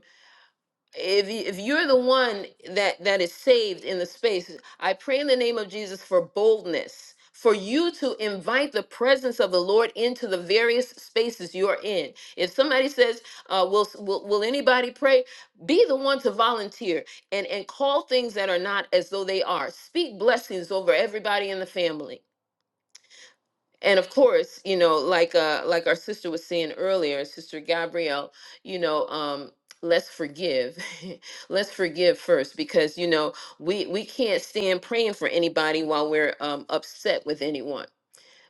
A: if you, if you're the one that that is saved in the space i pray in the name of jesus for boldness for you to invite the presence of the lord into the various spaces you're in if somebody says uh, will, will will anybody pray be the one to volunteer and and call things that are not as though they are speak blessings over everybody in the family and of course you know like uh like our sister was saying earlier sister gabrielle you know um let's forgive let's forgive first because you know we we can't stand praying for anybody while we're um, upset with anyone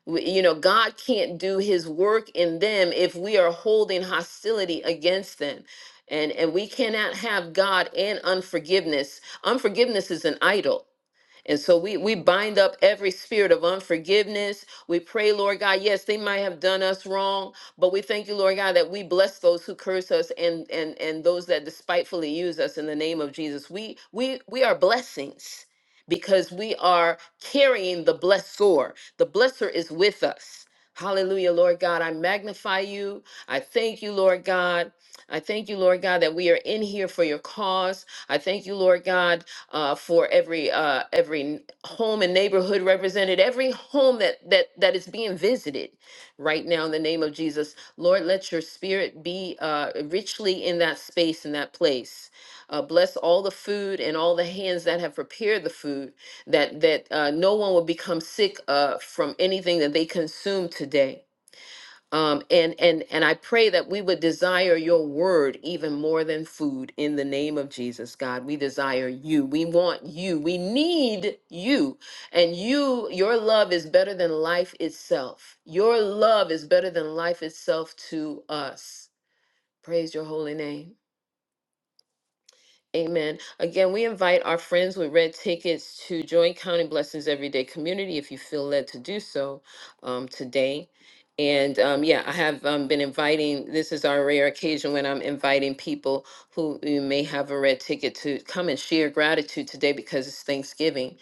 A: we, you know god can't do his work in them if we are holding hostility against them and and we cannot have god and unforgiveness unforgiveness is an idol and so we we bind up every spirit of unforgiveness. We pray, Lord God, yes, they might have done us wrong, but we thank you, Lord God, that we bless those who curse us and and and those that despitefully use us in the name of Jesus. We we we are blessings because we are carrying the blessor. The blesser is with us. Hallelujah, Lord God. I magnify you. I thank you, Lord God. I thank you, Lord God, that we are in here for your cause. I thank you, Lord God, uh, for every uh, every home and neighborhood represented, every home that that that is being visited right now in the name of Jesus. Lord, let your spirit be uh, richly in that space in that place. Uh, bless all the food and all the hands that have prepared the food that that uh, no one will become sick uh, from anything that they consume today um, and and and I pray that we would desire your word even more than food in the name of Jesus, God. We desire you. We want you. We need you. And you, your love is better than life itself. Your love is better than life itself to us. Praise your holy name. Amen. Again, we invite our friends with red tickets to join Counting Blessings Everyday Community if you feel led to do so um, today. And um, yeah, I have um, been inviting, this is our rare occasion when I'm inviting people who who may have a red ticket to come and share gratitude today because it's Thanksgiving.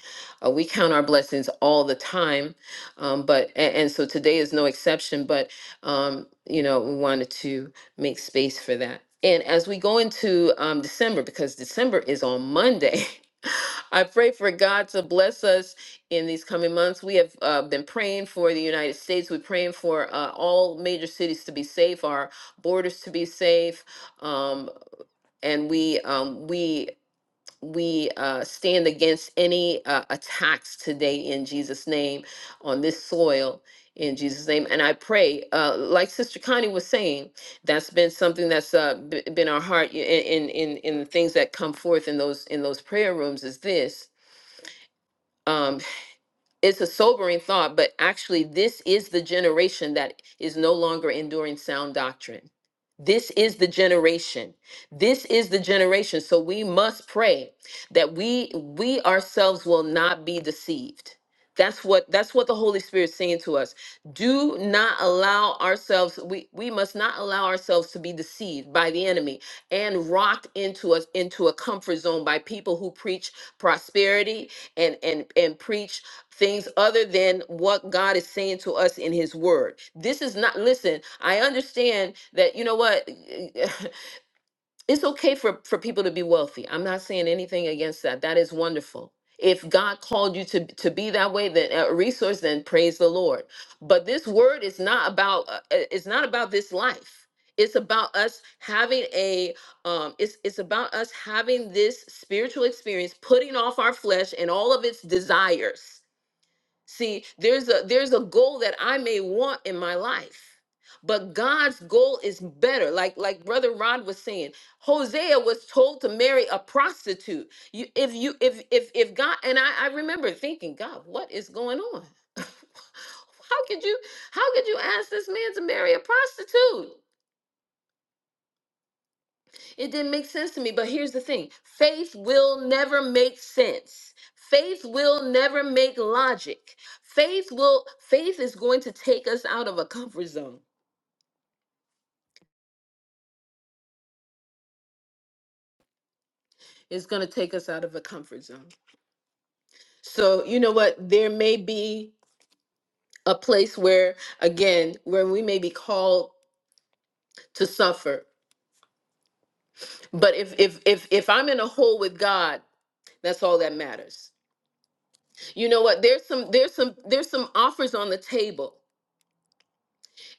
A: Uh, we count our blessings all the time, um, but, and, and so today is no exception, but, um, you know, we wanted to make space for that. And as we go into um, December, because December is on Monday, I pray for God to bless us in these coming months. We have uh, been praying for the United States. We're praying for uh, all major cities to be safe, our borders to be safe, um, and we um, we we uh, stand against any uh, attacks today in Jesus' name on this soil in Jesus' name. And I pray, uh, like Sister Connie was saying, that's been something that's uh, b- been our heart i- in in in the things that come forth in those in those prayer rooms. Is this? um, it's a sobering thought, but actually, this is the generation that is no longer enduring sound doctrine. This is the generation. This is the generation. So we must pray that we we ourselves will not be deceived. That's what that's what the Holy Spirit is saying to us. Do not allow ourselves we we must not allow ourselves to be deceived by the enemy and rocked into us into a comfort zone by people who preach prosperity and and and preach things other than what God is saying to us in his word. This is not listen, I understand that you know what it's okay for for people to be wealthy. I'm not saying anything against that. That is wonderful. If God called you to to be that way then a resource then praise the Lord. But this word is not about uh, uh, it's not about this life. It's about us having a um it's it's about us having this spiritual experience putting off our flesh and all of its desires See, there's a there's a goal that I may want in my life. But God's goal is better. Like like brother Rod was saying, Hosea was told to marry a prostitute. You if you if if if God and I, I remember thinking, God, what is going on? how could you how could you ask this man to marry a prostitute? It didn't make sense to me. But here's the thing faith will never make sense. Faith will never make logic. Faith will, faith is going to take us out of a comfort zone. It's going to take us out of a comfort zone. So, you know what? There may be a place where, again, where we may be called to suffer. But if, if, if, if I'm in a hole with God, that's all that matters. You know what? There's some, there's some, there's some offers on the table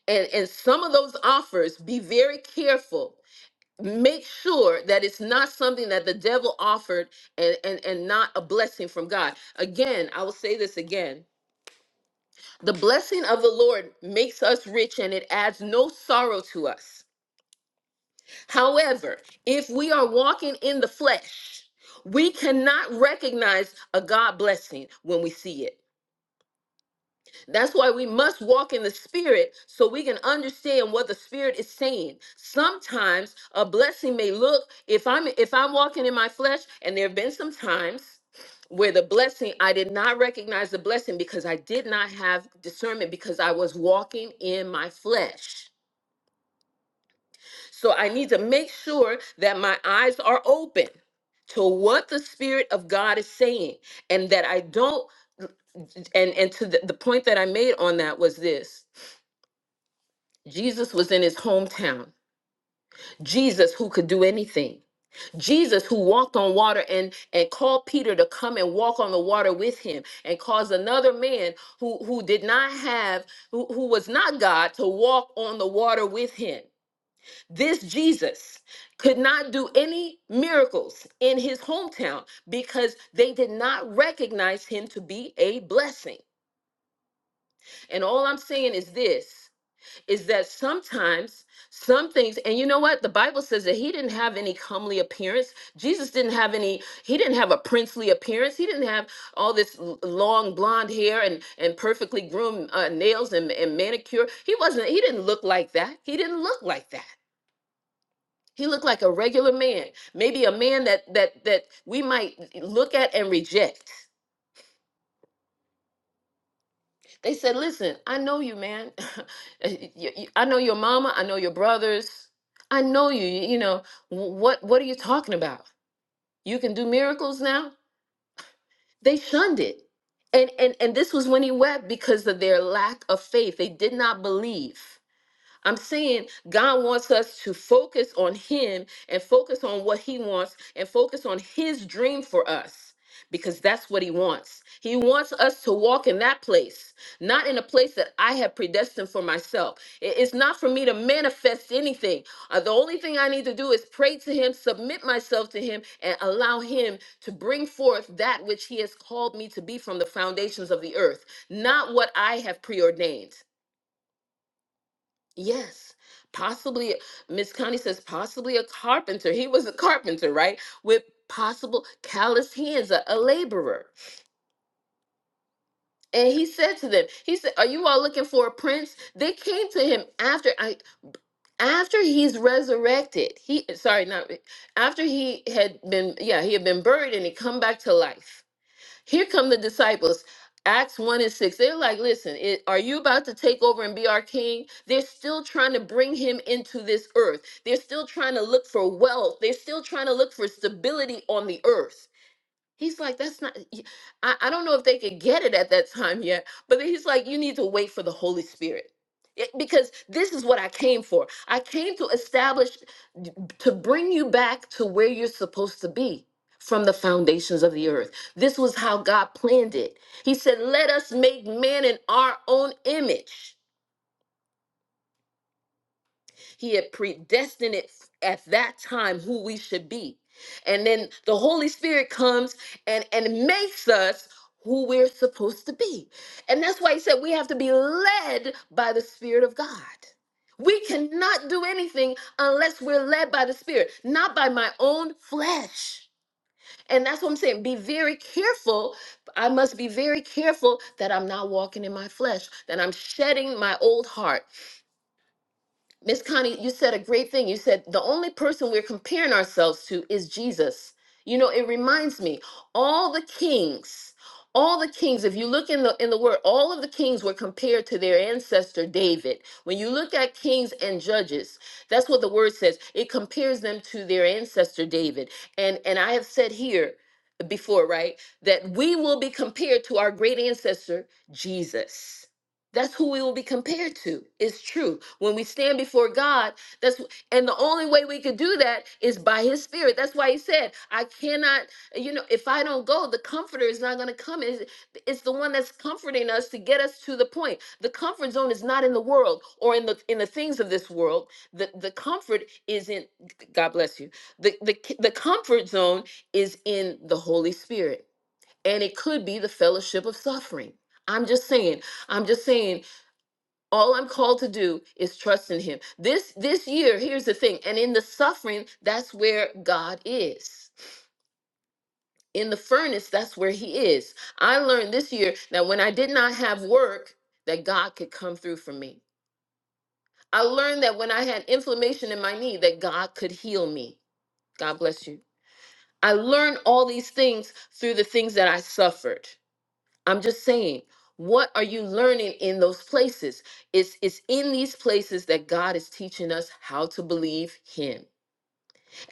A: and and some of those offers be very careful make sure that it's not something that the devil offered and and, and not a blessing from god again i will say this again the blessing of the lord makes us rich and it adds no sorrow to us however if we are walking in the flesh we cannot recognize a god blessing when we see it That's why we must walk in the spirit so we can understand what the spirit is saying. Sometimes a blessing may look if I'm if I'm walking in my flesh and there have been some times where the blessing I did not recognize the blessing because I did not have discernment because I was walking in my flesh. So I need to make sure that my eyes are open to what the spirit of God is saying and that I don't and and to the, the point that I made on that was this Jesus was in his hometown. Jesus who could do anything. Jesus who walked on water and and called Peter to come and walk on the water with him and caused another man who who did not have who, who was not God to walk on the water with him. This Jesus could not do any miracles in his hometown because they did not recognize him to be a blessing. And all I'm saying is this is that sometimes some things and you know what the bible says that he didn't have any comely appearance jesus didn't have any he didn't have a princely appearance he didn't have all this l- long blonde hair and and perfectly groomed uh, nails and, and manicure he wasn't he didn't look like that he didn't look like that he looked like a regular man maybe a man that that that we might look at and reject They said, "Listen, I know you, man. Y- y- I know your mama. I know your brothers. I know you. You you know wh- what? What are you talking about? You can do miracles now." They shunned it, and and and this was when he wept because of their lack of faith. They did not believe. I'm saying God wants us to focus on Him and focus on what He wants and focus on His dream for us because that's what He wants. He wants us to walk in that place, not in a place that I have predestined for myself. I- It's not for me to manifest anything. Uh, The only thing I need to do is pray to Him, submit myself to Him, and allow Him to bring forth that which He has called me to be from the foundations of the earth, not what I have preordained. Yes, possibly, Miss Connie says possibly a carpenter. He was a carpenter, right? With possible calloused hands, a, a laborer. And he said to them, he said, "Are you all looking for a prince?" They came to him after I after he's resurrected. He sorry, not after he had been yeah, he had been buried and he come back to life Here come the disciples. Acts 1 and 6. They're like, listen, it, are you about to take over and be our king? They're still trying to bring him into this earth. They're still trying to look for wealth. They're still trying to look for stability on the earth. He's like, that's not, y- I, I don't know if they could get it at that time yet, but then he's like, you need to wait for the Holy Spirit. It- because this is what I came for. I came to establish, d- to bring you back to where you're supposed to be from the foundations of the earth. This was how God planned it. He said, let us make man in our own image. He had predestined it at that time who we should be. And then the Holy Spirit comes and, and makes us who we're supposed to be. And that's why he said we have to be led by the Spirit of God. We cannot do anything unless we're led by the Spirit, not by my own flesh. And that's what I'm saying. Be very careful. I must be very careful that I'm not walking in my flesh, that I'm shedding my old heart, Miss Connie, you said a great thing. You said the only person we're comparing ourselves to is Jesus. You know, it reminds me all the kings, all the kings. If you look in the in the word, all of the kings were compared to their ancestor David. When you look at kings and judges, that's what the word says. It compares them to their ancestor David. And and I have said here before, right, that we will be compared to our great ancestor Jesus. That's who we will be compared to. It's true. When we stand before God, that's wh- and the only way we could do that is by his spirit. That's why he said, I cannot, you know, if I don't go, the comforter is not going to come. It's, it's the one that's comforting us to get us to the point. The comfort zone is not in the world or in the in the things of this world. The the comfort is in God bless you. The the the comfort zone is in the Holy Spirit. And it could be the fellowship of suffering. I'm just saying, I'm just saying all I'm called to do is trust in him. This this year, here's the thing, and in the suffering, that's where God is. In the furnace, that's where he is. I learned this year that when I did not have work, that God could come through for me. I learned that when I had inflammation in my knee, that God could heal me. God bless you. I learned all these things through the things that I suffered. I'm just saying, what are you learning in those places? It's it's in these places that God is teaching us how to believe him.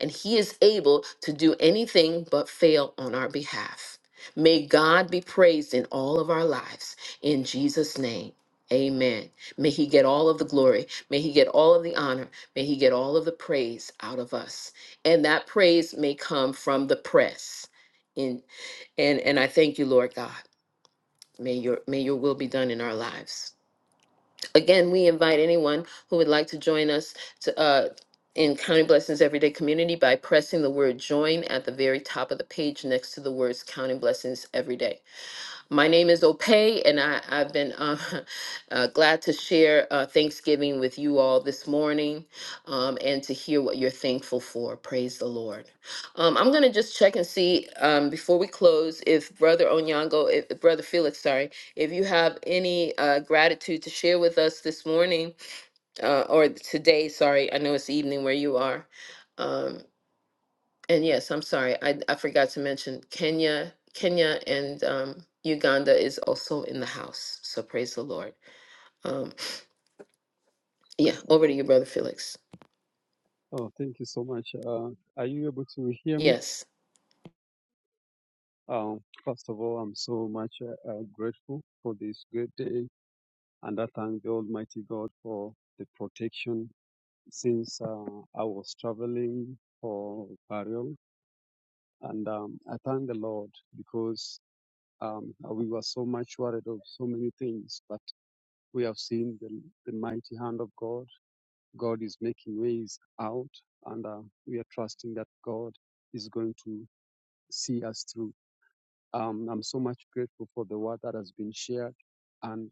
A: And he is able to do anything but fail on our behalf. May God be praised in all of our lives in Jesus name. Amen. May he get all of the glory. May he get all of the honor. May he get all of the praise out of us. And that praise may come from the press. In and and I thank you, Lord God. May your may your will be done in our lives. Again, we invite anyone who would like to join us to uh in Counting Blessings Everyday Community by pressing the word join at the very top of the page next to the words "Counting Blessings Everyday. My name is Opay, and I, I've been uh, uh, glad to share uh, Thanksgiving with you all this morning um, and to hear what you're thankful for. Praise the Lord. Um, I'm going to just check and see um, before we close if Brother Onyango, if, Brother Felix, sorry, if you have any uh, gratitude to share with us this morning uh, or today, sorry, I know it's evening where you are. Um, and yes, I'm sorry, I, I forgot to mention Kenya, Kenya and um, Uganda is also in the house. So praise the Lord. Um, yeah, over to you, Brother Felix.
J: Oh, thank you so much. Uh, are you able to hear me?
A: Yes.
J: Um, first of all, I'm so much uh, uh, grateful for this great day, and I thank the Almighty God for the protection since uh, I was traveling for burial, and um, I thank the Lord because um, we were so much worried of so many things, but we have seen the, the mighty hand of God. God is making ways out, and uh, we are trusting that God is going to see us through Um, I'm so much grateful for the word that has been shared, and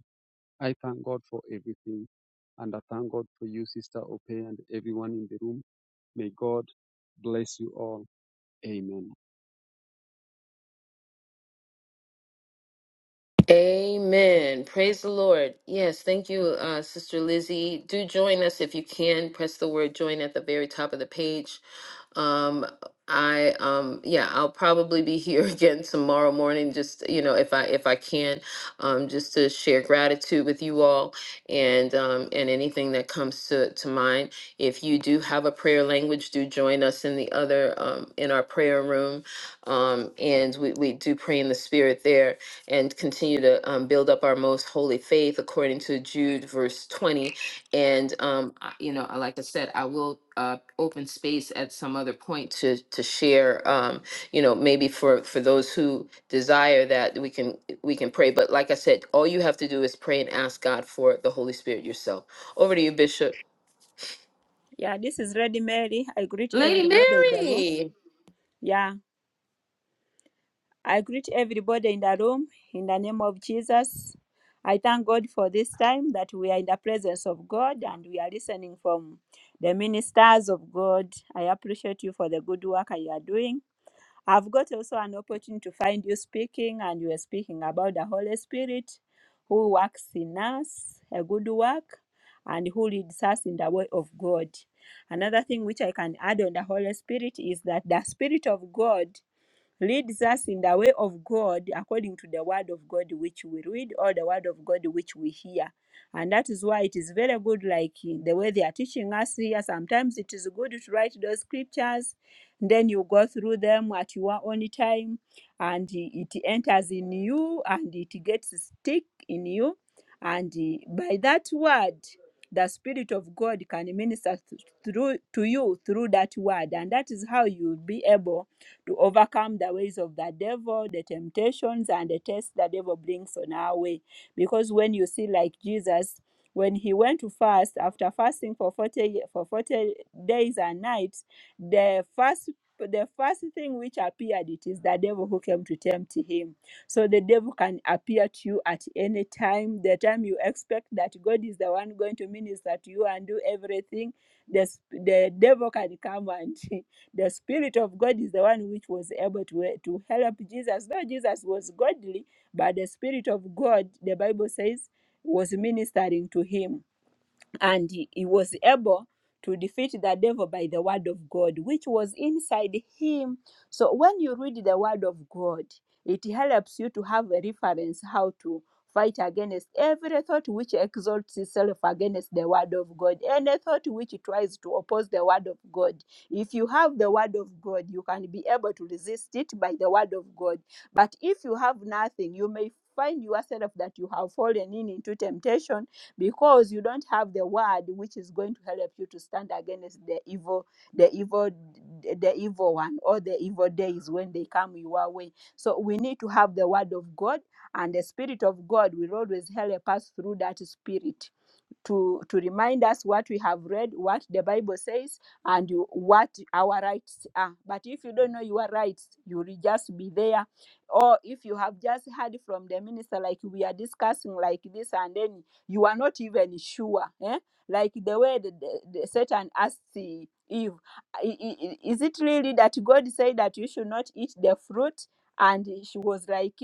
J: I thank God for everything. And I thank God for you, Sister Ope, and everyone in the room. May God bless you all. Amen.
A: Amen. Praise the Lord. Yes, thank you, uh, Sister Lizzie. Do join us if you can. Press the word join at the very top of the page Um, I um yeah, I'll probably be here again tomorrow morning just you know if I if I can um just to share gratitude with you all and um and anything that comes to to mind. If you do have a prayer language, do join us in the other um in our prayer room. Um and we we do pray in the spirit there and continue to um, build up our most holy faith according to Jude verse 20 and um, I- you know, I- like I said, I will uh, open space at some other point to to share. Um, you know, maybe for for those who desire that we can we can pray. But like I said, all you have to do is pray and ask God for the Holy Spirit yourself. Over to you, Bishop.
G: Yeah, this is Ready Mary. I greet
A: Lady
G: everybody in the room.
A: Mary.
G: Yeah, I greet everybody in the room in the name of Jesus. I thank God for this time that we are in the presence of God and we are listening from the ministers of God. I appreciate you for the good work you are doing. I've got also an opportunity to find you speaking, and you are speaking about the Holy Spirit who works in us, a good work, and who leads us in the way of God. Another thing which I can add on the Holy Spirit is that the Spirit of God leads us in the way of God according to the word of God which we read or the word of God which we hear. And that is why it is very good, like the way they are teaching us here. Sometimes it is good to write those scriptures, then you go through them at your own time, and it enters in you and it gets stick in you. And by that word, the Spirit of God can minister th- through to you through that word, and that is how you'll be able to overcome the ways of the devil, the temptations, and the tests the devil brings on our way. Because when you see, like Jesus, when he went to fast after fasting for 40 for 40 days and nights the first the first thing which appeared it is the devil who came to tempt him so the devil can appear to you at any time the time you expect that god is the one going to minister to you and do everything the, sp- the devil can come and The Spirit of God is the one which was able to, to help Jesus. Though Jesus was godly, but the Spirit of God, the Bible says, was ministering to him and he, he was able to defeat the devil by the word of God, which was inside him. So when you read the word of God, it helps you to have a reference how to fight against every thought which exalts itself against the word of God, any thought which tries to oppose the word of God. If you have the word of God, you can be able to resist it by the word of God. But if you have nothing, you may find yourself that you have fallen in into temptation because you don't have the word which is going to help you to stand against the evil the evil the evil one or the evil days when they come your way so we need to have the word of god and the spirit of god will always help us through that spirit to to remind us what we have read what the bible says and you- what our rights are but if you don't know your rights you will just be there or if you have just heard from the minister like we are discussing like this and then you are not even sure eh? like the way the, the, the satan asked the eve "I- i- i- is it really that god said that you should not eat the fruit and she was like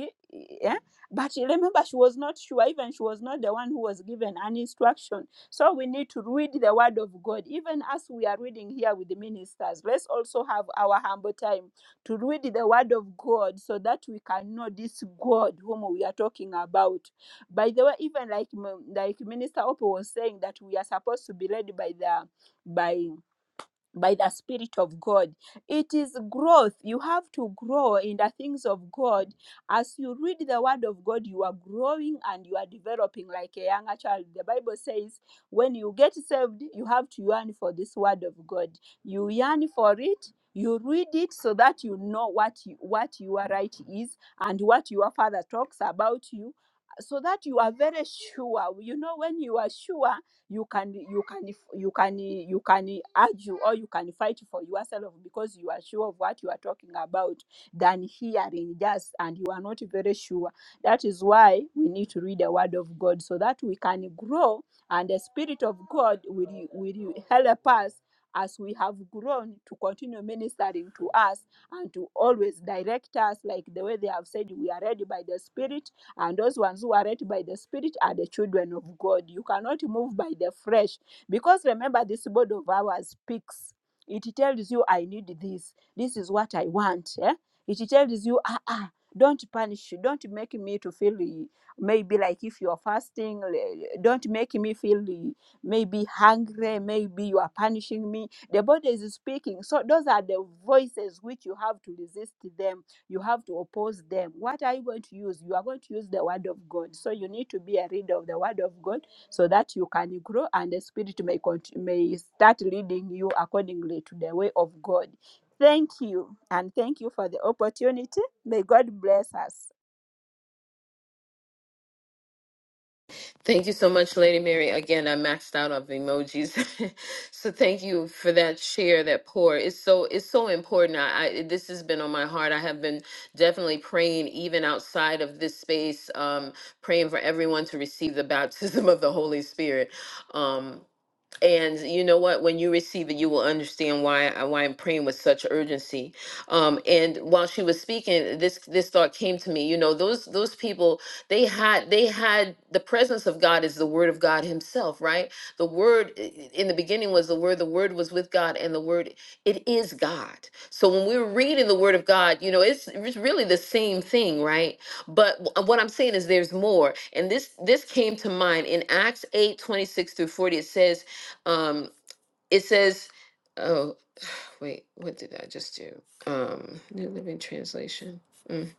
G: "Eh, but remember, she was not sure, even she was not the one who was given an instruction. So we need to read the word of God. Even as we are reading here with the ministers, let's also have our humble time to read the word of God so that we can know this God whom we are talking about. By the way, even like like Minister Oppo was saying that we are supposed to be led by the by by the Spirit of God. It is growth. You have to grow in the things of God. As you read the Word of God, you are growing and you are developing like a younger child. The Bible says, when you get saved, you have to yearn for this Word of God. You yearn for it. You read it so that you know what you, what your right is and what your father talks about you, so that you are very sure. You know when you are sure you can you can you can you can argue or you can fight for yourself because you are sure of what you are talking about than hearing just and you are not very sure that is why we need to read the word of god so that we can grow and the spirit of god will will help us as we have grown to continue ministering to us and to always direct us like the way they have said we are led by the spirit and those ones who are led by the Spirit are the children of God. You cannot move by the flesh. Because remember, this body of ours speaks. It tells you, I need this. This is what I want. Eh? It tells you, ah, ah, don't punish. Don't make me to feel eh, maybe like if you're fasting, eh, don't make me feel eh, maybe hungry, maybe you are punishing me. The body is speaking. So those are the voices which you have to resist them you have to oppose them. What are you going to use? You are going to use the word of God. So you need to be a reader of the word of God so that you can grow and the spirit may cont- may start leading you accordingly to the way of God. Thank you and thank you for the opportunity. May God bless us.
A: Thank you so much, Lady Mary. Again, I maxed out of emojis, so thank you for that share, that pour. It's so it's so important. I, I this has been on my heart. I have been definitely praying, even outside of this space, um, praying for everyone to receive the baptism of the Holy Spirit. Um, and you know what? When you receive it, you will understand why I, why I'm praying with such urgency. Um, and while she was speaking, this this thought came to me. You know, those those people they had they had the presence of God is the Word of God Himself, right? The Word i- i- in the beginning was the Word. The Word was with God, and the Word it is God. So when we're reading the Word of God, you know, it's it's really the same thing, right? But wh- what I'm saying is there's more. And this this came to mind in Acts eight twenty six through 40. It says. Um, it says, oh, wait, what did I just do? Um, New Living Translation. Mm.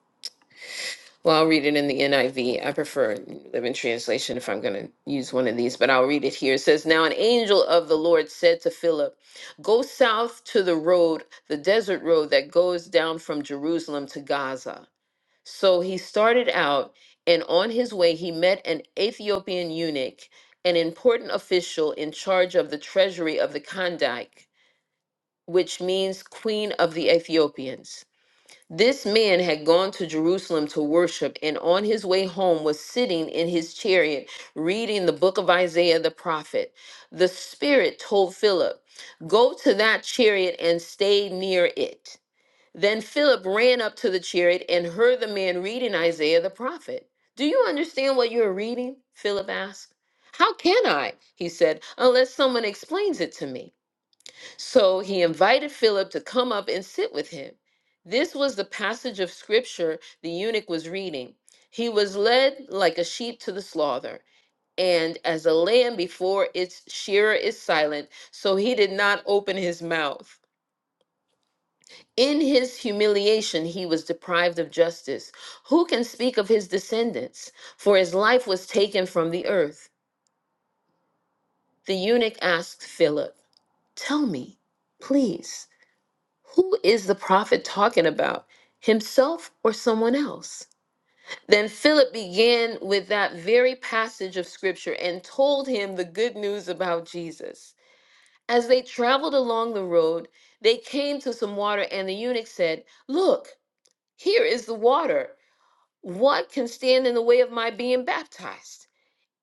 A: Well, I'll read it in the NIV. I V. I prefer New Living Translation if I'm going to use one of these, but I'll read it here. It says, Now an angel of the Lord said to Philip, 'Go south to the road, the desert road that goes down from Jerusalem to Gaza. So he started out, and on his way, he met an Ethiopian eunuch, an important official in charge of the treasury of the Kandake which means Queen of the Ethiopians. This man had gone to Jerusalem to worship, and on his way home was sitting in his chariot reading the book of Isaiah the prophet. The Spirit told Philip, Go to that chariot and stay near it. Then Philip ran up to the chariot and heard the man reading Isaiah the prophet. Do you understand what you're reading? Philip asked. How can I? He said, unless someone explains it to me. So he invited Philip to come up and sit with him. This was the passage of scripture the eunuch was reading. He was led like a sheep to the slaughter, and as a lamb before its shearer is silent, so he did not open his mouth. In his humiliation, he was deprived of justice. Who can speak of his descendants? For his life was taken from the earth. The eunuch asked Philip, Tell me, please. Who is the prophet talking about? Himself or someone else? Then Philip began with that very passage of scripture and told him the good news about Jesus. As they traveled along the road, they came to some water, and the eunuch said, Look, here is the water. What can stand in the way of my being baptized?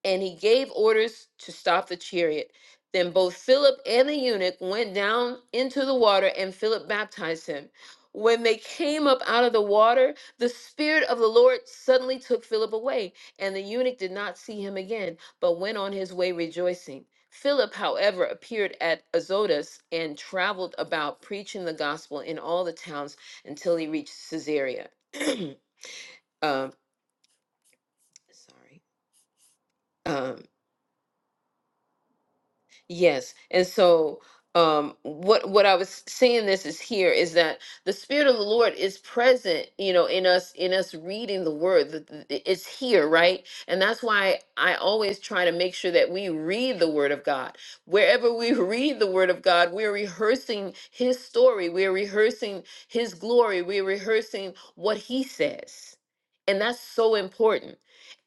A: and he gave orders to stop the chariot. Then both Philip and the eunuch went down into the water, and Philip baptized him. When they came up out of the water, the Spirit of the Lord suddenly took Philip away, and the eunuch did not see him again, but went on his way rejoicing. Philip, however, appeared at Azotus and traveled about preaching the gospel in all the towns until he reached Caesarea. um, sorry. Um, Yes. And so um what what I was saying this is here is that the spirit of the Lord is present, you know, in us in us reading the word. The- the- the- It's here, right? And that's why I always try to make sure that we read the word of God. Wherever we read the word of God, we're rehearsing his story, we're rehearsing his glory, we're rehearsing what he says. And that's so important.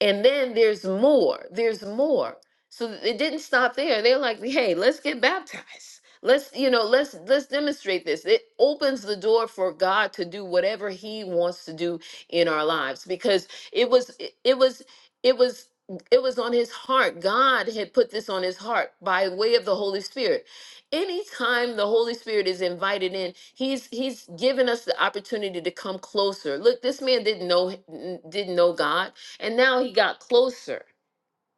A: And then there's more. There's more. So th- it didn't stop there. They're like, hey, let's get baptized. Let's, you know, let's let's demonstrate this. It opens the door for God to do whatever He wants to do in our lives because it was it it was it was it was on his heart. God had put this on his heart by way of the Holy Spirit. Anytime the Holy Spirit is invited in, he's he's given us the opportunity to come closer. Look, this man didn't know didn't know God, and now he got closer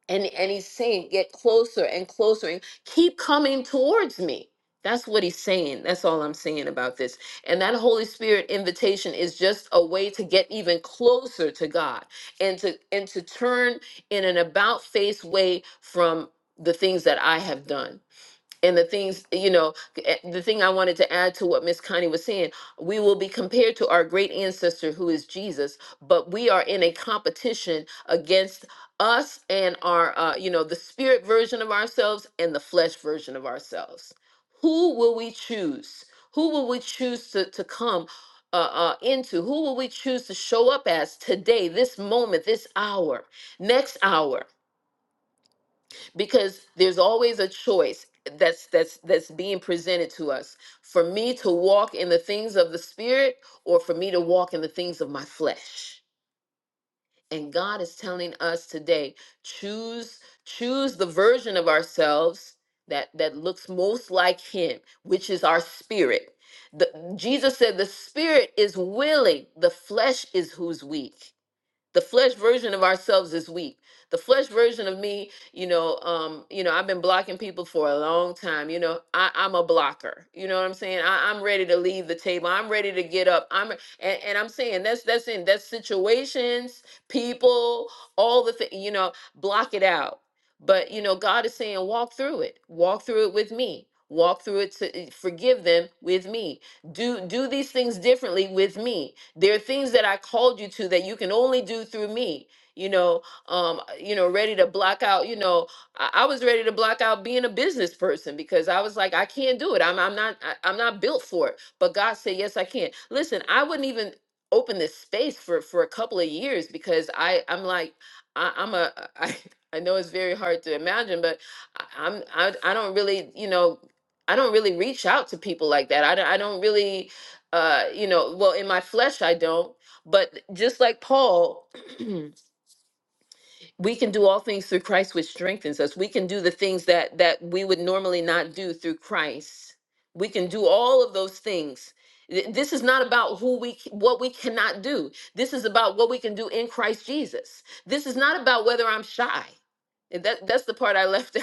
A: and and he's saying get closer and closer and keep coming towards me that's what he's saying that's all i'm saying about this and that holy spirit invitation is just a way to get even closer to god and to and to turn in an about face way from the things that i have done and the things you know eh, the thing i wanted to add to what miss connie was saying we will be compared to our great ancestor who is jesus but we are in a competition against us and our uh, you know the spirit version of ourselves and the flesh version of ourselves who will we choose who will we choose to, to come uh, uh, into who will we choose to show up as today this moment this hour next hour because there's always a choice that's that's that's being presented to us for me to walk in the things of the spirit or for me to walk in the things of my flesh and god is telling us today choose choose the version of ourselves that that looks most like him which is our spirit the, jesus said the spirit is willing the flesh is who's weak the flesh version of ourselves is weak the flesh version of me you know um you know i've been blocking people for a long time you know I, i'm a blocker you know what i'm saying I, i'm ready to leave the table i'm ready to get up i'm and, and i'm saying that's that's in that's situations people all the thing you know block it out but you know god is saying walk through it walk through it with me walk through it to forgive them with me do do these things differently with me there are things that I called you to that you can only do through me. You know, um, you know, ready to block out. You know, I, I was ready to block out being a business person because I was like, I can't do it. I'm, I'm not, I, I'm not built for it. But God said, yes, I can. Listen, I wouldn't even open this space for for a couple of years because I, I'm like, I, I'm a, I, I know it's very hard to imagine, but I- I'm, I, I don't really, you know, I don't really reach out to people like that. I don't, I don't really uh you know well in my flesh i don't but just like paul we can do all things through christ which strengthens us we can do the things that that we would normally not do through christ we can do all of those things Th- this is not about who we c- what we cannot do this is about what we can do in christ jesus this is not about whether i'm shy And that that's the part i left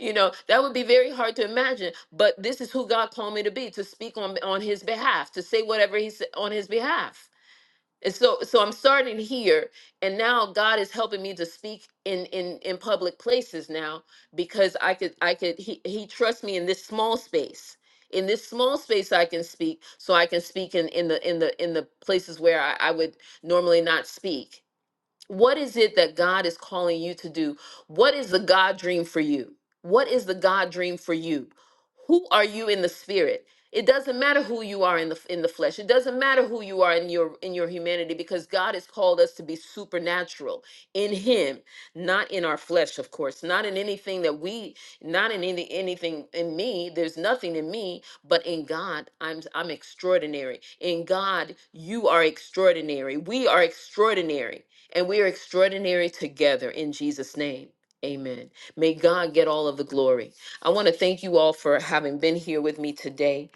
A: you know that would be very hard to imagine but this is who god called me to be to speak on on his behalf to say whatever he said on his behalf and so so i'm starting here and now god is helping me to speak in in in public places now because i could i could he he trusts me in this small space in this small space i can speak so i can speak in in the in the in the places where i, I would normally not speak what is it that God is calling you to do? What is the God dream for you? What is the God dream for you? Who are you in the spirit? It doesn't matter who you are in the in the flesh. It doesn't matter who you are in your in your humanity because God has called us to be supernatural in him, not in our flesh, of course, not in anything that we not in any anything in me. There's nothing in me, but in God, I'm I'm extraordinary. In God, you are extraordinary. We are extraordinary. And we are extraordinary together in Jesus' name. Amen. May God get all of the glory. I want to thank you all for having been here with me today.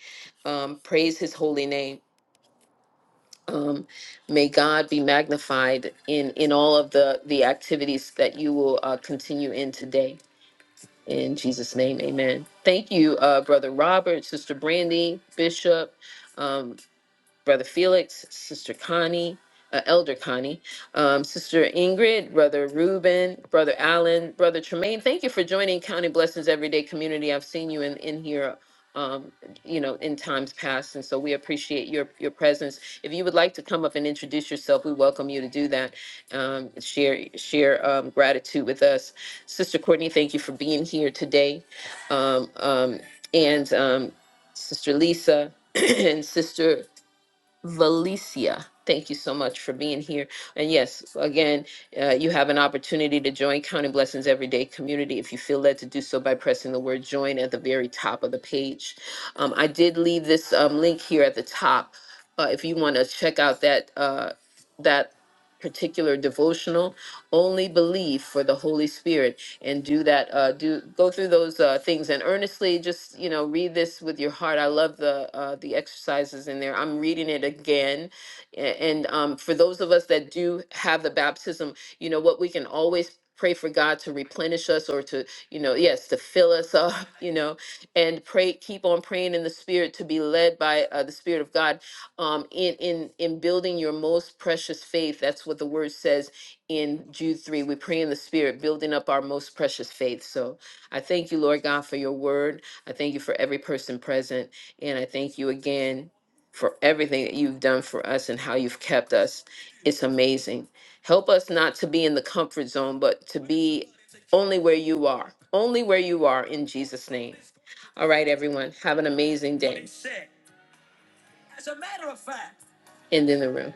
A: Um, praise his holy name. Um, may God be magnified in, in all of the, the activities that you will uh, continue in today. In Jesus' name, amen. Thank you, uh, Brother Robert, Sister Brandy, Bishop, um, Brother Felix, Sister Connie, uh, Elder Connie, um, Sister Ingrid, Brother Ruben, Brother Allen, Brother Tremaine. Thank you for joining County Blessings Everyday Community. I've seen you in, in here. Um, you know, in times past, and so we appreciate your your presence. If you would like to come up and introduce yourself, we welcome you to do that. Um, share share um, gratitude with us, Sister Courtney. Thank you for being here today, um, um, and um, Sister Lisa and Sister Valicia. Thank you so much for being here. And yes, again, uh, you have an opportunity to join Counting Blessings Everyday Community if you feel led to do so by pressing the word join at the very top of the page. Um, I did leave this um, link here at the top. Uh, if you want to check out that, uh, that particular devotional, only believe for the Holy Spirit and do that. Uh, do go through those uh, things and earnestly just you know read this with your heart. I love the uh, the exercises in there. I'm reading it again, A- and um, for those of us that do have the baptism, you know what we can always pray for God to replenish us or to you know yes to fill us up you know and pray keep on praying in the spirit to be led by uh, the spirit of god um in in in building your most precious faith that's what the word says in Jude 3. We pray in the Spirit, building up our most precious faith. So I thank you, Lord God, for your word. I thank you for every person present. And I thank you again for everything that you've done for us and how you've kept us. It's amazing. Help us not to be in the comfort zone, but to be only where you are, only where you are in Jesus' name. All right, everyone. Have an amazing day. End in the room.